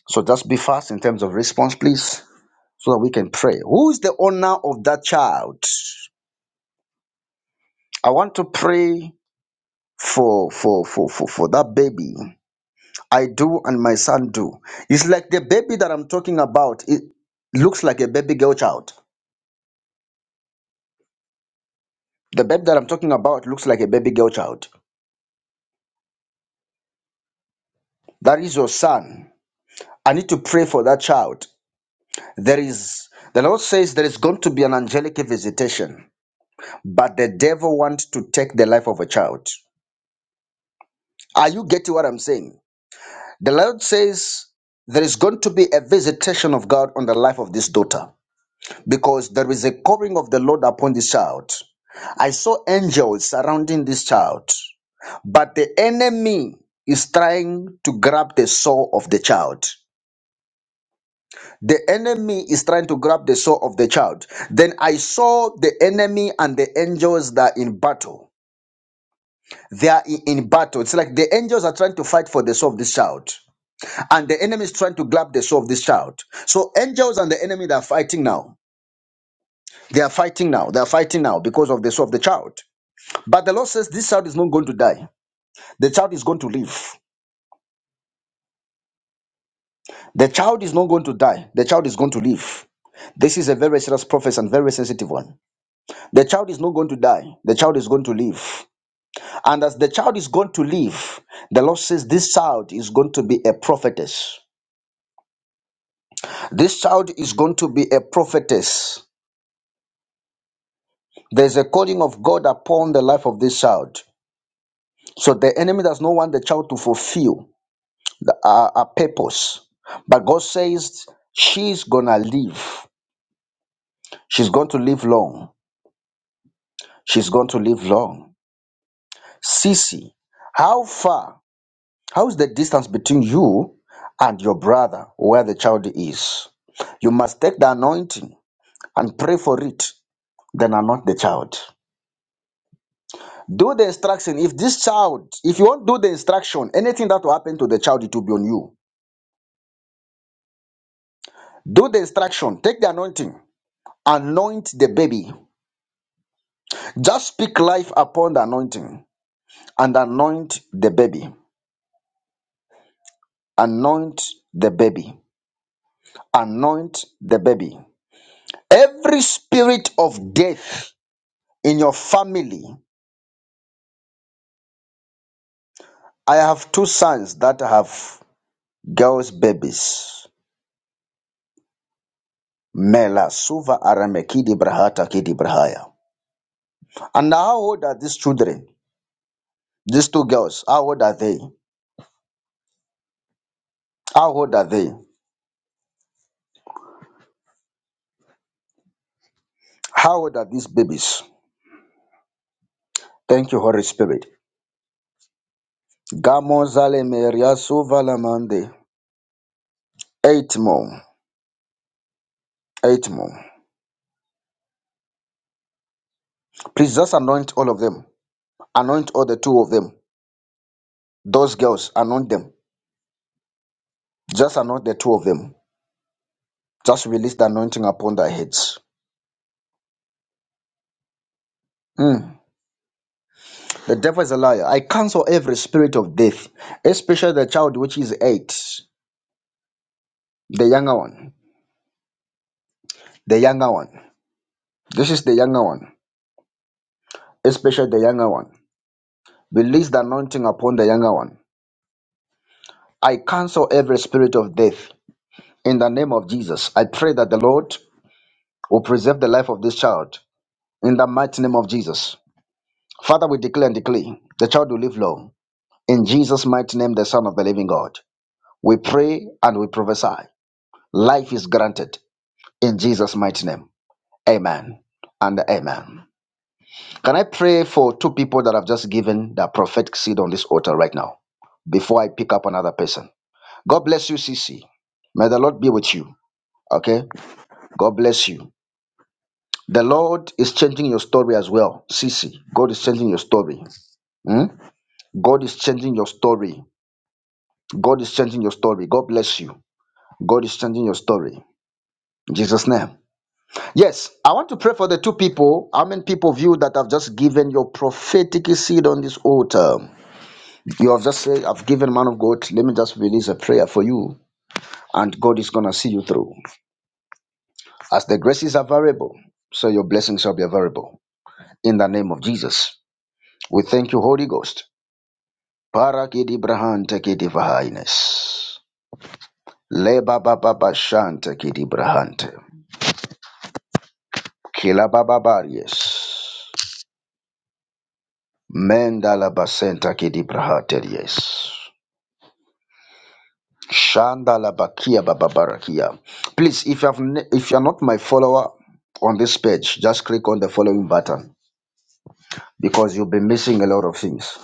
Speaker 1: So just be fast in terms of response, please, so that we can pray. Who is the owner of that child? I want to pray for for for for, for that baby. I do and my son do. It's like the baby that I'm talking about. It looks like a baby girl child. The baby that I'm talking about looks like a baby girl child. That is your son. I need to pray for that child. There is the Lord says there is going to be an angelic visitation, but the devil wants to take the life of a child. Are you getting what I'm saying? The Lord says there is going to be a visitation of God on the life of this daughter because there is a covering of the Lord upon this child. I saw angels surrounding this child, but the enemy is trying to grab the soul of the child. The enemy is trying to grab the soul of the child. Then I saw the enemy and the angels that are in battle. They are in in battle. It's like the angels are trying to fight for the soul of this child, and the enemy is trying to grab the soul of this child. So angels and the enemy they are fighting now. They are fighting now. They are fighting now because of the soul of the child. But the Lord says this child is not going to die. The child is going to live. The child is not going to die. The child is going to live. This is a very serious prophecy and very sensitive one. The child is not going to die. The child is going to live. And as the child is going to live, the Lord says this child is going to be a prophetess. This child is going to be a prophetess. There's a calling of God upon the life of this child. So the enemy does not want the child to fulfill the, uh, a purpose. But God says she's going to live. She's going to live long. She's going to live long. Sissy, how far How is the distance between you and your brother where the child is? You must take the anointing and pray for it, then anoint the child. Do the instruction. If this child, if you won't do the instruction, anything that will happen to the child, it will be on you. Do the instruction, take the anointing, anoint the baby. Just speak life upon the anointing and anoint the baby. Anoint the baby. Anoint the baby. Every spirit of death in your family. I have two sons that have girls' babies. Mela Suva Arame Kidi Brahata Kidi Brahaya. And how old are these children? These two girls, how old are they? How old are they? How old are these babies? Thank you, Holy Spirit. Gamo Zale Meria Suva Lamande. Eight more. Eight more. Please just anoint all of them. Anoint all the two of them. Those girls, anoint them. Just anoint the two of them. Just release the anointing upon their heads. Mm, The devil is a liar. I cancel every spirit of death, especially the child which is eight, the younger one, the younger one. This is the younger one, especially the younger one. Release the anointing upon the younger one. I cancel every spirit of death in the name of Jesus. I pray that the Lord will preserve the life of this child in the mighty name of Jesus. Father, we declare and decree the child will live long. In Jesus' mighty name, the Son of the Living God. We pray and we prophesy. Life is granted. in Jesus' mighty name. Amen and amen. Can I pray for two people that have just given their prophetic seed on this altar right now before I pick up another person? God bless you, C. C. May the Lord be with you. Okay? God bless you. The Lord is changing your story as well, C. C. God is changing your story. Hmm? God is changing your story. God is changing your story. God bless you. God is changing your story. In Jesus' name. Yes, I want to pray for the two people. How many people of you that have just given your prophetic seed on this altar? You have just said, I've given man of God. Let me just release a prayer for you, and God is going to see you through. As the graces are variable, so your blessings shall be variable. In the name of Jesus, we thank you, Holy Ghost. Parakidi brahante kidi vahines. le baba bashante kidi brahante. Kila baba baries. Mendala basenta kidi brahateries. Shandala Bakia, Baba bababarakia. Please, if you have ne- if you are not my follower on this page, just click on the following button because you'll be missing a lot of things.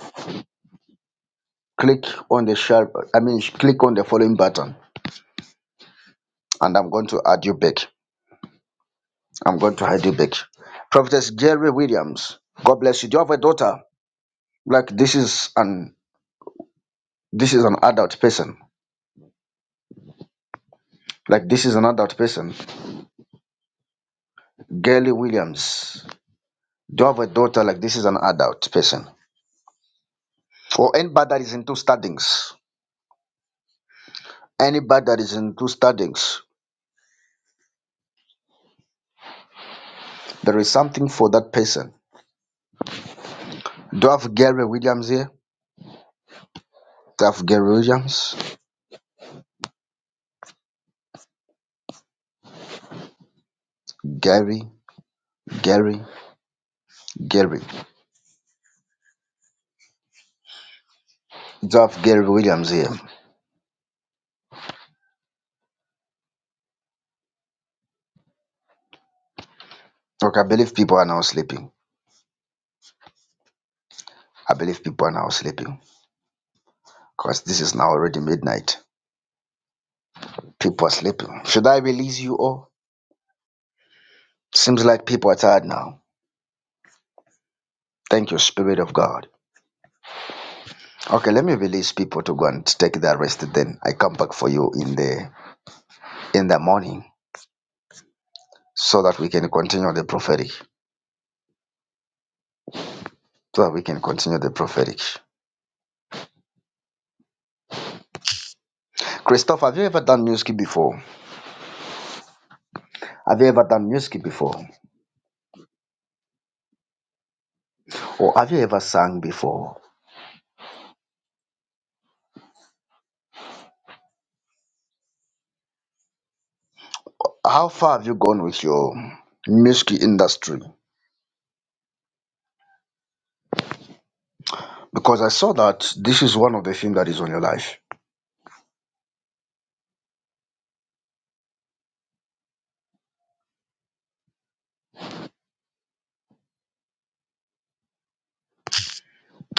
Speaker 1: Click on the share. I mean, click on the following button, and I'm going to add you back. I'm going to add you back. Prophetess Gary Williams, God bless you. Do you have a daughter? Like this is an this is an adult person. Like this is an adult person. Gary Williams, do you have a daughter? Like this is an adult person. For anybody that is into studies, anybody that is into studies, there is something for that person. Do I have Gary Williams here? Do I have Gary Williams? Gary, Gary, Gary. Do I have Gary Williams here? Okay, I believe people are now sleeping. I believe people are now sleeping because this is now already midnight. People are sleeping. Should I release you all? Seems like people are tired now. Thank you, Spirit of God. Okay, let me release people to go and take their rest. Then I come back for you in the in the morning. so that we can continue the prophetic. So that we can continue the prophetic. Christoph, have you ever done music before? Have you ever done music before? Or have you ever sung before? How far have you gone with your music industry? Because I saw that this is one of the things that is on your life.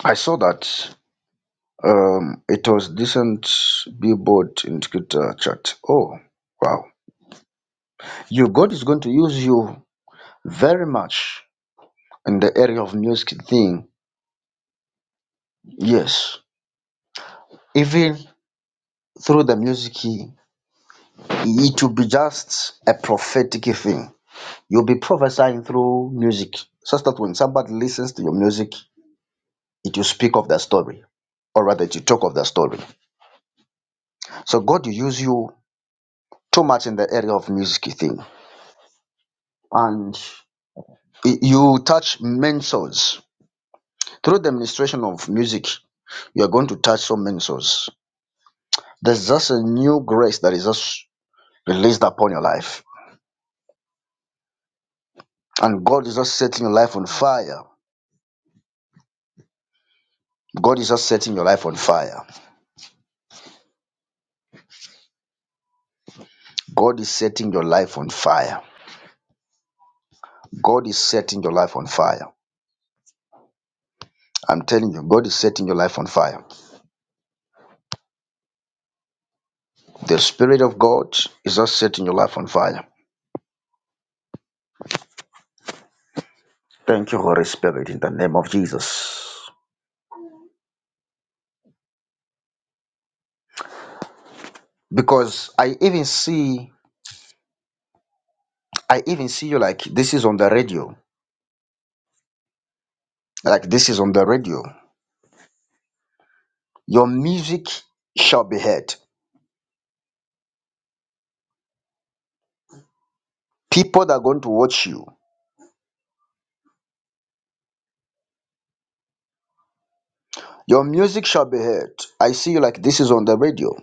Speaker 1: I saw that um, it was decent billboard in Twitter chat. Oh, wow. You God is going to use you very much in the area of music thing. Yes. Even through the music, it will be just a prophetic thing. You'll be prophesying through music, such that when somebody listens to your music, it will speak of the story, or rather, it will talk of the story. So God will use you too much in the area of music thing, and y- you touch many souls through the administration of music. You are going to touch so many souls. There's just a new grace that is just released upon your life, and God is just setting your life on fire God is just setting your life on fire. God is setting your life on fire. God is setting your life on fire. I'm telling you, God is setting your life on fire. The Spirit of God is just setting your life on fire. Thank you, Holy Spirit, in the name of Jesus. Because I even see, I even see you like this is on the radio. Like this is on the radio. Your music shall be heard. People that are going to watch you. Your music shall be heard. I see you like this is on the radio.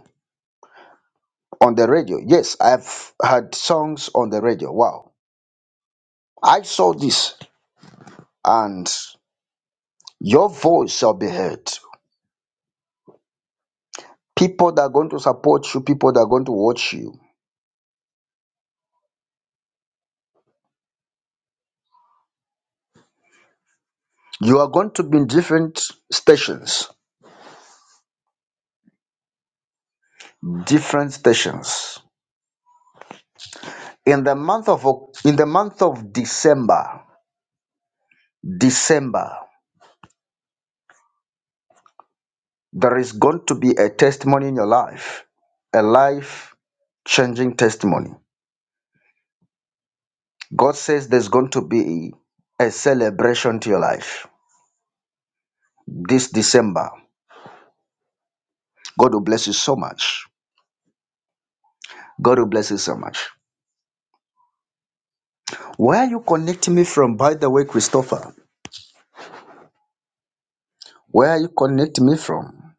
Speaker 1: on the radio. Yes, I've heard songs on the radio. Wow. I saw this and your voice shall be heard. People that are going to support you, people that are going to watch you. You are going to be in different stations. Different stations. In the month of Oc- in the month of December, December, there is going to be a testimony in your life. A life changing testimony. God says there's going to be a celebration to your life this December. God will bless you so much. God will bless you so much. Where are you connecting me from, by the way, Christopher? Where are you connecting me from?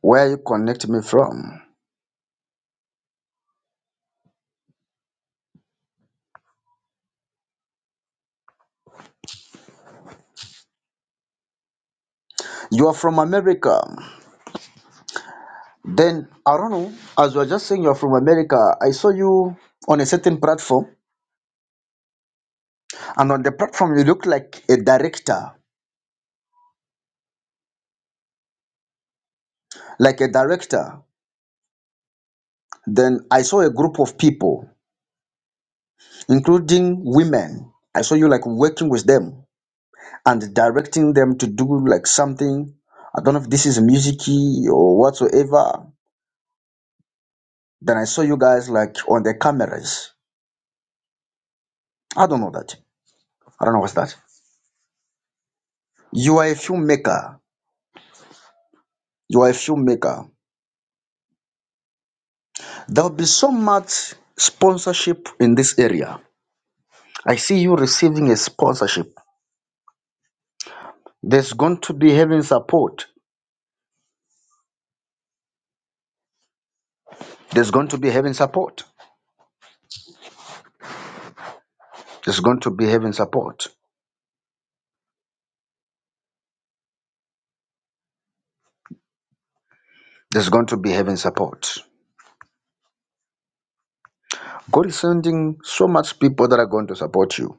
Speaker 1: Where are you connecting me from? You are from America. Then I don't know. As you are just saying you are from America, I saw you on a certain platform, and on the platform you look like a director, like a director. Then I saw a group of people, including women. I saw you like working with them and directing them to do like something. I don't know if this is musicy or whatsoever. Then I saw you guys like on the cameras. I don't know that. I don't know what's that. You are a filmmaker. You are a filmmaker. There will be so much sponsorship in this area. I see you receiving a sponsorship. There's going to be having support. There's going to be having support. There's going to be having support. There's going to be having support. God is sending so much people that are going to support you.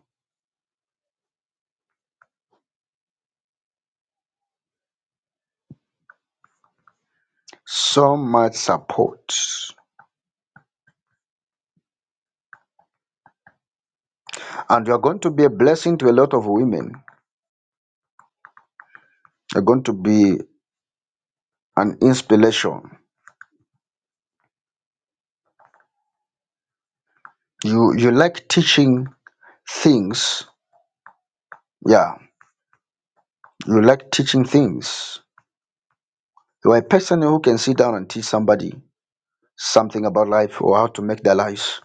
Speaker 1: so much support. And you're going to be a blessing to a lot of women. You're going to be an inspiration. You you like teaching things. Yeah. You like teaching things. You are a person who can sit down and teach somebody something about life or how to make their lives.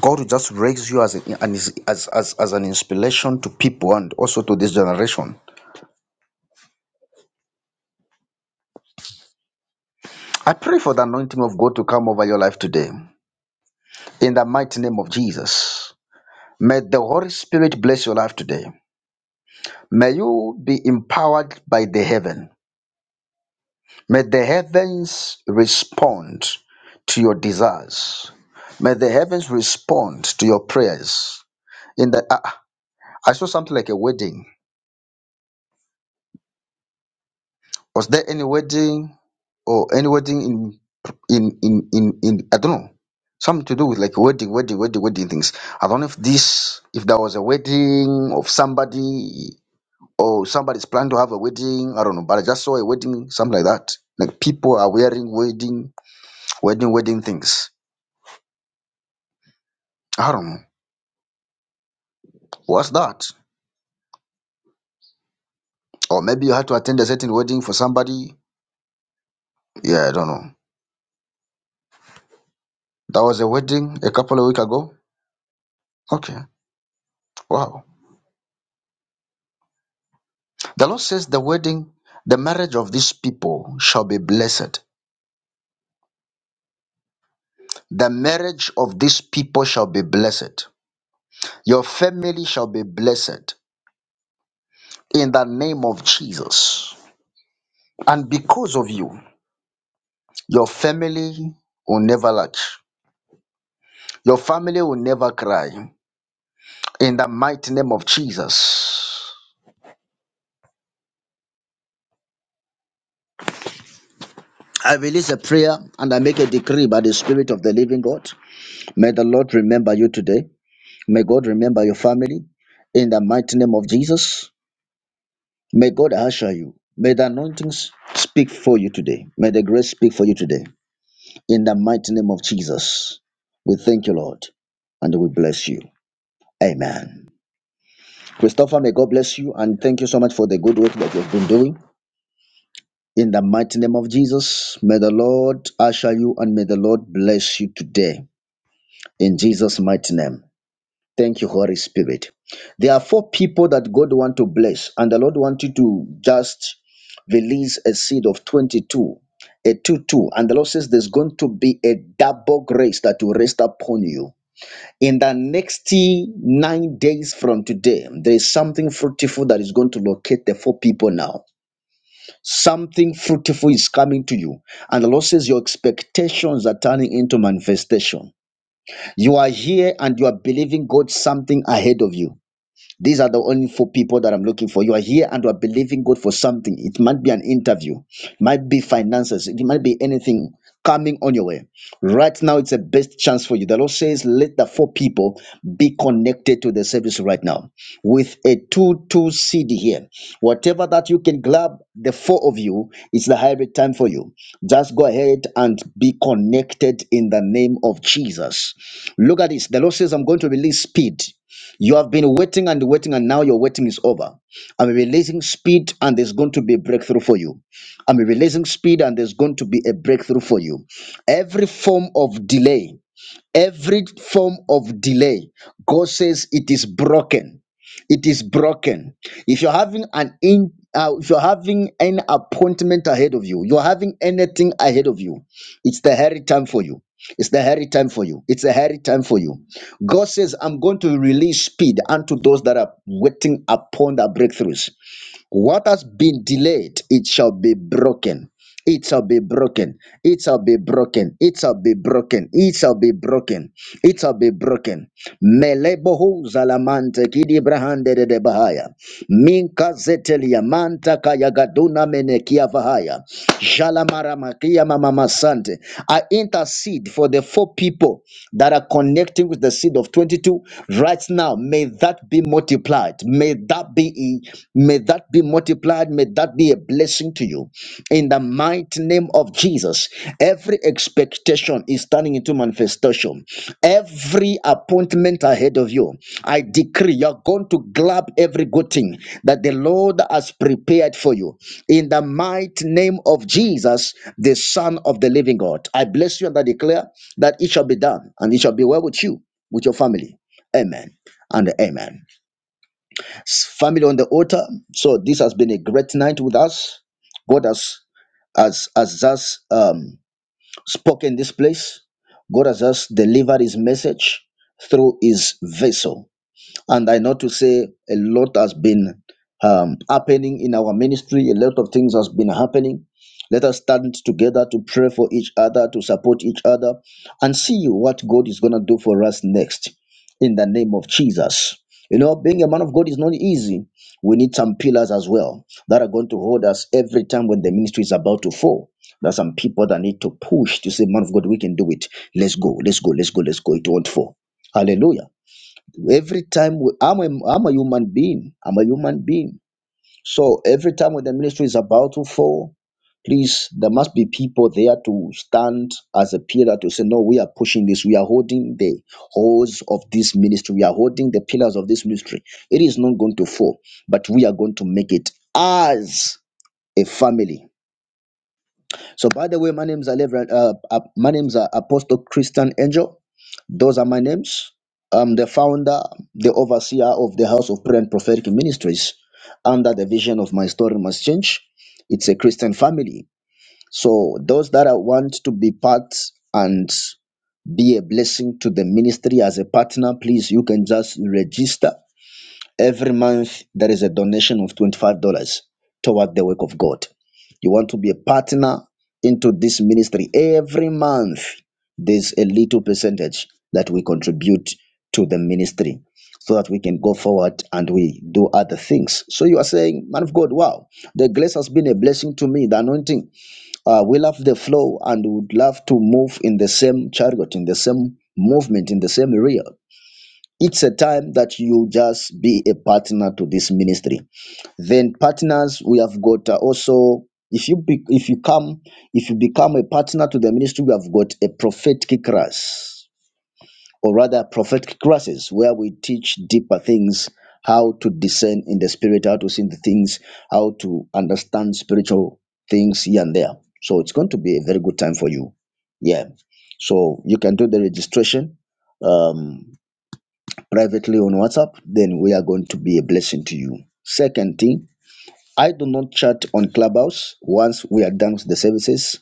Speaker 1: God will just raise you as, a, an as, as, as as an inspiration to people and also to this generation. I pray for the anointing of God to come over your life today in the mighty name of Jesus. May the Holy Spirit bless your life today. May you be empowered by the heaven. May the heavens respond to your desires. May the heavens respond to your prayers. In the uh, I I saw something like a wedding. Was there any wedding or any wedding in in in in, in I don't know. Something to do with like wedding, wedding, wedding, wedding things. I don't know if this, if there was a wedding of somebody Oh, somebody's planning to have a wedding. I don't know, but I just saw a wedding, something like that. Like people are wearing wedding, wedding, wedding things. I don't know. What's that? Or maybe you had to attend a certain wedding for somebody. Yeah, I don't know. That was a wedding a couple of weeks ago. Okay. Wow. The Lord says the wedding, the marriage of these people shall be blessed. The marriage of these people shall be blessed. Your family shall be blessed in the name of Jesus. And because of you. Your family will never lack. Your family will never cry. In the mighty name of Jesus. I release a prayer and I make a decree by the Spirit of the Living God. May the Lord remember you today. May God remember your family in the mighty name of Jesus. May God usher you. May the anointings speak for you today. May the grace speak for you today in the mighty name of Jesus. We thank you, Lord, and we bless you. Amen. Christopher, may God bless you and thank you so much for the good work that you've been doing. In the mighty name of Jesus, may the Lord usher you and may the Lord bless you today. In Jesus' mighty name. Thank you, Holy Spirit. There are four people that God want to bless, and the Lord want you to just release a seed of 22, a 2 2. And the Lord says there's going to be a double grace that will rest upon you in the next nine days from today, there is something fruitful that is going to locate the four people now. Something fruitful is coming to you. And the Lord says your expectations are turning into manifestation. You are here and you are believing God something ahead of you. These are the only four people that I'm looking for. You are here and you are believing God for something. It might be an interview, might be finances, it might be anything coming on your way. Right now, it's the best chance for you. The Lord says, let the four people be connected to the service right now with a 2 2 CD here. Whatever that you can grab, the four of you, it's the hybrid time for you. Just go ahead and be connected in the name of Jesus. Look at this. The Lord says, I'm going to release speed. You have been waiting and waiting, and now your waiting is over. I'm releasing speed, and there's going to be a breakthrough for you. I'm releasing speed, and there's going to be a breakthrough for you. Every form of delay. Every form of delay, God says it is broken. It is broken. If you're having an in, uh, if you're having an appointment ahead of you, you're having anything ahead of you, it's the hairy time for you. It's the hairy time for you. It's a hairy time for you. God says, I'm going to release speed unto those that are waiting upon their breakthroughs. What has been delayed, it shall be broken. It shall be broken. It shall be broken. It shall be broken. It shall be broken. It shall be broken. Melebohu zalamante kidi brahande de de bahaya. Minka zetelia manta kayagaduna menekia vahaya. Jalamaramakia Mama Sante. I intercede for the four people that are connecting with the seed of 22 right now. May that be multiplied. May that be may that be multiplied. May that be a blessing to you in the mighty name of Jesus. Every expectation is turning into manifestation. Every appointment ahead of you, I decree you're going to grab every good thing that the Lord has prepared for you. In the mighty name of Jesus, the Son of the Living God, I bless you and I declare that it shall be done and it shall be well with you, with your family. Amen and amen. Family on the altar. So this has been a great night with us. God has has has just um, spoken this place. God has just delivered His message through His vessel and I know to say a lot has been um, happening in our ministry. A lot of things has been happening. Let us stand together to pray for each other, to support each other, and see what God is gonna do for us next. In the name of Jesus, you know, being a man of God is not easy. We need some pillars as well that are going to hold us every time when the ministry is about to fall. There are some people that need to push to say, "Man of God, we can do it. Let's go, let's go, let's go, let's go." It won't fall. Hallelujah. Every time we, I'm, a, I'm a human being, I'm a human being. So every time when the ministry is about to fall, please, there must be people there to stand as a pillar to say, no, we are pushing this. We are holding the hose of this ministry. We are holding the pillars of this ministry. It is not going to fall, but we are going to make it as a family. So, by the way, my name's Alev, uh, uh, my name's are Apostle Christian Angel. Those are my names. I'm the founder, the overseer of the House of Prayer and Prophetic Ministries under the vision of My Story Must Change. It's a Christian family. So, those that are want to be part and be a blessing to the ministry as a partner, please, you can just register Every month, there is a donation of $25 toward the work of God. You want to be a partner into this ministry. Every month, there's a little percentage that we contribute to the ministry so that we can go forward and we do other things. So you are saying, man of God, wow, the grace has been a blessing to me, the anointing. Uh, we love the flow and would love to move in the same chariot, in the same movement, in the same area it's a time that you just be a partner to this ministry then partners we have got uh, also if you be, if you come if you become a partner to the ministry we have got a prophetic class or rather prophetic classes where we teach deeper things how to discern in the spirit how to see the things how to understand spiritual things here and there so it's going to be a very good time for you yeah so you can do the registration um privately on WhatsApp, then we are going to be a blessing to you. Second thing, I do not chat on Clubhouse. Once we are done with the services,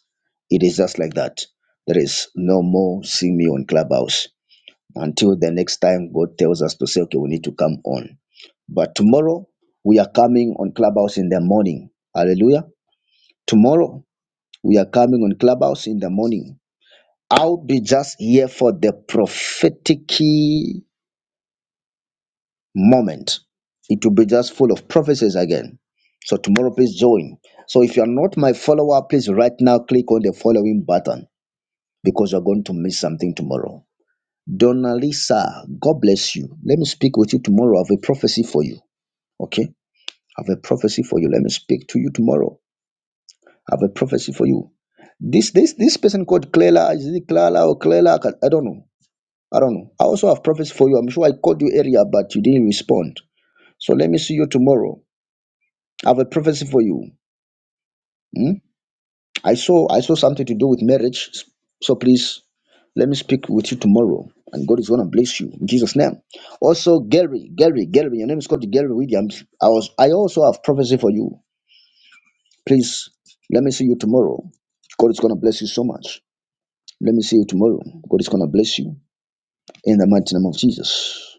Speaker 1: it is just like that. There is no more seeing me on Clubhouse until the next time God tells us to say, okay, we need to come on. But tomorrow, we are coming on Clubhouse in the morning. Hallelujah. Tomorrow, we are coming on Clubhouse in the morning. I'll be just here for the prophetic moment, it will be just full of prophecies again. So tomorrow, please join. So if you are not my follower, please right now click on the following button because you're going to miss something tomorrow. Donalisa, God bless you. Let me speak with you tomorrow. I have a prophecy for you. Okay? I have a prophecy for you. Let me speak to you tomorrow. I have a prophecy for you. This this this person called Clela, is it Clara or Clela? I can- I don't know. I don't know. I also have prophecy for you. I'm sure I called you earlier, but you didn't respond. So let me see you tomorrow. I have a prophecy for you. Hmm? I saw I saw something to do with marriage. So please let me speak with you tomorrow. And God is gonna bless you in Jesus' name. Also, Gary, Gary, Gary, your name is called Gary Williams. I was I also have prophecy for you. Please let me see you tomorrow. God is gonna bless you so much. Let me see you tomorrow. God is gonna bless you in the mighty name of Jesus.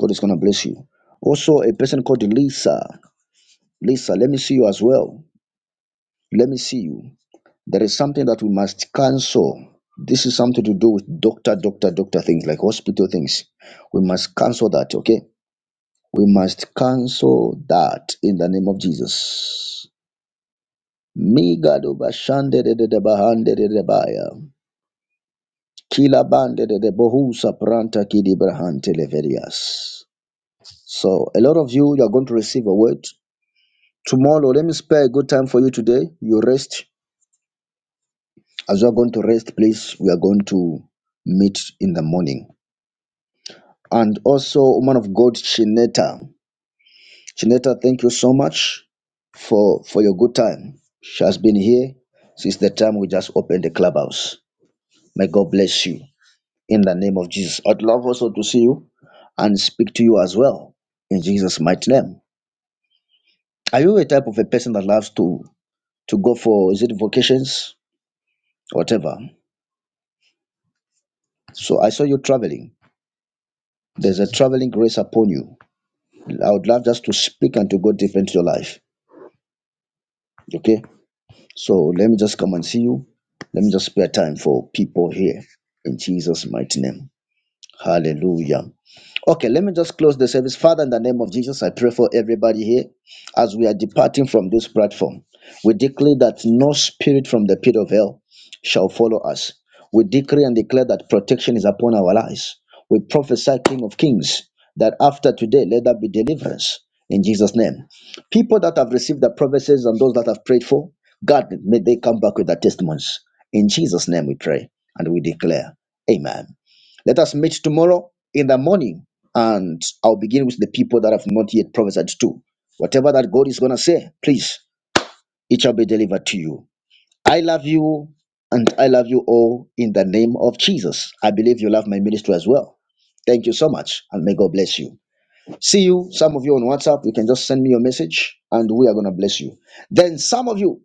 Speaker 1: God is gonna bless you. Also, a person called Lisa. Lisa, let me see you as well. Let me see you. There is something that we must cancel. This is something to do with doctor, doctor, doctor things like hospital things. We must cancel that, okay? We must cancel that in the name of Jesus. Migado bashande de de de bahande de de baya. Kila bande de de bohusa pranta kidi brahante leverias. So a lot of you, you are going to receive a word. Tomorrow, let me spare a good time for you today. You rest. As you are going to rest, please, we are going to meet in the morning and also woman of God Chineta. Chineta, thank you so much for for your good time. She has been here since the time we just opened the clubhouse. May God bless you in the name of Jesus. I'd love also to see you and speak to you as well in Jesus' mighty name. Are you a type of a person that loves to to go for is it vacations, whatever? So I saw you traveling. There's a traveling grace upon you. I would love just to speak and to go deep into your life. Okay. So let me just come and see you. Let me just spare time for people here in Jesus' mighty name. Hallelujah. Okay, let me just close the service. Father, in the name of Jesus, I pray for everybody here as we are departing from this platform. We declare that no spirit from the pit of hell shall follow us. We decree and declare that protection is upon our lives. We prophesy, King of Kings, that after today, let there be deliverance in Jesus' name. People that have received the promises and those that have prayed for, God, may they come back with their testimonies. In Jesus' name we pray and we declare, Amen. Let us meet tomorrow in the morning, and I'll begin with the people that have not yet prophesied to. Whatever that God is going to say, please, it shall be delivered to you. I love you, and I love you all in the name of Jesus. I believe you love my ministry as well. Thank you so much, and may God bless you. See you, some of you on WhatsApp. You can just send me your message, and we are going to bless you. Then, some of you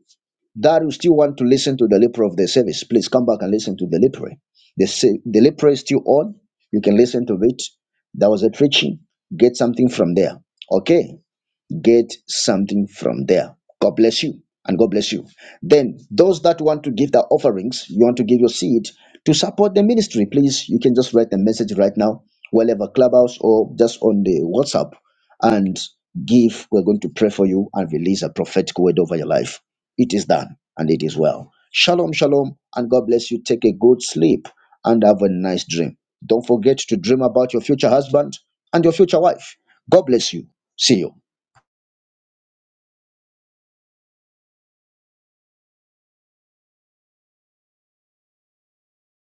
Speaker 1: that you still want to listen to the Lepre of the service, please come back and listen to the Lepre. The, se- the Lepre is still on. You can listen to it. That was a preaching. Get something from there. Okay get something from there. God bless you and God bless you. Then, those that want to give their offerings, you want to give your seed to support the ministry, please, you can just write a message right now, wherever Clubhouse or just on the WhatsApp, and give. We're going to pray for you and release a prophetic word over your life. It is done and it is well. Shalom, shalom, and God bless you. Take a good sleep and have a nice dream. Don't forget to dream about your future husband and your future wife. God bless you. See you.